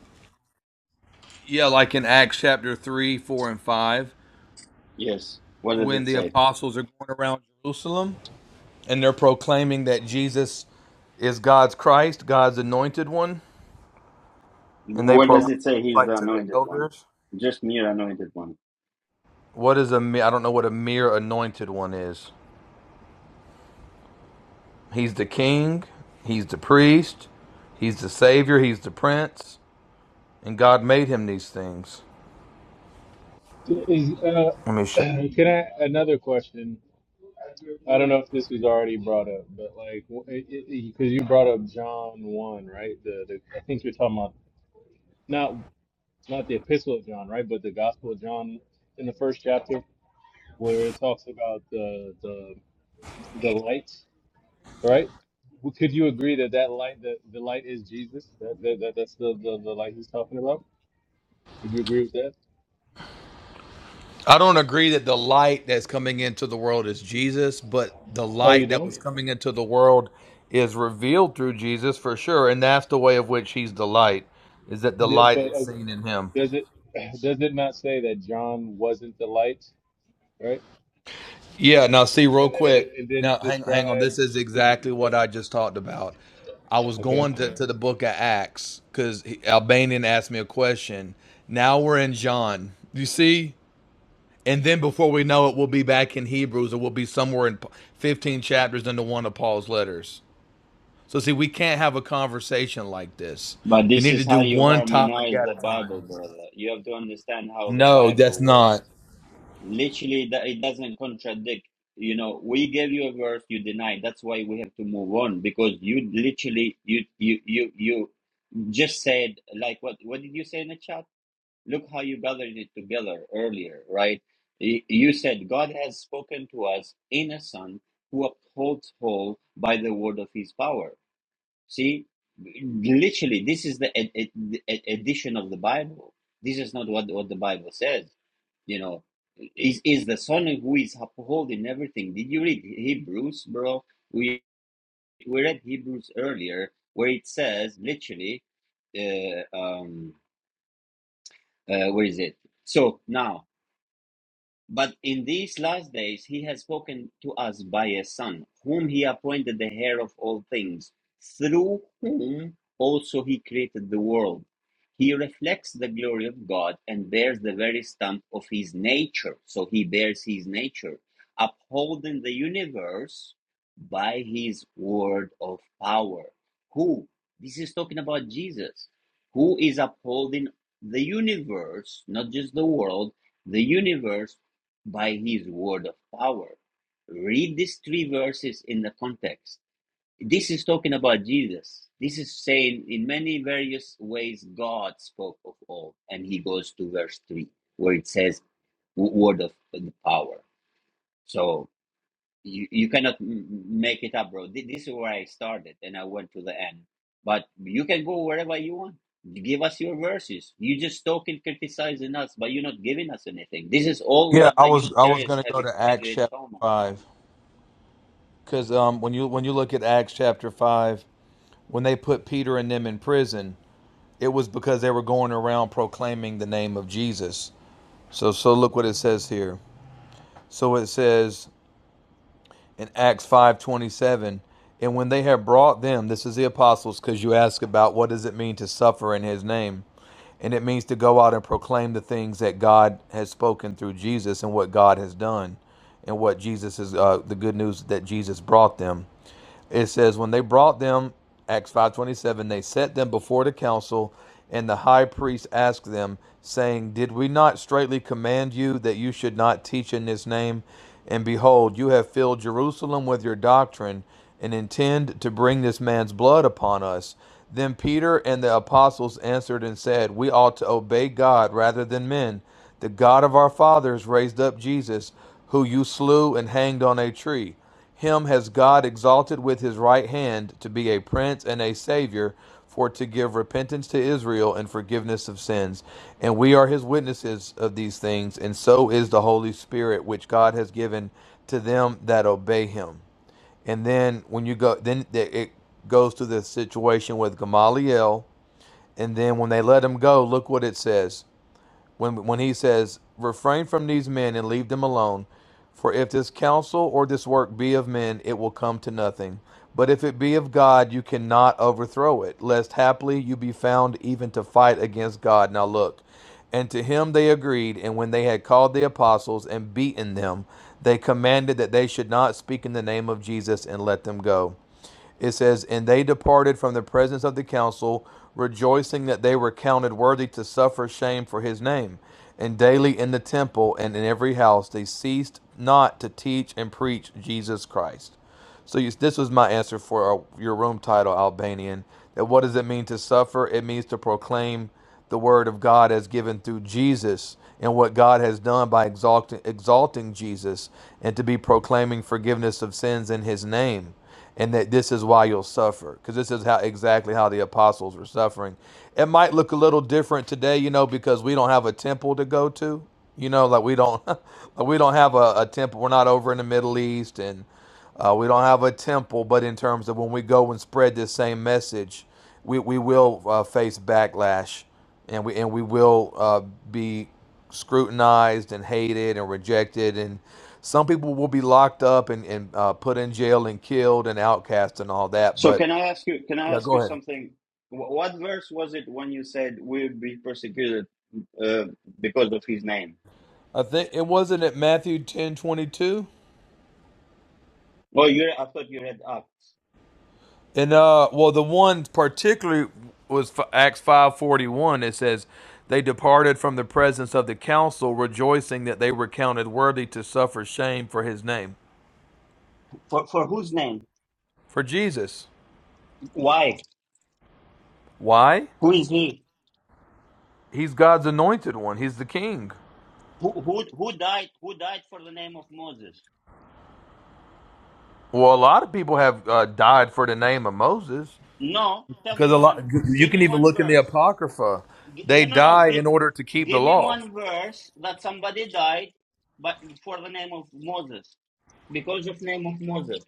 S5: Yeah, like in Acts chapter 3, 4 and 5
S1: Yes. What does
S5: when
S1: it
S5: the
S1: say?
S5: apostles are going around Jerusalem and they're proclaiming that Jesus is God's Christ, God's anointed one and they
S1: What does
S5: proclaimed
S1: it say
S5: it
S1: He's
S5: like
S1: the
S5: to the
S1: anointed one?
S5: elders.
S1: Just mere anointed one.
S5: What is a mere? I don't know what a mere anointed one is. He's the king. He's the priest. He's the savior. He's the prince. And God made him these things.
S7: Is uh,
S5: Let me show. You.
S7: can I another question? I don't know if this was already brought up, but like, because you brought up John one, right? The, the I think you're talking about not not the Epistle of John, right? But the Gospel of John in the first chapter, where it talks about the the the lights, right? Well, Could you agree that that light, that the light is Jesus? That, that, that that's the, the the light he's talking about. Would you agree with that?
S5: I don't agree that the light that's coming into the world is Jesus, but the
S7: Oh, you
S5: light that
S7: don't?
S5: was coming into the world is revealed through Jesus for sure, and that's the way of which he's the light. Is that the
S7: Yeah,
S5: light
S7: but
S5: is
S7: uh,
S5: seen in him?
S7: does it does it not say that John wasn't the light, right?
S5: Yeah, now see real
S7: and then
S5: quick.
S7: it, and then
S5: Now
S7: it
S5: hang hang on. This
S7: describes.
S5: is exactly what I just talked about. I was
S7: Okay.
S5: going to, to the book of Acts because Albanian asked me a question. Now we're in John. You see? And then before we know it, we'll be back in Hebrews or we'll be somewhere in Pa- 15 chapters into one of Paul's letters. So, see, we can't have a conversation like this.
S1: But
S5: We
S1: this
S5: need to
S1: is
S5: do
S1: how you
S5: one topic
S1: harmonize
S5: at a
S1: the
S5: time.
S1: Bible, brother. You have to understand how the
S5: No, that's
S1: Bible works.
S5: not.
S1: Literally, that it doesn't contradict you know we gave you a verse you deny that's why we have to move on because you literally you you you you just said like what what did you say in the chat look how you gathered it together earlier right Y- you said god has spoken to us in a son who upholds whole by the word of his power see literally this is the ed- ed- ed- addition of the bible this is not what what the bible says you know is is the son who is upholding everything did you read hebrews bro we read Hebrews earlier, where it says literally, uh, um, uh, where is it? So now but in these last days he has spoken to us by a Son, whom he appointed the heir of all things, through whom also he created the world. He reflects the glory of God and bears the very stamp of his nature. So he bears his nature, upholding the universe by his word of power. Who? This is talking about Jesus, who is upholding the universe, not just the world, the universe by his word of power. Read these three verses in the context. This is talking about Jesus. This is saying in many various ways God spoke of all. And he goes to verse 3, where it says, word of the power. So you you cannot m- make it up, bro. Thi- This is where I started and I went to the end. But you can go wherever you want. Give us your verses. You just talking, criticizing us, but you're not giving us anything. This is all
S5: Yeah,
S1: what
S5: I
S1: the
S5: was I was
S1: Unitarians
S5: gonna
S1: have
S5: go to
S1: have
S5: Acts
S1: in
S5: chapter
S1: common.
S5: five. Because um, when you when you look at Acts chapter five, when they put Peter and them in prison, it was because they were going around proclaiming the name of Jesus. So so look what it says here. So it says in Acts five twenty seven, and when they had brought them, this is the apostles, because you ask about what does it mean to suffer in His name, and it means to go out and proclaim the things that God has spoken through Jesus and what God has done, and what Jesus is uh, the good news that Jesus brought them. it says when they brought them acts 527 they set them before the council and the high priest asked them saying did we not straitly command you that you should not teach in this name and behold you have filled jerusalem with your doctrine and intend to bring this man's blood upon us then peter and the apostles answered and said we ought to obey god rather than men the god of our fathers raised up jesus who you slew and hanged on a tree him has God exalted with his right hand to be a prince and a savior, for to give repentance to Israel and forgiveness of sins. And we are his witnesses of these things, and so is the Holy Spirit, which God has given to them that obey him. And then when you go, then it goes to the situation with Gamaliel. And then when they let him go, look what it says when when he says, "Refrain from these men and leave them alone, for if this counsel or this work be of men, it will come to nothing. But if it be of God, you cannot overthrow it, lest haply you be found even to fight against God." Now look, and to him they agreed, and when they had called the apostles and beaten them, they commanded that they should not speak in the name of Jesus and let them go. It says, And they departed from the presence of the council, rejoicing that they were counted worthy to suffer shame for his name. And daily in the temple and in every house they ceased not to teach and preach Jesus Christ. So you, this was my answer for uh, your room title, Albanian. That what does it mean to suffer? It means to proclaim the word of God as given through Jesus and what God has done by exalting, exalting Jesus and to be proclaiming forgiveness of sins in his name and that this is why you'll suffer because this is how exactly how the apostles were suffering it might look a little different today you know because we don't have a temple to go to you know like we don't like we don't have a, a temple we're not over in the middle east and uh, we don't have a temple but in terms of when we go and spread this same message we, we will uh, face backlash and we and we will uh, be scrutinized and hated and rejected and some people will be locked up and, and uh, put in jail and killed and outcast and all that
S1: So
S5: but
S1: can I ask you? Can I
S5: yeah
S1: ask
S5: go
S1: you
S5: ahead
S1: something? Wh- What verse was it when you said we'll be persecuted uh, because of his name?
S5: i think it wasn't at matthew ten twenty two,
S1: Oh, you. I thought you read Acts.
S5: and uh well the one particularly was acts 541 it says they departed from the presence of the council rejoicing that they were counted worthy to suffer shame for his name
S1: For for whose name?
S5: for jesus
S1: Why?
S5: why
S1: Who is he?
S5: He's God's anointed one. He's the king.
S1: Who who who died? Who died for the name of Moses?
S5: Well, a lot of people have uh, died for the name of Moses
S1: No, tell
S5: because
S1: me
S5: a lot.
S1: one.
S5: You
S1: Give
S5: can
S1: me
S5: even
S1: one
S5: look in the
S1: verse.
S5: Apocrypha;
S1: Gi- no,
S5: they
S1: no, no.
S5: die
S1: Give
S5: in order to keep the
S1: give me
S5: law.
S1: one verse that somebody died, but for the name of Moses because of name of Moses.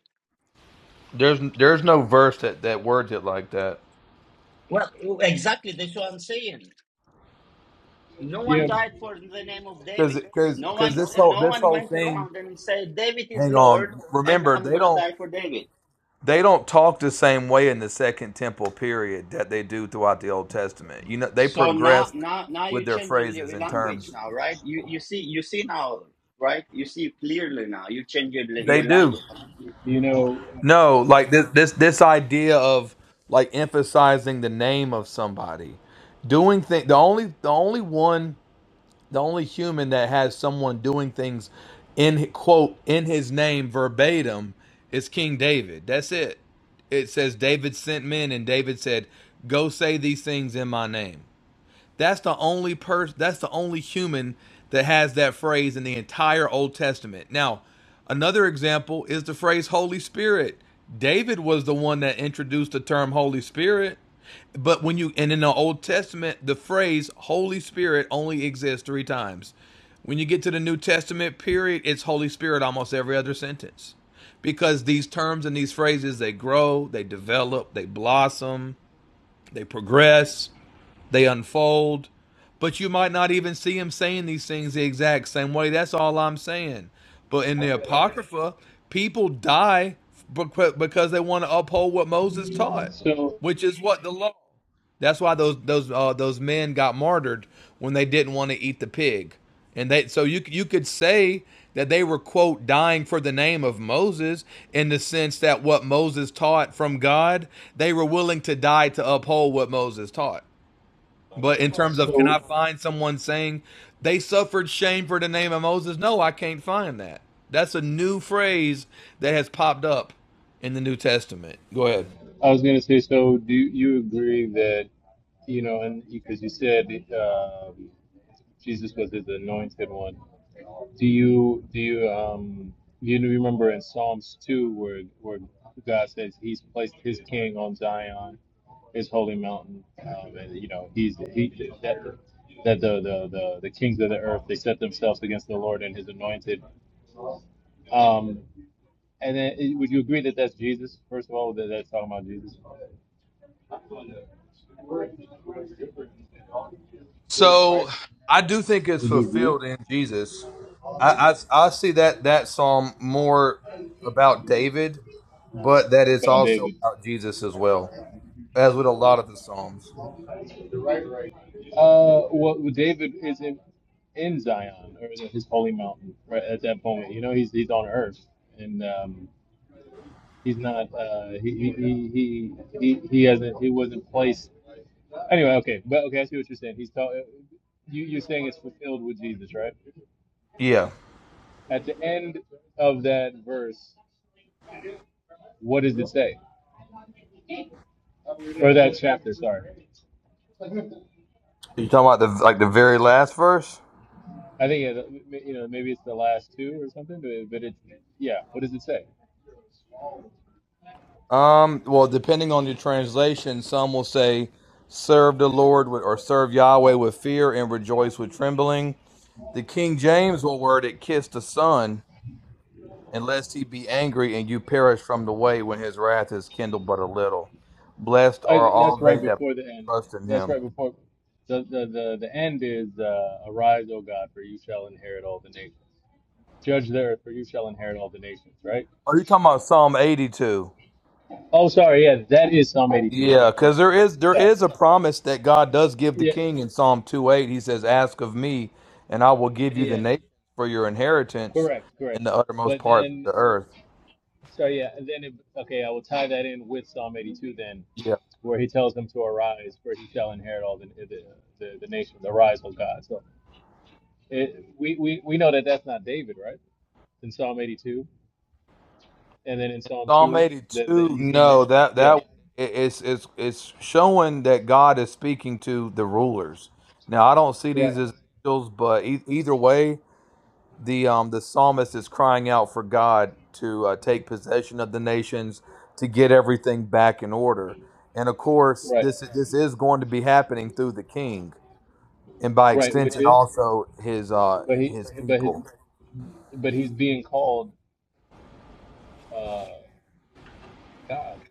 S5: There's there's no verse that that words it like that
S1: Well, exactly. That's what I'm saying. No one
S7: Yeah.
S1: died for the name of
S5: because
S1: David.
S5: because
S1: No
S5: because
S1: one.
S5: this whole
S1: No
S5: this
S1: one
S5: whole
S1: went
S5: thing.
S1: around and said David is
S5: Hang
S1: Lord,
S5: on.
S1: and
S5: Remember,
S1: I'm
S5: they
S1: gonna
S5: don't
S1: die for David.
S5: they don't talk the same way in the Second Temple period that they do throughout the Old Testament. You know, they
S1: So now,
S5: progressed
S1: now, now
S5: with
S1: you're
S5: their
S1: changing
S5: phrases
S1: your
S5: and
S1: language
S5: terms.
S1: now, right? You you see you see now, right? You see clearly now. You change your
S5: They
S1: your
S5: do.
S1: language.
S7: You know.
S5: No, like this this this idea of like emphasizing the name of somebody. Doing thing the only the only one the only human that has someone doing things in quote in his name verbatim is King David. That's it. It says David sent men and David said, "Go say these things in my name." That's the only person. That's the only human that has that phrase in the entire Old Testament. Now, another example is the phrase Holy Spirit. David was the one that introduced the term Holy Spirit. But when you and in the Old Testament, the phrase Holy Spirit only exists three times. When you get to the New Testament period, it's Holy Spirit almost every other sentence. Because these terms and these phrases they grow, they develop, they blossom, they progress they unfold. But you might not even see him saying these things the exact same way. That's all I'm saying. But in the Apocrypha, people die bec- because they want to uphold what Moses taught,
S7: So
S5: which is what the law. That's why those those uh, those men got martyred when they didn't want to eat the pig, and they so you you could say that they were quote dying for the name of Moses in the sense that what Moses taught from God, they were willing to die to uphold what Moses taught. But in terms of can
S7: so
S5: I find someone saying they suffered shame for the name of Moses? No, I can't find that. That's a new phrase that has popped up in the New Testament. Go ahead.
S7: I was gonna say. So do you agree that you know, and because you said um, Jesus was his anointed one. Do you do you um do you remember in Psalms two where where God says He's placed His King on Zion? his holy mountain, um, and you know he's he that the, that the, the the the kings of the earth they set themselves against the Lord and His anointed. Um, and then eh, would you agree that that's Jesus? First of all, that that's talking about Jesus.
S5: So I do think it's
S7: Would you
S5: fulfilled
S7: agree?
S5: in Jesus. I, I I see that that psalm more about David, but that it's
S7: About
S5: also
S7: David.
S5: about Jesus as well, as with a lot of the psalms.
S7: Uh, well, well, David is in in Zion or is it his holy mountain right at that moment. You know, he's he's on earth and um, he's not. Uh, he, he he he he he hasn't. He wasn't placed Anyway, okay, but okay, I see what you're saying. He's telling you. You're saying it's fulfilled with Jesus, right?
S5: Yeah,
S7: At the end of that verse, what does it say? Or that chapter? Sorry,
S5: you talking about the like the very last verse?
S7: I think it, you know maybe it's the last two or something, but but it yeah. What does it say?
S5: Um, well, depending on your translation, some will say, serve the Lord with, or serve Yahweh with fear and rejoice with trembling. The King James will word it, kiss the Son, unless he be angry and you perish from the way when his wrath is kindled but a little. Blessed
S7: I,
S5: are all
S7: that's
S5: they
S7: right
S5: that put
S7: before the
S5: their
S7: end.
S5: trust in
S7: That's
S5: him.
S7: right before the the the, the end is uh, arise, O God, for you shall inherit all the nations. Judge the earth, for you shall inherit all the nations. Right?
S5: Are you talking about Psalm 82?
S7: Oh, sorry. Yeah, that is Psalm 82. Yeah,
S5: Yeah, because
S7: correct. correct.
S5: there is there
S7: Sorry.
S5: is a promise that God does give the
S7: Yeah,
S5: king in Psalm two eight. He says, "Ask of me, and I will give you the
S7: Yeah,
S5: nations for your inheritance
S7: correct,
S5: in
S7: correct.
S5: the uttermost
S7: But
S5: parts of
S7: then,
S5: the earth."
S7: so yeah, and then it, okay, I will tie that in with Psalm 82 then,
S5: Yeah,
S7: where he tells them to arise, for he shall inherit all the the, the, the nations. Arise, O God. So it, we, we we know that that's not David, right? In Psalm 82, and then in Psalm
S5: Psalm
S7: 2,
S5: eighty
S7: that that
S5: two.
S7: you saying it's
S5: No, that
S7: yeah,
S5: that it- it's it's it's showing that God is speaking to the rulers. Now I don't see
S7: right,
S5: these as angels, but e- either way, the um the psalmist is crying out for God to uh, take possession of the nations to get everything back in order. And of course,
S7: right,
S5: this this is going to be happening through the king and by
S7: right, which
S5: extension
S7: is,
S5: also his uh
S7: but he
S5: his
S7: but his
S5: people.
S7: but he's being called uh God,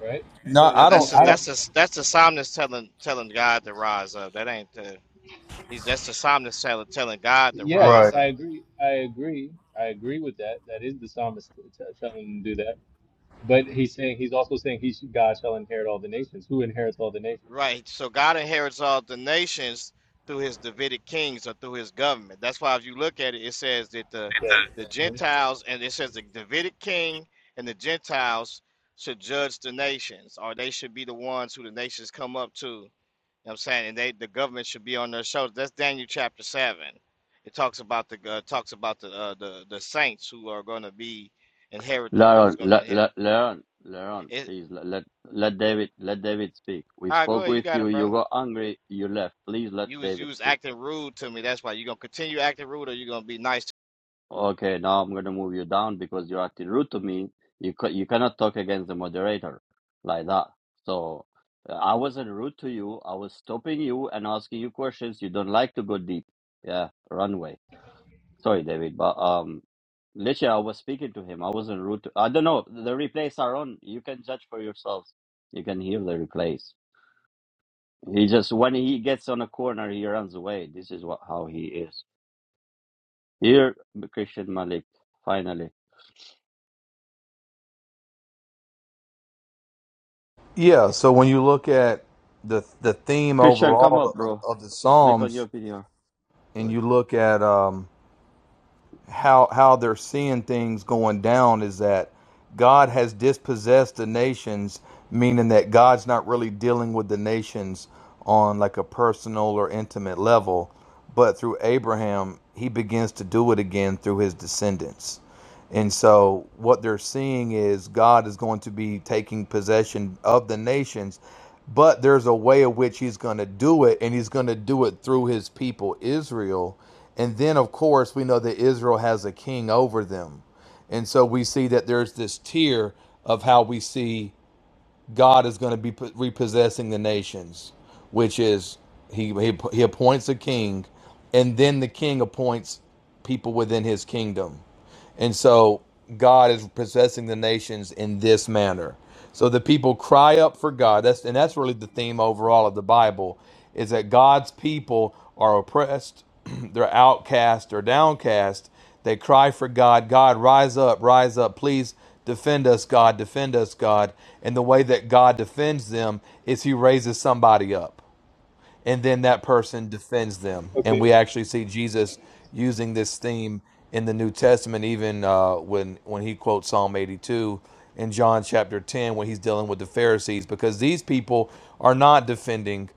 S7: right? So
S5: No,
S3: No,
S5: I
S3: that's
S5: don't
S7: he's
S3: the
S5: I don't
S3: that's
S7: saying.
S3: the that's the psalmist telling telling God to rise up. That ain't the he's that's the psalmist telling telling God to
S7: Yes,
S3: rise
S5: Right.
S3: up.
S7: I agree. I agree. I agree with that. That is the psalmist t- t- telling him to do that. But he's saying he's also saying he should, God shall inherit all the nations. Who inherits all the nations?
S3: Right. So God inherits all the nations through his Davidic kings or through his government. That's why if you look at it, it says that the the Gentiles and it says the Davidic king and the Gentiles should judge the nations, or they should be the ones who the nations come up to. You know what I'm saying? And they the government should be on their shoulders. That's Daniel chapter seven. It talks about the uh, talks about the uh, the the saints who are going to be inherited. Who's
S1: Laron,
S3: going to
S1: Le-
S3: inherit?
S1: Le- Leron, Leron,
S3: It,
S1: please let, let let David let David speak. We
S3: all right, go
S1: spoke
S3: ahead. You
S1: with
S3: got it,
S1: you.
S3: bro.
S1: You got angry. You left. Please let
S3: You was you
S1: David
S3: was
S1: speak.
S3: acting rude to me. That's why you gonna continue acting rude, or you gonna be nice
S1: Okay, now I'm gonna move you down because you're acting rude to me. You ca you cannot talk against the moderator like that. So uh, I wasn't rude to you. I was stopping you and asking you questions. You don't like to go deep. Yeah, run away. Sorry, David, but um, literally, I was speaking to him. I wasn't rude to. I don't know. The replays are on. You can judge for yourselves. You can hear the replays. He just when he gets on a corner, he runs away. This is what how he is. Here, Christian Malik, finally.
S5: Yeah, so when you look at the the theme
S1: Christian, come up,
S5: overall
S1: bro.
S5: of, of the
S1: Click on
S5: Psalms
S1: your video.
S5: and
S1: Sorry.
S5: you look at um how how they're seeing things going down is that God has dispossessed the nations, meaning that God's not really dealing with the nations on like a personal or intimate level, but through Abraham, he begins to do it again through his descendants. And so what they're seeing is God is going to be taking possession of the nations but there's a way in which he's going to do it and he's going to do it through his people israel and then of course we know that israel has a king over them and so we see that there's this tier of how we see god is going to be repossessing the nations which is he, he he appoints a king and then the king appoints people within his kingdom and so God is possessing the nations in this manner. So the people cry up for God. That's and that's really the theme overall of the Bible is that God's people are oppressed, they're outcast or downcast. They cry for God, God rise up, rise up, please defend us, God, defend us, God. And the way that God defends them is he raises somebody up and then that person defends them. And
S7: Okay,
S5: we actually see Jesus using this theme in the New Testament, even uh, when when he quotes Psalm 82 in John chapter 10, when he's dealing with the Pharisees, because these people are not defending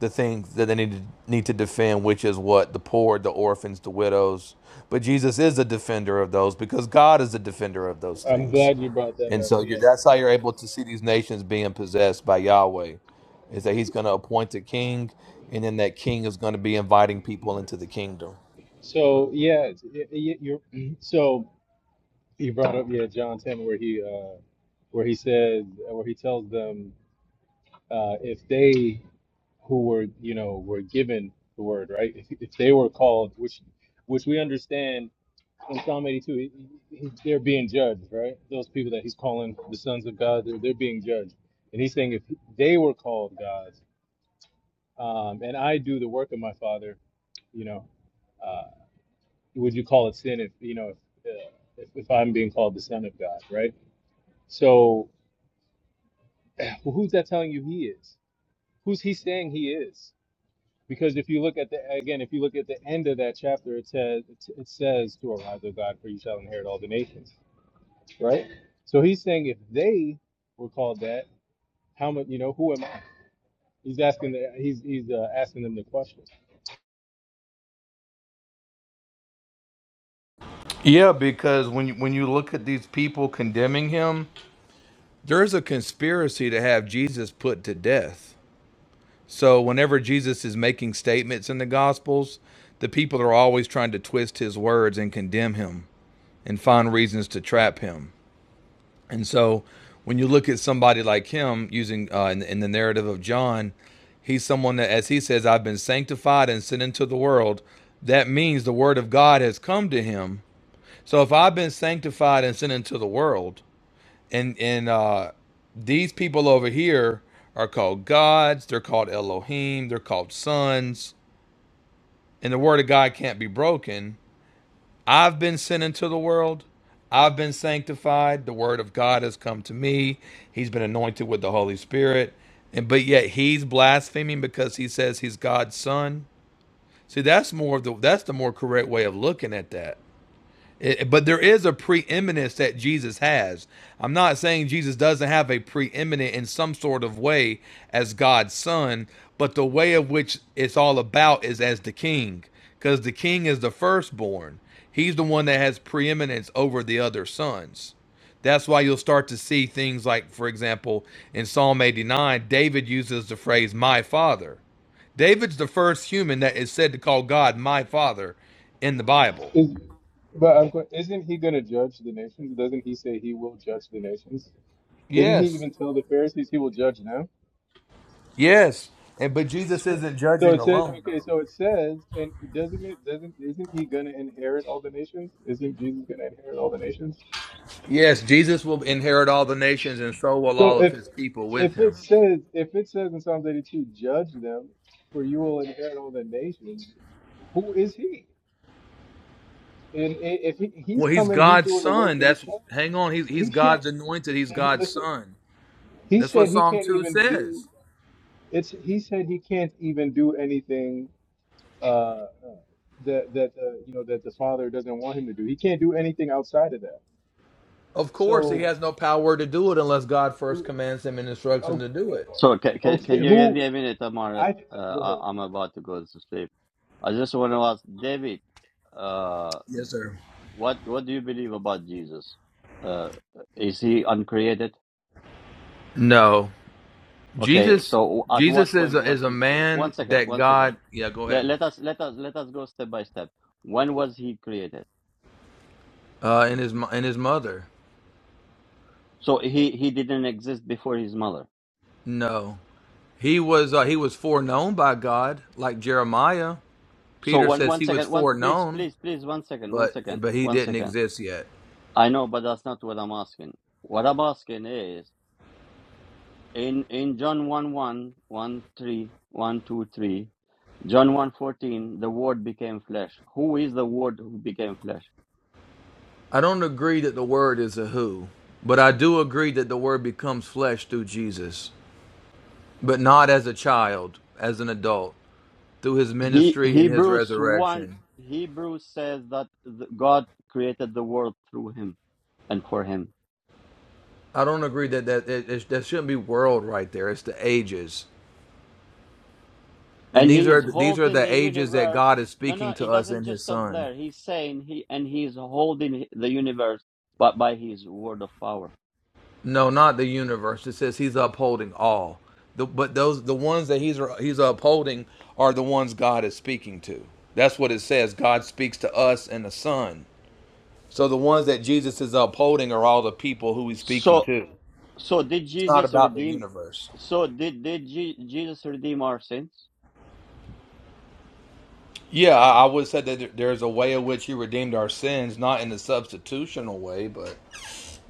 S5: the things that they need to, need to defend, which is what the poor, the orphans, the widows. But Jesus is a defender of those because God is a defender of those
S7: I'm
S5: things.
S7: glad you brought that
S5: And
S7: up.
S5: so you're,
S7: Yeah.
S5: that's how you're able to see these nations being possessed by Yahweh, is that He's going to appoint a king, and then that king is going to be inviting people into the kingdom.
S7: So yeah, it's- y- y- you're so you brought up yeah John 10 where he uh where he says where he tells them uh if they who were you know were given the word right if, if they were called which which we understand in Psalm 82, he, he, they're being judged, right? Those people that he's calling the sons of God, they're, they're being judged. And he's saying if they were called gods, um, and I do the work of my father, you know, uh, would you call it sin if, you know, if, uh, if, if I'm being called the son of God, right? So well, who's that telling you he is? Who's he saying he is? Because if you look at the, again, if you look at the end of that chapter, it says, it says to arise, O God, for you shall inherit all the nations right? So he's saying if they were called that, how much? You know, who am I? He's asking. The, he's he's uh, asking them the question.
S5: Yeah, because when you, when you look at these people condemning him, There's a conspiracy to have Jesus put to death. So whenever Jesus is making statements in the Gospels, the people are always trying to twist his words and condemn him and find reasons to trap him. And so when you look at somebody like him using uh, in, in the narrative of John, he's someone that, as he says, I've been sanctified and sent into the world. That means the word of God has come to him. So if I've been sanctified and sent into the world, and and uh, these people over here are called gods, they're called Elohim, they're called sons, and the word of God can't be broken. I've been sent into the world. I've been sanctified. The word of God has come to me. He's been anointed with the Holy Spirit. And but yet he's blaspheming because he says he's God's son. See, that's more of the that's the more correct way of looking at that. It, but there is a preeminence that Jesus has. I'm not saying Jesus doesn't have a preeminent in some sort of way as God's son, but the way of which it's all about is as the king, because the king is the firstborn. He's the one that has preeminence over the other sons. That's why you'll start to see things like, for example, in Psalm 89, David uses the phrase, my father. David's the first human that is said to call God my father in the Bible.
S7: Is but I'm, que- isn't he going to judge the nations? Doesn't he say he will judge the nations? Didn't he
S5: Yes.
S7: even tell the Pharisees he will judge them?
S5: Yes. And but Jesus isn't
S7: So
S5: judging
S7: it says,
S5: alone though.
S7: okay, so it says, and doesn't it doesn't isn't he going to inherit all the nations? Isn't Jesus going to inherit all the nations?
S5: Yes, Jesus will inherit all the nations and so will
S7: So
S5: all of
S7: if
S5: his people with
S7: if it
S5: him.
S7: says if it says in Psalms 82, judge them, for you will inherit all the nations. Who is he? And i- if he, he's
S5: Well, he's
S7: coming, he's
S5: God's
S7: doing the work
S5: son.
S7: of his
S5: That's
S7: plan.
S5: hang on, he's he's
S7: He can't
S5: God's anointed, he's God's
S7: listen.
S5: son.
S7: He
S5: That's what
S7: said he
S5: Psalm
S7: can't
S5: 2
S7: even
S5: says.
S7: do it's. He said he can't even do anything uh, that that uh, you know that the father doesn't want him to do. He can't do anything outside of that.
S5: Of course, he
S7: So,
S5: has no power to do it unless God first
S7: okay,
S5: commands him and instructs him to do it.
S1: So, can, can, can
S7: okay,
S1: you give me
S7: who
S1: a minute, Amar?
S7: I
S1: Uh,
S7: go ahead.
S1: I, I'm about to go to sleep. I just want to ask David, uh,
S5: Yes, sir.
S1: what what do you believe about Jesus? Uh, is he uncreated?
S5: No.
S1: Okay,
S5: Jesus
S1: so at
S5: Jesus
S1: what
S5: is a,
S1: point
S5: is
S1: was
S5: a
S1: he created? One
S5: man
S1: second,
S5: that
S1: one second.
S5: God Yeah, go ahead.
S1: Let, let us let us let us go step by step. When was he created?
S5: Uh and his mo- and his mother.
S1: So he he didn't exist before his mother.
S5: No. He was uh, he was foreknown by God, like Jeremiah.
S1: So
S5: Peter
S1: one
S5: says
S1: one
S5: he was
S1: second, one please,
S5: foreknown,
S1: please, please, one second, one
S5: but
S1: second,
S5: but he
S1: one
S5: didn't
S1: second.
S5: exist yet.
S1: I know, but that's not what I'm asking. What I'm asking is in in John one one one three one two three. John one 14, the word became flesh. Who is the word who became flesh?
S5: I don't agree that the word is a who, but I do agree that the word becomes flesh through Jesus, but not as a child, as an adult, through his
S1: He
S5: ministry and his
S1: Hebrews 1
S5: resurrection.
S1: Hebrews says that the, God created the world through him and for him.
S5: I don't agree that that that, that shouldn't be world right there. It's the ages, and
S1: And
S5: these
S1: he is
S5: are these are
S1: holding
S5: the
S1: the
S5: ages that
S1: universe.
S5: God is
S1: No,
S5: speaking
S1: no,
S5: to
S1: it
S5: us
S1: doesn't
S5: in
S1: just
S5: His
S1: stop
S5: Son.
S1: there. He's saying he and he is holding the universe but by his word of power.
S5: No, not the universe. It says he's upholding all. The, but those the ones that he's he's upholding are the ones God is speaking to. That's what it says. God speaks to us and the Son. So the ones that Jesus is upholding are all the people who he's speaking
S1: So
S5: to.
S1: so did
S5: It's not
S1: Jesus
S5: about the
S1: redeem
S5: universe.
S1: so did did Je- Jesus redeem our sins?
S5: Yeah, I, I would say that there's a way in which he redeemed our sins, not in the substitutional way, but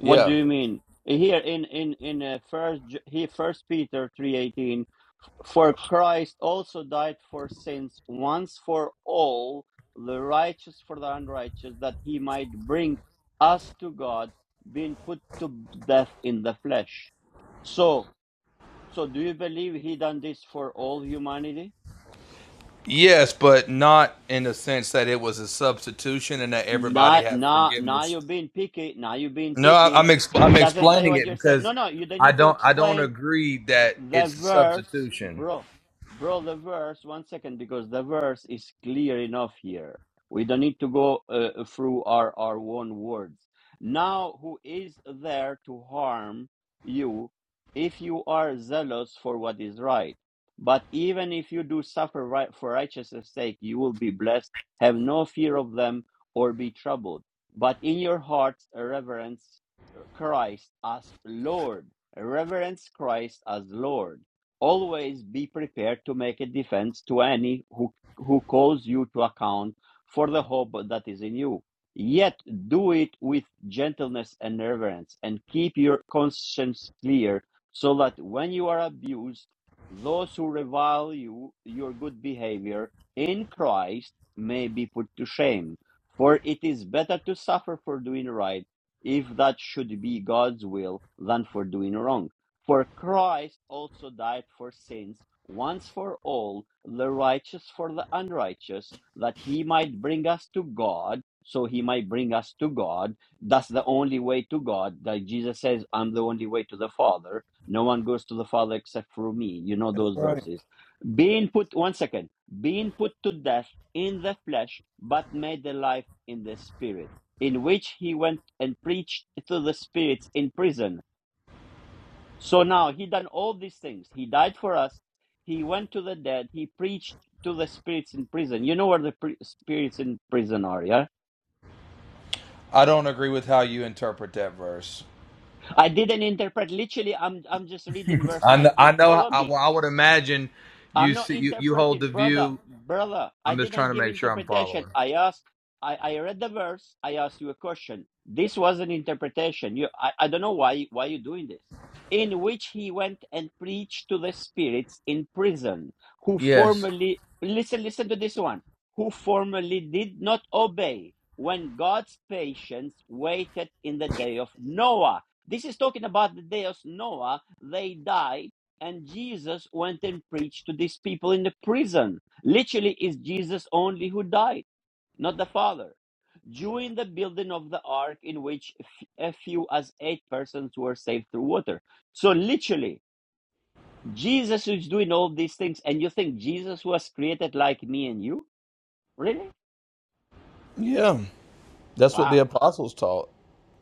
S1: What do you mean? Here in in in uh, first J- here first Peter 3:18 For Christ also died for sins once for all, the righteous for the unrighteous, that he might bring us to God, being put to death in the flesh. So, so do you believe he done this for all humanity?
S5: Yes, but not in the sense that it was a substitution and that everybody
S1: Now,
S5: had
S1: now, now
S5: forgiveness
S1: you're being picky. Now you're being
S5: No, I, I'm
S1: picky.
S5: exp- I'm
S1: It doesn't say
S5: explaining
S1: what
S5: it
S1: you're saying.
S5: because
S1: No, no, you don't
S5: I
S1: need to
S5: don't I don't
S1: explain
S5: agree that
S1: the
S5: it's a
S1: verse,
S5: substitution.
S1: bro, bro, the verse, one second, because the verse is clear enough here. We don't need to go uh, through our, our own words. Now, who is there to harm you if you are zealous for what is right? But even if you do suffer right for righteousness' sake, you will be blessed. Have no fear of them or be troubled. But in your hearts, reverence uh, Christ as Lord reverence Christ as Lord. Always be prepared to make a defense to any who, who calls you to account for the hope that is in you. Yet do it with gentleness and reverence, and keep your conscience clear, so that when you are abused, those who revile you, your good behavior in Christ, may be put to shame. For it is better to suffer for doing right if that should be God's will, than for doing wrong. For Christ also died for sins once for all, the righteous for the unrighteous, that he might bring us to God. So he might bring us to God. That's the only way to God. Like Jesus says, I'm the only way to the Father. No one goes to the Father except through me. You know
S5: That's
S1: those
S5: right.
S1: verses. Being put, one second, being put to death in the flesh, but made alive in the spirit in which he went and preached to the spirits in prison. So now he done all these things. He died for us. He went to the dead. He preached to the spirits in prison. You know where the pri- spirits in prison are, yeah?
S5: I don't agree with how you interpret that verse.
S1: I didn't interpret literally. I'm I'm just reading verse
S5: I know, I
S1: 19.
S5: know
S1: Follow
S5: I,
S1: me.
S5: well, I would imagine
S1: I'm
S5: you
S1: not
S5: see you, you hold
S1: interpreting,
S5: the
S1: brother,
S5: view.
S1: brother. I
S5: I'm just trying
S1: didn't
S5: to
S1: give
S5: make sure I'm
S1: interpretation.
S5: following.
S1: I asked, I, I read the verse. I asked you a question. This was an interpretation. You, I, I don't know why, why you doing this. In which he went and preached to the spirits in prison who
S5: Yes.
S1: formerly, listen, listen to this one, who formerly did not obey when God's patience waited in the day of Noah. This is talking about the day of Noah. They died and Jesus went and preached to these people in the prison. Literally, it's Jesus only who died, not the Father. During the building of the ark, in which f- a few as eight persons were saved through water. So, literally, Jesus is doing all these things, and you think Jesus was created like me and you? Really?
S5: Yeah, that's what the
S1: Wow!
S5: apostles taught.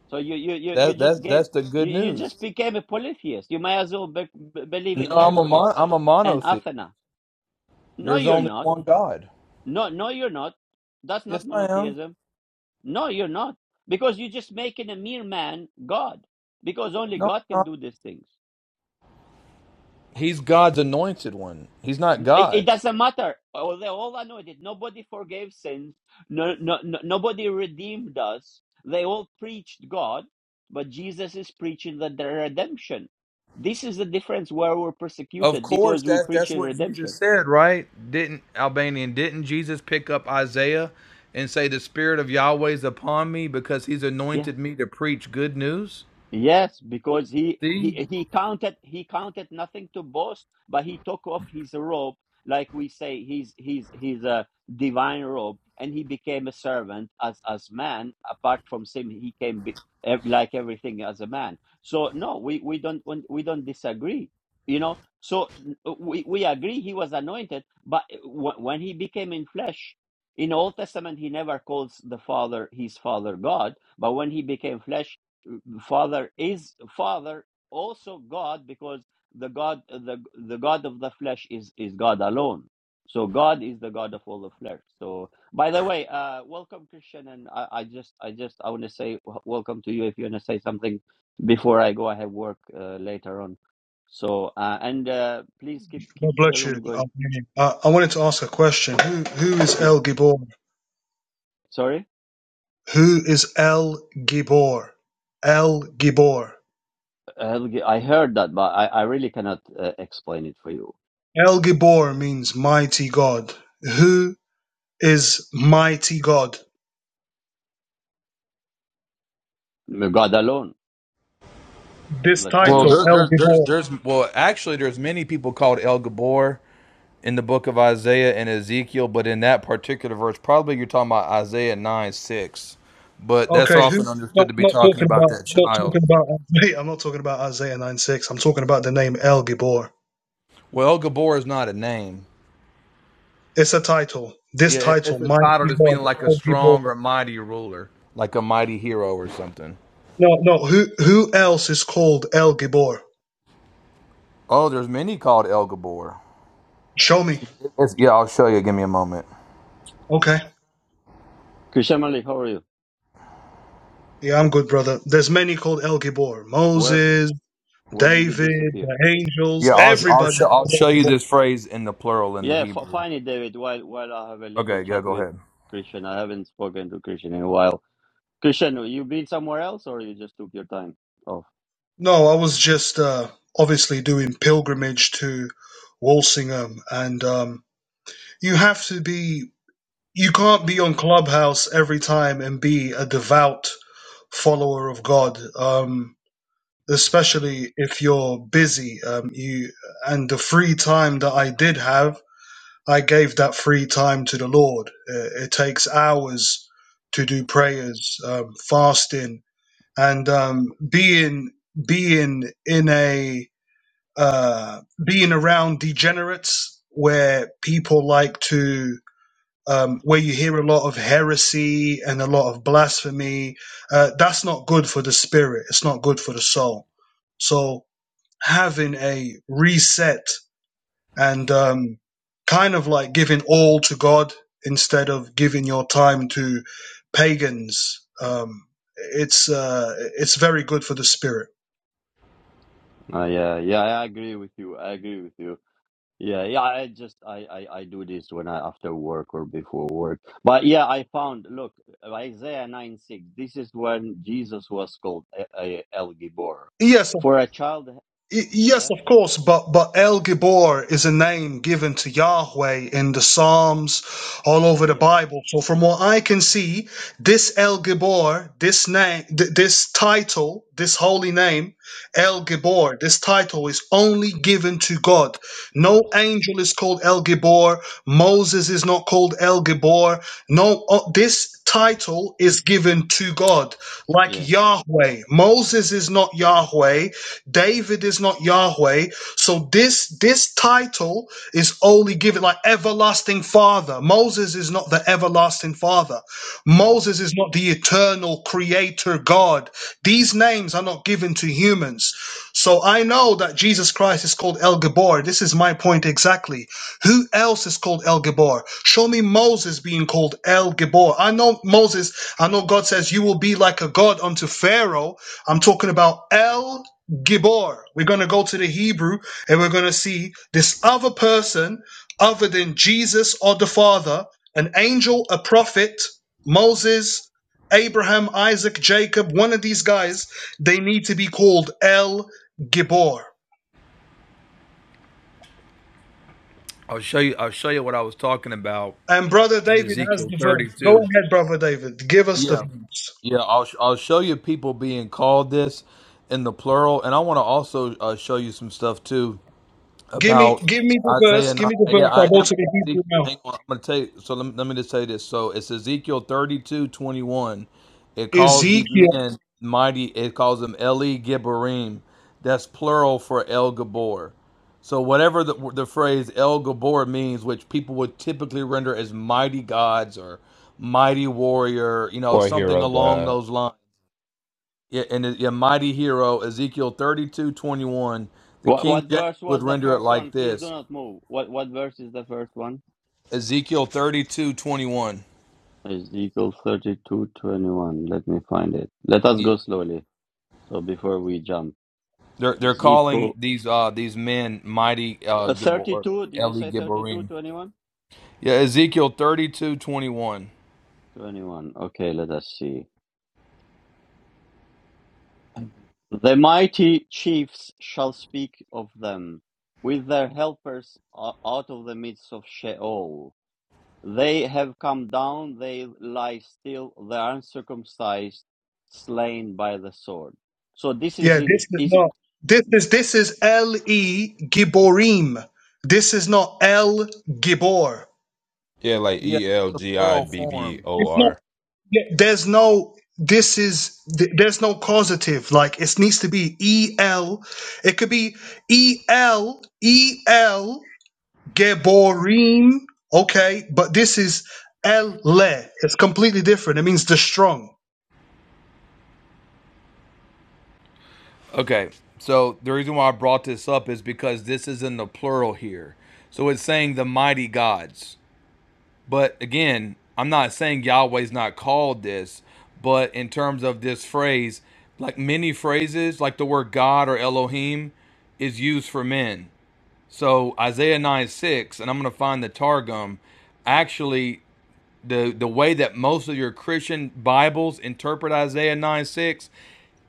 S1: So you you you, you
S5: That that's
S1: just gave
S5: that's the
S1: you,
S5: good
S1: you just
S5: news.
S1: became a polytheist. You might as well be- be- believe
S5: No,
S1: in
S5: I'm a mon-
S1: Hercules
S5: I'm a
S1: and
S5: monotheist.
S1: Athena. No,
S5: There's
S1: you're
S5: only
S1: not.
S5: one God.
S1: No, no, you're not. That's
S5: Yes,
S1: not
S5: I am.
S1: monotheism. No, you're not. Because you're just making a mere man God. Because only
S5: No,
S1: God
S5: I'm
S1: can
S5: not.
S1: do these things.
S5: He's God's anointed one. He's not
S1: It, it
S5: God.
S1: doesn't matter. Oh, they all anointed. Nobody forgave sins. No, no, no, nobody redeemed us. They all preached God, but Jesus is preaching the, the redemption. This is the difference where we're
S5: Of
S1: persecuted
S5: course,
S1: because we
S5: that's
S1: preach
S5: that's
S1: in
S5: what Jesus
S1: redemption.
S5: said, right? Didn't Albanian? Didn't Jesus pick up Isaiah and say, "The Spirit of Yahweh is upon me because He's
S1: Yes.
S5: anointed me to preach good news"?
S1: Yes, because he
S5: See,
S1: he he counted he counted nothing to boast, but he took off his robe, like we say, his his his uh, divine robe, and he became a servant as as man. Apart from sin, he came be, ev- like everything as a man. So no, we we don't we don't disagree, you know. So uh, we we agree he was anointed, but w- when he became in flesh, in Old Testament he never calls the Father his Father God, but when he became flesh father is father also god because the god the the god of the flesh is is god alone so god is the god of all the flesh so by the way uh welcome christian and i, I just i just i want to say w- welcome to you if you want to say something before i go i have work uh, later on so uh, and uh, please keep
S8: God
S1: keep the
S8: bless you.
S1: room going
S8: Um, uh, I wanted to ask a question. Who who is
S1: yeah
S8: El Gibor?
S1: sorry
S8: Who is El Gibor? El Gibor.
S1: Helge, i heard that but i i really cannot uh, explain it for you
S8: El Gibor means mighty God. Who is mighty God?
S1: god alone
S8: This
S1: the
S5: well,
S1: triune
S8: title,
S5: there,
S1: god
S5: there,
S8: El
S5: there's
S8: Gibor.
S5: there's well, actually, there's many people called El Gabor in the book of Isaiah and Ezekiel, but in that particular verse, probably you're talking about Isaiah nine six, but that's
S8: Okay, who?
S5: often understood
S8: Not,
S5: to be
S8: not
S5: talking
S8: talking
S5: about
S8: about.
S5: that
S8: Not talking
S5: child.
S8: about. Isaiah. I'm not talking about Isaiah 9 6. I'm talking about the name El Gibor.
S5: Well, El Gabor is not a name.
S8: It's a title. This
S5: Yeah,
S8: title,
S5: it's a title
S8: mighty
S5: that's
S8: God,
S5: meaning like a
S8: El Gibor.
S5: strong or mighty ruler, like a mighty hero or something.
S8: No, no. Who who else is called El Gibor?
S5: Oh, there's many called El Gabor.
S8: Show me.
S5: It's, yeah, I'll show you. Give me a moment.
S8: Okay.
S1: christian malik how are you?
S8: Yeah, I'm good, brother. There's many called El Gibor.
S1: Where
S8: Moses,
S1: where did you
S8: David,
S1: disappear?
S8: the angels,
S5: Yeah, I'll I'll,
S8: everybody.
S5: show I'll
S8: called El
S5: show you
S8: Gibor.
S5: this phrase in the plural in the
S1: Yeah, f
S5: Hebrew.
S1: find it, David. While while I have a little
S5: Okay, yeah,
S1: chat
S5: go
S1: with
S5: ahead.
S1: Christian, I haven't spoken to Christian in a while. Christian, you been somewhere else, or you just took your time off?
S8: No, I was just uh, obviously doing pilgrimage to Walsingham, and um, you have to be. You can't be on Clubhouse every time and be a devout follower of God, um, especially if you're busy. Um, you and the free time that I did have. I gave that free time to the Lord. It, it takes hours to do prayers, um, fasting, and um, being being in a uh, being around degenerates where people like to um, where you hear a lot of heresy and a lot of blasphemy. Uh, that's not good for the spirit. It's not good for the soul. So having a reset and um, kind of like giving all to God instead of giving your time to pagans. Um, it's uh, it's very good for the spirit.
S1: Uh, yeah, yeah, I agree with you. I agree with you. Yeah, yeah. I just I I, I do this when I after work or before work. But yeah, I found look Isaiah nine six. This is when Jesus was called a, a El Gibor.
S8: Yes,
S1: For a child,
S8: Y- Yes,
S1: yeah,
S8: of course, but but El Gibor is a name given to Yahweh in the Psalms, all over the
S1: yeah,
S8: Bible. So, from what I can see, this El Gibor, this name, th- this title, this holy name, El Gibor, this title is only given to God.
S1: yeah,
S8: No angel is called El Gibor. Moses is not called El Gibor. No, uh, this title is given to God, like
S1: yeah.
S8: Yahweh. Moses is not Yahweh. David is not Yahweh. So this this title is only given like everlasting father. Moses is not the everlasting father.
S1: No.
S8: Moses is not the eternal creator God. These names are not given to humans. So I know that Jesus Christ is called El Gabor. This is my point exactly. Who else is called El Gabor? Show me Moses being called El Gabor. I know Moses, I know God says you will be like a god unto Pharaoh. I'm talking about El Gibor. We're going to go to the Hebrew and we're going to see this other person other than Jesus or the Father, an angel, a prophet, Moses, Abraham, Isaac, Jacob, one of these guys, they need to be called El Gibor.
S5: I'll show you. I'll show you what I was talking about
S8: And brother
S5: in
S8: David has
S5: Ezekiel
S8: the verse. Go
S5: 32.
S8: ahead, brother David. Give us the
S5: Yeah,
S8: verse.
S5: yeah. I'll sh- I'll show you people being called this in the plural, and I want to also uh, show you some stuff too
S8: Give me,
S5: about
S8: give me the verse.
S5: Isaiah
S8: Give
S5: 9.
S8: me the
S5: Yeah,
S8: verse. I
S5: I
S8: go
S5: am.
S8: to the
S5: Ezekiel-
S8: Hebrew now.
S5: Hang on, I'm going to tell you. So let me, let me just say this. So it's Ezekiel 32:21. It calls these
S8: Ezekiel.
S5: men mighty. It calls them Eli Gibberim. That's plural for El Gabor. So whatever the, the phrase El Gabor means, which people would typically render as mighty gods or mighty warrior, you know,
S9: Or
S5: something
S9: Hero
S5: along
S9: God.
S5: those lines. Yeah, and a mighty hero, Ezekiel 32:21. The
S1: What what
S5: King James
S1: verse
S5: would
S1: was the
S5: render it
S1: first
S5: like
S1: one? Please do
S5: this
S1: not move. What what verse is the first one?
S5: Ezekiel thirty-two twenty-one.
S1: Ezekiel thirty two twenty one. Let me find it. Let us
S5: Yeah.
S1: go slowly. So before we jump,
S5: They're they're calling
S1: Ezekiel
S5: these uh these men mighty uh
S1: uh,
S5: Gibor
S1: thirty
S5: or
S1: two. Did you
S5: Eli
S1: say thirty two
S5: Gibborim.
S1: twenty one?
S5: Yeah, Ezekiel thirty-two twenty-one.
S1: Twenty one. Okay, let us see. The mighty chiefs shall speak of them with their helpers o- out of the midst of Sheol. They have come down, they lie still, the uncircumcised, slain by the sword. So this is
S8: Yeah,
S1: in
S8: this is
S1: is
S8: not. This is this is L E Giborim. This is not El Gibor.
S9: Yeah, like
S5: Yeah,
S9: E L
S5: the
S9: G I
S5: plural
S9: B B
S5: form.
S9: O
S8: It's not.
S9: R.
S8: th- There's no. This is. th- There's no causative. Like it needs to be E L. It could be E L E L Geborim. Okay, but this is El Le. It's completely different. It means the strong.
S5: Okay. So the reason why I brought this up is because this is in the plural here. So it's saying the mighty gods. But again, I'm not saying Yahweh's not called this, but in terms of this phrase, like many phrases, like the word God or Elohim is used for men. So Isaiah 9 6, and I'm going to find the Targum. Actually, the, the way that most of your Christian Bibles interpret Isaiah 9 6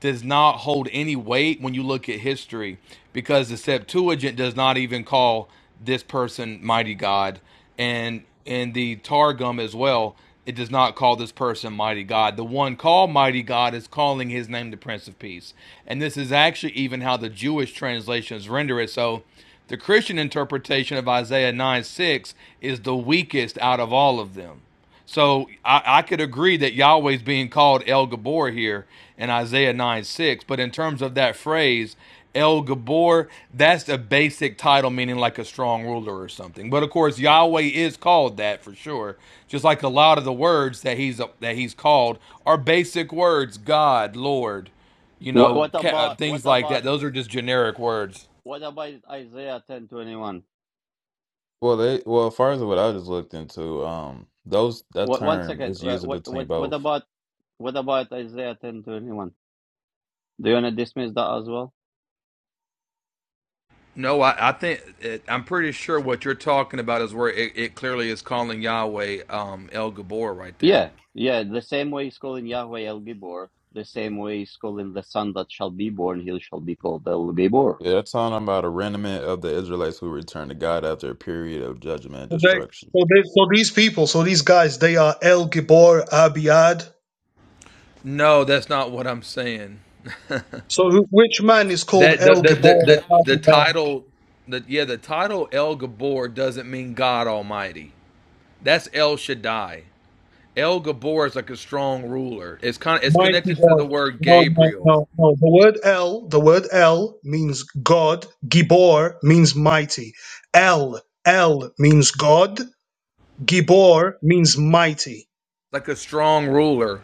S5: does not hold any weight when you look at history because the Septuagint does not even call this person mighty God and in the Targum as well it does not call this person mighty God the one called mighty God is calling his name the prince of peace and this is actually even how the Jewish translations render it so the Christian interpretation of Isaiah 9 6 is the weakest out of all of them so I, I could agree that Yahweh's being called El Gabor here in Isaiah 9 6. But in terms of that phrase, El Gabor, that's a basic title meaning like a strong ruler or something. But of course, Yahweh is called that for sure. Just like a lot of the words that he's that he's called are basic words: God, Lord, you
S1: what,
S5: know,
S1: what
S5: uh,
S1: about what
S5: things like that.
S1: about
S5: Those are just generic words.
S1: what about Isaiah ten twenty one?
S9: Well, they well, first of what I just looked into, um, those that
S1: What one
S9: term
S1: second?
S9: is
S1: uh,
S9: used
S1: What
S9: between
S1: what what
S9: both.
S1: about what about Isaiah ten twenty one? Do you wanna dismiss that as well?
S5: No, I, I think it, I'm pretty sure what you're talking about is where it, it clearly is calling Yahweh um, El Gabor right there.
S1: Yeah, yeah. The same way he's calling Yahweh El Gibor, the same way he's calling the son that shall be born, he shall be called El Gibor.
S9: Yeah, that's talking about a remnant of the Israelites who return to God after a period of judgment and
S8: Okay.
S9: destruction.
S8: So, they, so these people, so these guys, they are El Gibor Abiad.
S5: No, that's not what I'm saying.
S8: So who, which man is called
S5: That the
S8: El
S5: the the the,
S8: Gibor,
S5: the title, the yeah, the title El Gabor doesn't mean God Almighty. That's El Shaddai. El Gabor is like a strong ruler. It's kind of it's
S8: mighty
S5: connected to
S8: God?
S5: the word
S8: No, no,
S5: Gabriel,
S8: no, no. The word El, the word El means God. Gibor means mighty. El, El means God. Gibor means mighty,
S5: like a strong ruler,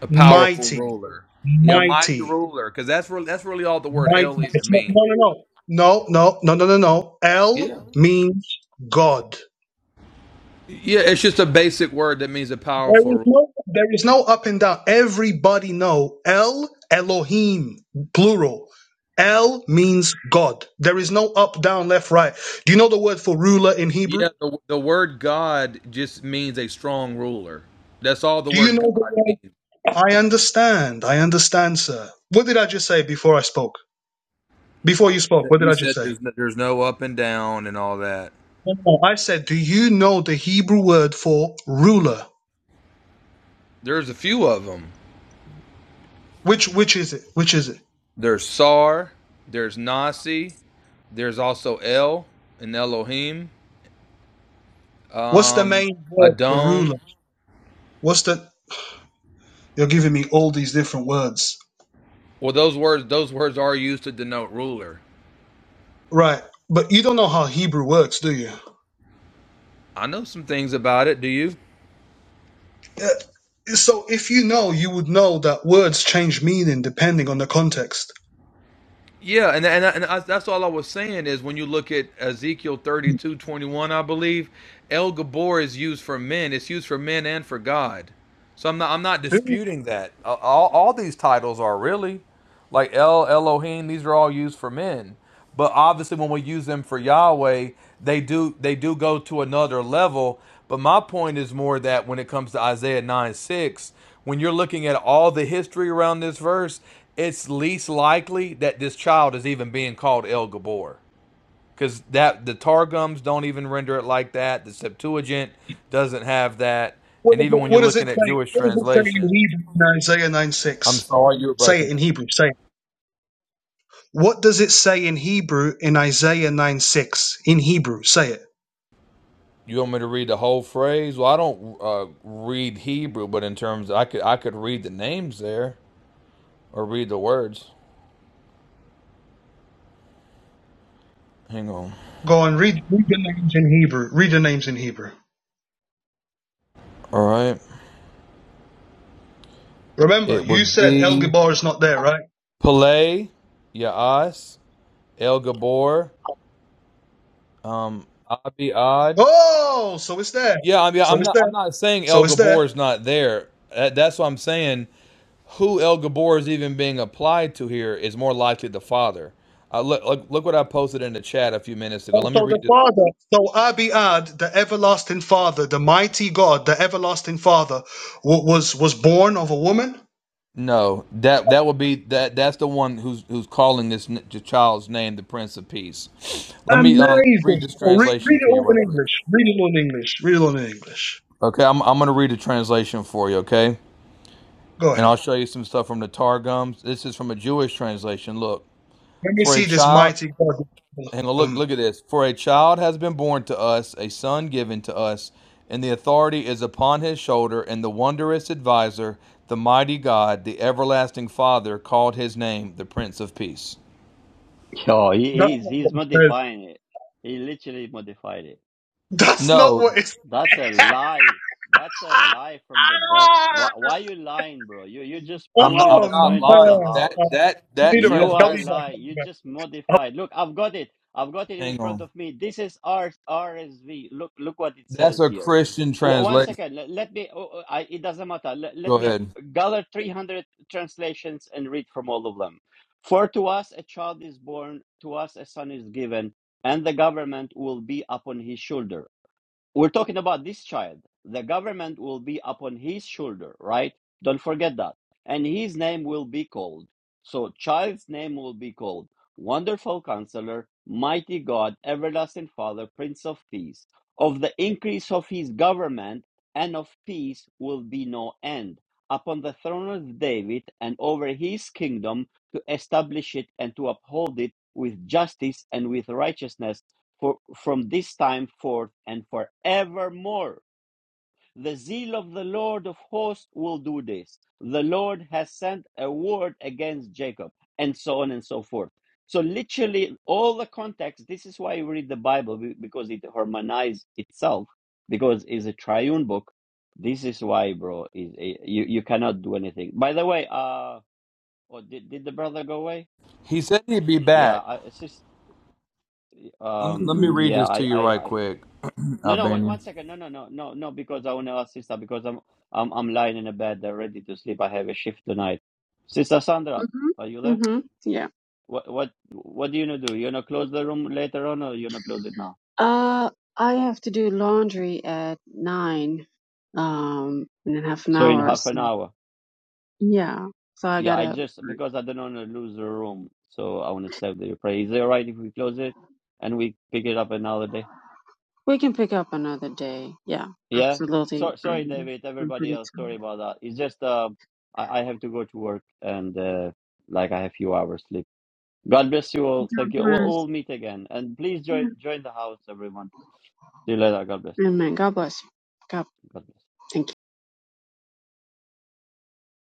S5: a powerful
S8: mighty,
S5: ruler. Yeah, mighty
S8: mighty,
S5: ruler, because that's really that's really all the word
S8: mighty.
S5: El even
S8: It's not, no,
S5: means.
S8: no, no, no, no, no, no, no, no.
S5: Yeah.
S8: El means God.
S5: Yeah, it's just a basic word that means a
S8: There
S5: powerful
S8: is
S5: ruler.
S8: no there is no up and down. Everybody know El Elohim plural. El means God. There is no up, down, left, right. Do you know the word for ruler in Hebrew?
S5: Yeah, the, the word God just means a strong ruler. That's all the
S8: Do you
S5: word
S8: know the
S5: God
S8: word?
S5: means.
S8: I understand. I understand, sir. What did I just say before I spoke? Before you spoke,
S5: That-
S8: what did
S5: You
S8: I just
S5: said
S8: say?
S5: there's no, there's no up and down and all that.
S8: No, no, I said, do you know the Hebrew word for ruler?
S5: There's a few of them.
S8: Which which is it? Which is it?
S5: There's Sar, there's Nasi, there's also El and Elohim,
S8: What's the
S5: um,
S8: main word for
S5: Adon.
S8: ruler? What's the? You're giving me all these different words.
S5: Well, those words those words are used to denote ruler.
S8: Right. But you don't know how Hebrew works, do you?
S5: I know some things about it. Do you?
S8: Uh, So if you know, you would know that words change meaning depending on the context.
S5: Yeah, and and, and that's that's all I was saying is when you look at Ezekiel 32 21, I believe, El Gabor is used for men. It's used for men and for God. So I'm not I'm not
S8: Who-
S5: disputing that. Uh, All, all these titles are really. Like El, Elohim, these are all used for men. But obviously when we use them for Yahweh, they do they do go to another level. But my point is more that when it comes to Isaiah 9 6, when you're looking at all the history around this verse, it's least likely that this child is even being called El Gabor. Because that the Targums don't even render it like that. The Septuagint doesn't have that.
S8: What
S5: And
S8: does
S5: even
S8: it,
S5: when you're
S8: what does
S5: looking
S8: it
S5: at
S8: say?
S5: Jewish
S8: What does it say in
S5: translation,
S8: Hebrew in Isaiah 9
S5: I'm
S8: 6?
S5: sorry you're
S8: Say it
S5: breaking
S8: in
S5: up.
S8: Hebrew. Say it. What does it say in Hebrew in Isaiah 9 6? In Hebrew. Say it.
S5: You want me to read the whole phrase? Well, I don't uh, read Hebrew, but in terms, of, I could I could read the names there or read the words. Hang on.
S8: Go on, read, read the names in Hebrew. Read the names in Hebrew.
S5: All right.
S8: Remember,
S5: It
S8: you
S5: would
S8: said El
S5: be
S8: Gibar is not there, right?
S5: Pele, Yaas, El Gabor, um, Abiad.
S8: Oh, so it's there.
S5: Yeah, I mean,
S8: So
S5: I'm
S8: it's
S5: not
S8: there.
S5: I'm not saying
S8: So
S5: El
S8: it's there.
S5: Gabor is not there. that's what I'm saying. Who El Gabor is even being applied to here is more likely the father. Uh, look, look, look what I posted in the chat a few minutes ago.
S8: So
S5: Let me
S8: so
S5: read
S8: the
S5: this.
S8: Father, so Abiad, the everlasting Father, the mighty God, the everlasting Father, wa- was was born of a woman.
S5: No, that that would be that. That's the one who's who's calling this n- the child's name, the Prince of Peace. Let me uh, let me read
S8: Amazing.
S5: this
S8: So re-
S5: translation
S8: read
S5: to
S8: it
S5: you
S8: all
S5: right
S8: in
S5: quick.
S8: English. Read it all in English. Read it all in English.
S5: Okay, I'm I'm gonna read a translation for you. Okay,
S8: Go
S5: and
S8: ahead.
S5: I'll show you some stuff from the Targums. This is from a Jewish translation. Look,
S8: Let me
S5: for a
S8: see this
S5: child,
S8: mighty God.
S5: hang on, look
S8: Um,
S5: look at this. For a child has been born to us, a son given to us, and the authority is upon his shoulder. And the wondrous advisor, the mighty God, the everlasting Father, called his name the Prince of Peace.
S1: Oh, he,
S8: that's
S1: he's
S8: not
S1: he's
S8: what it says.
S1: modifying it. He literally modified it.
S8: That's not what
S5: No,
S8: it's.
S1: That's a lie. That's a lie from the devil. Why, why you lying, bro? You you just
S5: I'm not,
S1: proving
S5: I'm
S1: the
S8: Oh
S5: not
S1: point of the
S5: lying.
S8: man!
S5: That
S8: Oh,
S1: house.
S5: that
S8: I
S5: that
S8: need a break.
S1: You
S8: I'll
S1: are
S8: be
S5: translation.
S1: lying.
S8: back.
S1: You just modified. Look, I've got it. I've got it in
S5: Hang
S1: front
S5: on.
S1: of me. This is R R S V. Look look what it
S5: That's
S1: says
S5: a
S1: here.
S5: Christian
S1: W- one
S5: translation.
S1: second. Let, let me. oh, oh, I, it doesn't matter. Let,
S5: Go
S1: let me
S5: ahead.
S1: gather three hundred translations and read from all of them. For to us a child is born, to us a son is given, and the government will be upon his shoulder we're talking about this child. The government will be upon his shoulder, right? Don't forget that. And his name will be called. So, child's name will be called Wonderful Counselor, Mighty God, Everlasting Father, Prince of Peace. Of the increase of his government and of peace will be no end upon the throne of David and over his kingdom to establish it and to uphold it with justice and with righteousness for from this time forth and forevermore. The zeal of the Lord of hosts will do this. The Lord has sent a word against Jacob, and so on and so forth. So, literally, all the context this is why you read the Bible because it harmonizes itself, because it's a triune book. This is why, bro, is eh, you, you cannot do anything. By the way, uh, oh, did, did the brother go away?
S5: He said he'd be
S1: Yeah,
S5: back.
S1: I, it's just,
S5: Let me, let me
S1: um,
S4: Mhm.
S5: read
S1: yeah,
S5: this to
S1: I
S5: you
S1: I
S5: right
S1: I.
S5: quick,
S1: No, no, wait
S5: Albanian.
S1: one second. No, no, no, no, no, because I want to ask sister because I'm I'm I'm lying in a bed there ready to sleep. I have a shift tonight. Sister Sandra,
S4: Mhm.
S1: are you there?
S4: Mhm. Yeah.
S1: What what what do you gonna do? You gonna close the room later on or you gonna close it now?
S4: Uh, I have to do laundry at nine, um, in half an
S1: So in
S4: hour. or
S1: half
S4: So
S1: an hour.
S4: yeah. So I
S1: Yeah, I
S4: gotta
S1: just because I don't want to lose the room, so I want to save the prayer. Is it all right if we close it and we pick it up another day?
S4: We can pick up another day. Yeah,
S1: Yeah.
S4: absolutely.
S1: So, sorry,
S4: I'm,
S1: David.
S4: I'm
S1: Everybody
S4: pretty
S1: else, sorry
S4: tired.
S1: about that. It's just uh, I, I have to go to work and uh, like I have few hours sleep. God bless you all. Thank you.
S4: God
S1: We'll
S4: bless.
S1: all meet again. And please join
S4: Yeah.
S1: join the house, everyone. See you later. God bless.
S4: Amen. God bless you. God,
S1: God bless.
S4: thank you.